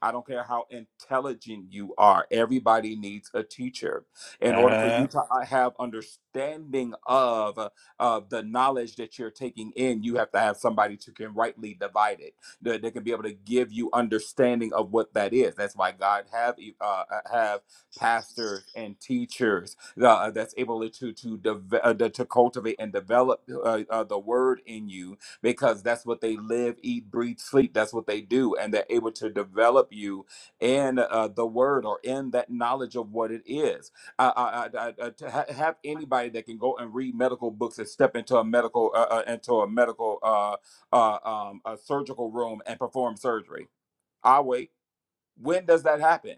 B: I don't care how intelligent you are. Everybody needs a teacher. In order for
A: Uh,
B: you to uh, have understanding of uh, of the knowledge that you're taking in, you have to have somebody who can rightly divide it. That that can be able to give you understanding of what that is. That's why God have e- uh, uh, have pastors and teachers uh, that's able to to to, deve- uh, to cultivate and develop uh, uh, the word in you because that's what they live, eat, breathe, sleep. That's what they do. And they're able to develop you in uh, the word or in that knowledge of what it is. I, I, I, I, to ha- have anybody that can go and read medical books and step into a medical, uh, uh, into a medical, uh, uh, um, a surgical room and perform surgery. I wait. When does that happen?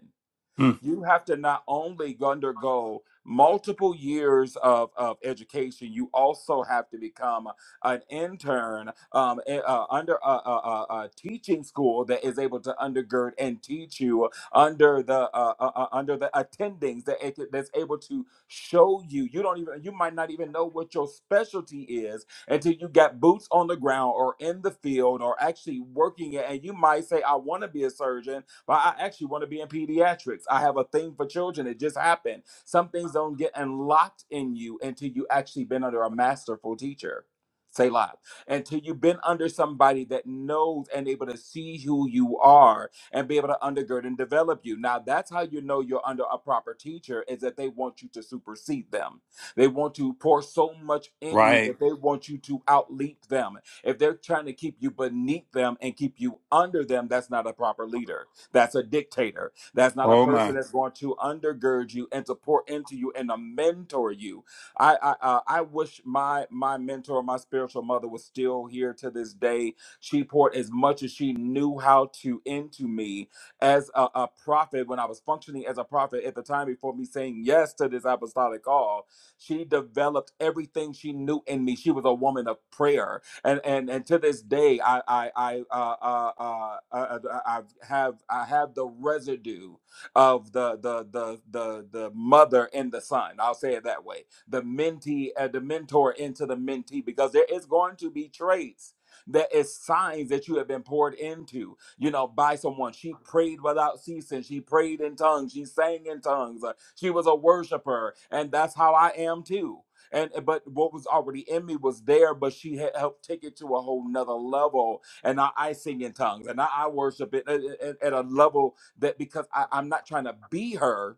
A: mm.
B: you have to not only undergo multiple years of, of education, you also have to become an intern um, a- uh, under a, a, a, a teaching school that is able to undergird and teach you under the uh, uh, uh, under the attendings that it, that's able to show you. You don't even you might not even know what your specialty is until you got boots on the ground or in the field or actually working it. And you might say, "I want to be a surgeon," But I actually want to be in pediatrics. I have a thing for children. It just happened. Some things don't get unlocked in you until you actually been under a masterful teacher. Say live until you've been under somebody that knows and able to see who you are and be able to undergird and develop you. Now, that's how you know you're under a proper teacher is that they want you to supersede them. They want to pour so much in you
A: Right.
B: that they want you to outleap them. If they're trying to keep you beneath them and keep you under them, that's not a proper leader. That's a dictator. That's not a
A: Oh
B: person
A: my.
B: that's going to undergird you and to pour into you and to mentor you. I I, uh, I wish my my mentor, my spiritual mother, was still here to this day. She poured as much as she knew how to into me as a, a prophet when I was functioning as a prophet at the time before me saying yes to this apostolic call. She developed everything she knew in me. She was a woman of prayer and and and to this day, I I I uh, uh, uh, uh, uh, I have I have the residue of the the the the the mother and the son. I'll say it that way. The mentee, uh, the mentor into the mentee, because there is going to be traits. There is signs that you have been poured into, you know, by someone. She prayed without ceasing. She prayed in tongues. She sang in tongues. Uh, She was a worshiper, and that's how I am too and but what was already in me was there but she had helped take it to a whole nother level and i, I sing in tongues and i, I worship it at, at- at a level that because I, i'm not trying to be her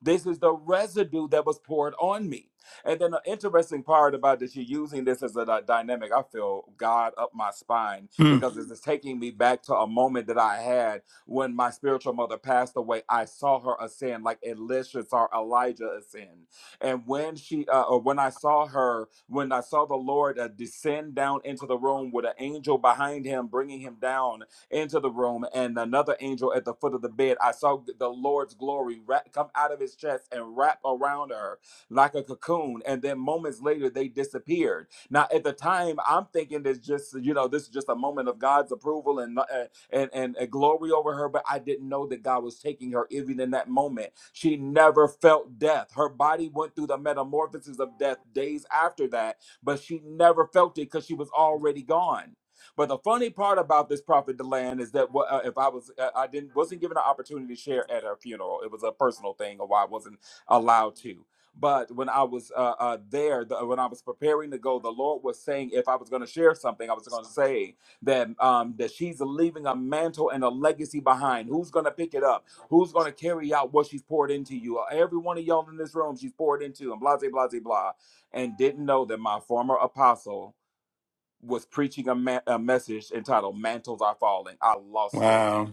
B: this is the residue that was poured on me. And then the interesting part about that you're using this as a dy- dynamic, I feel God up my spine
A: Hmm.
B: because this is taking me back to a moment that I had when my spiritual mother passed away. I saw her ascend like Elisha saw Elijah ascend. And when she, uh, or when I saw her, when I saw the Lord uh, descend down into the room with an angel behind him, bringing him down into the room, and another angel at the foot of the bed. I saw the Lord's glory wrap, come out of his chest and wrap around her like a cocoon. And then moments later, they disappeared. Now, at the time, I'm thinking this just, you know, this is just a moment of God's approval and, uh, and, and, and glory over her, but I didn't know that God was taking her even in that moment. She never felt death. Her body went through the metamorphosis of death days after that, but she never felt it because she was already gone. But the funny part about this prophet Deland is that what uh, if I was uh, I didn't wasn't given an opportunity to share at her funeral. It was a personal thing, or why I wasn't allowed to. But when I was uh, uh, there, the, when I was preparing to go, the Lord was saying if I was going to share something, I was going to say that um, that she's leaving a mantle and a legacy behind. Who's going to pick it up? Who's going to carry out what she's poured into you? Every one of y'all in this room, she's poured into, and blah, blah, blah, blah, blah. And didn't know that my former apostle was preaching a, ma- a message entitled "Mantles Are Falling." I lost it.
A: Wow.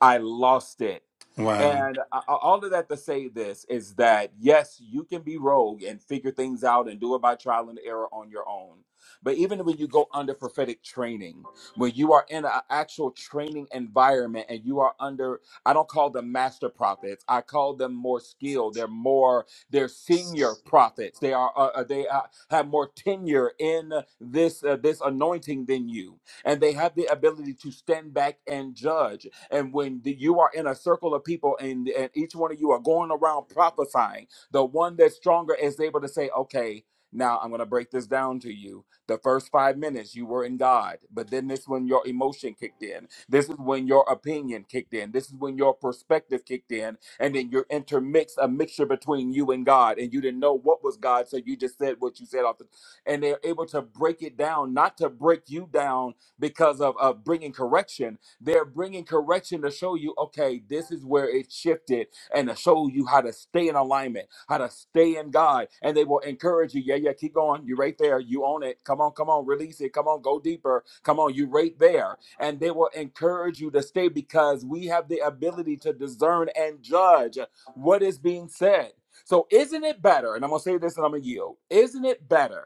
B: I lost it.
A: Wow.
B: And a- a- all of that to say this is that yes, you can be rogue and figure things out and do it by trial and error on your own. But even when you go under prophetic training, when you are in an actual training environment and you are under, I don't call them master prophets. I call them more skilled. They're more, they're senior prophets. They are, uh, uh, they uh, have more tenure in this, uh, this anointing than you. And they have the ability to stand back and judge and when the- you are in a circle of people and, and each one of you are going around prophesying, the one that's stronger is able to say, okay, now I'm going to break this down to you. The first five minutes you were in God, but then this is when your emotion kicked in. This is when your opinion kicked in. This is when your perspective kicked in. And then you're intermixed, a mixture between you and God. And you didn't know what was God, so you just said what you said off the. And they're able to break it down, not to break you down because of, of bringing correction, they're bringing correction to show you, okay, this is where it shifted, and to show you how to stay in alignment, how to stay in God. And they will encourage you, yeah, yeah, keep going. You're right there. You own it. Come on, come on, release it. Come on, go deeper. Come on, you're right there. And they will encourage you to stay because we have the ability to discern and judge what is being said. So, isn't it better? And I'm going to say this and I'm going to yield. Isn't it better?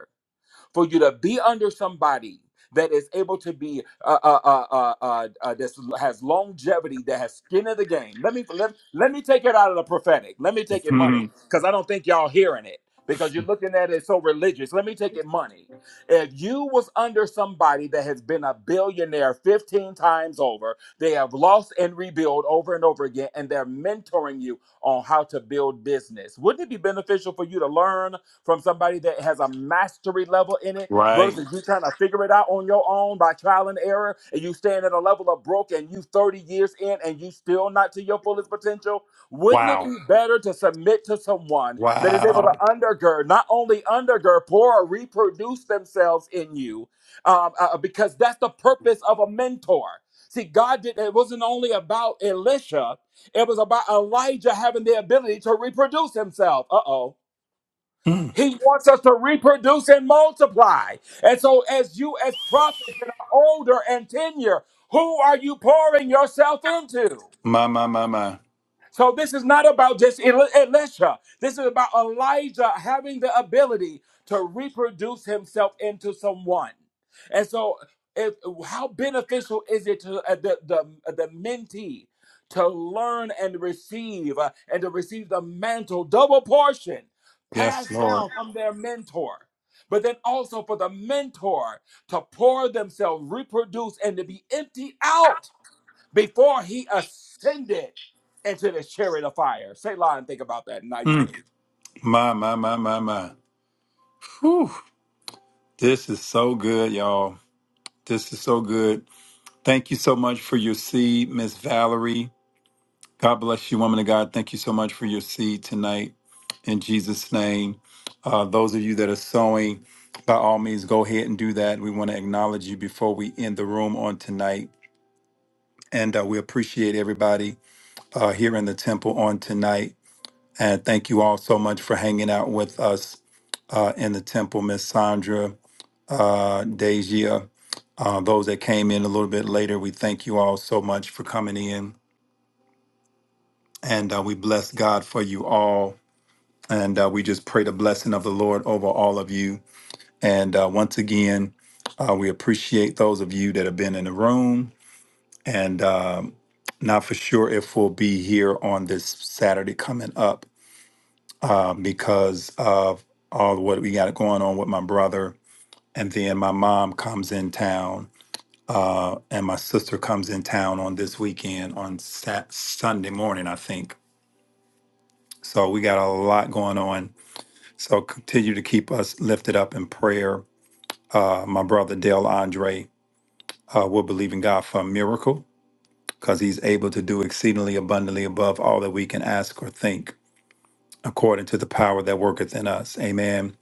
B: for you to be under somebody that is able to be uh, uh, uh, uh, uh, uh, that has longevity, that has skin in the game. Let me let, let me take it out of the prophetic. Let me take it money
A: Hmm.
B: because I don't think y'all hearing it because you're looking at it so religious. Let me take it money. If you was under somebody that has been a billionaire 15 times over, they have lost and rebuilt over and over again, and they're mentoring you on how to build business. Wouldn't it be beneficial for you to learn? from somebody that has a mastery level in it
A: Right.
B: versus you trying to figure it out on your own by trial and error and you staying at a level of broke and you 30 years in and you still not to your fullest potential wouldn't it
A: Wow.
B: be better to submit to someone that is able to
A: Wow.
B: undergird not only undergird pour or reproduce themselves in you um, uh, because that's the purpose of a mentor see god did it wasn't only about elisha it was about elijah having the ability to reproduce himself uh-oh
A: Hmm.
B: he wants us to reproduce and multiply. And so, as you, as prophets that are older and tenure, who are you pouring yourself into?
A: My, my, my, my.
B: So this is not about just Eli- Elisha. This is about Elijah having the ability to reproduce himself into someone. And so, if, how beneficial is it to uh, the, the uh, the mentee to learn and receive uh, and to receive the mantle, double portion,
A: Yes,
B: passed
A: Lord.
B: down from their mentor? But then also for the mentor to pour themselves, reproduce, and to be emptied out before he ascended into the chariot of fire. Say, lie and think about that, not
A: Hmm.
B: you.
A: My, my, my, my, my. Whew. This is so good, y'all. This is so good. Thank you so much for your seed, Miss Valerie. God bless you, woman of God. Thank you so much for your seed tonight in Jesus' name. Uh, those of you that are sowing, by all means, go ahead and do that. We want to acknowledge you before we end the room on tonight. And uh, we appreciate everybody uh, here in the temple on tonight. And thank you all so much for hanging out with us uh, in the temple, Miss Sandra, uh, Deja, uh, those that came in a little bit later. We thank you all so much for coming in. And uh, we bless God for you all. And uh, we just pray the blessing of the Lord over all of you. And uh, once again, uh, we appreciate those of you that have been in the room. And um, not for sure if we'll be here on this Saturday coming up uh, because of all what we got going on with my brother. And then my mom comes in town uh, and my sister comes in town on this weekend on Sat- Sunday morning, I think. So we got a lot going on. So continue to keep us lifted up in prayer uh, my brother Dale Andre uh, will believe in God for a miracle because he's able to do exceedingly abundantly above all that we can ask or think according to the power that worketh in us. Amen.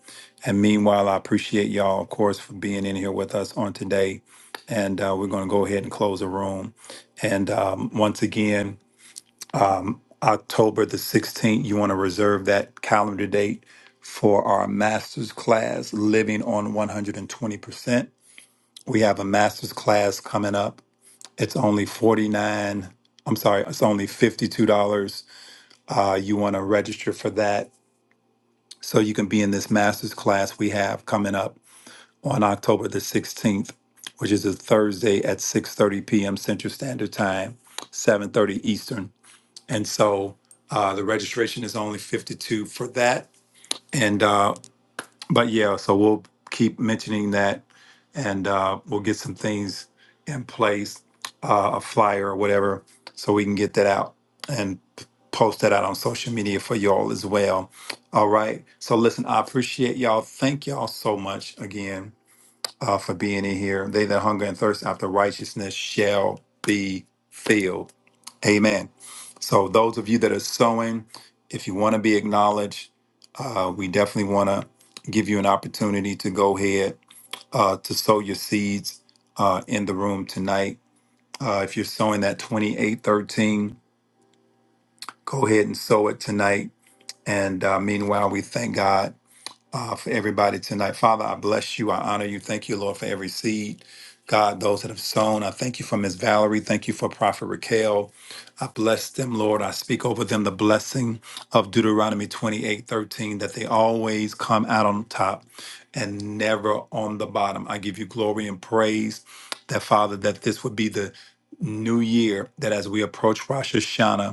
A: And meanwhile, I appreciate y'all, of course, for being in here with us on today. And uh, we're going to go ahead and close the room. And um, once again, October the 16th, you want to reserve that calendar date for our master's class, Living on 120% We have a master's class coming up. It's only $49. i am sorry, it's only $52. Uh, you want to register for that so you can be in this master's class we have coming up on October the 16th, which is a Thursday at 6.30 p.m. Central Standard Time, 7.30 Eastern. And so uh, the registration is only 52 for that. And uh, but yeah, so we'll keep mentioning that, and uh, we'll get some things in place, uh, a flyer or whatever, so we can get that out and p- post that out on social media for y'all as well. All right. So listen, I appreciate y'all. Thank y'all so much again uh, for being in here. They that hunger and thirst after righteousness shall be filled. Amen. So, those of you that are sowing, if you want to be acknowledged, uh, we definitely want to give you an opportunity to go ahead uh, to sow your seeds uh, in the room tonight. Uh, if you're sowing that 2813, go ahead and sow it tonight. And uh, meanwhile, we thank God uh, for everybody tonight. Father, I bless you. I honor you. Thank you, Lord, for every seed. God, those that have sown, I thank you for Miss Valerie. Thank you for Prophet Raquel. I bless them, Lord. I speak over them the blessing of Deuteronomy twenty-eight thirteen that they always come out on top and never on the bottom. I give you glory and praise that, Father, that this would be the new year that as we approach Rosh Hashanah,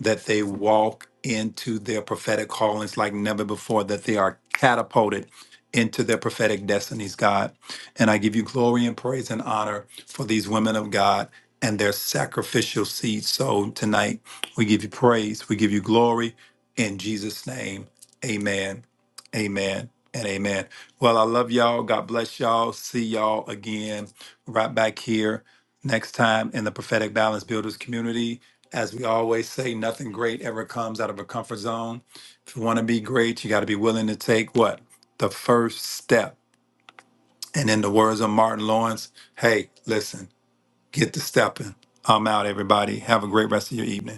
A: that they walk into their prophetic callings like never before, that they are catapulted into their prophetic destinies, God. And I give you glory and praise and honor for these women of God and their sacrificial seed sown tonight. We give you praise, we give you glory in Jesus' name. Amen, amen, and amen. Well, I love y'all. God bless y'all. See y'all again right back here next time in the Prophetic Balance Builders community. As we always say, nothing great ever comes out of a comfort zone. If you want to be great, you got to be willing to take what? The first step. And in the words of Martin Lawrence, hey, listen, get to stepping. I'm out, everybody. Have a great rest of your evening.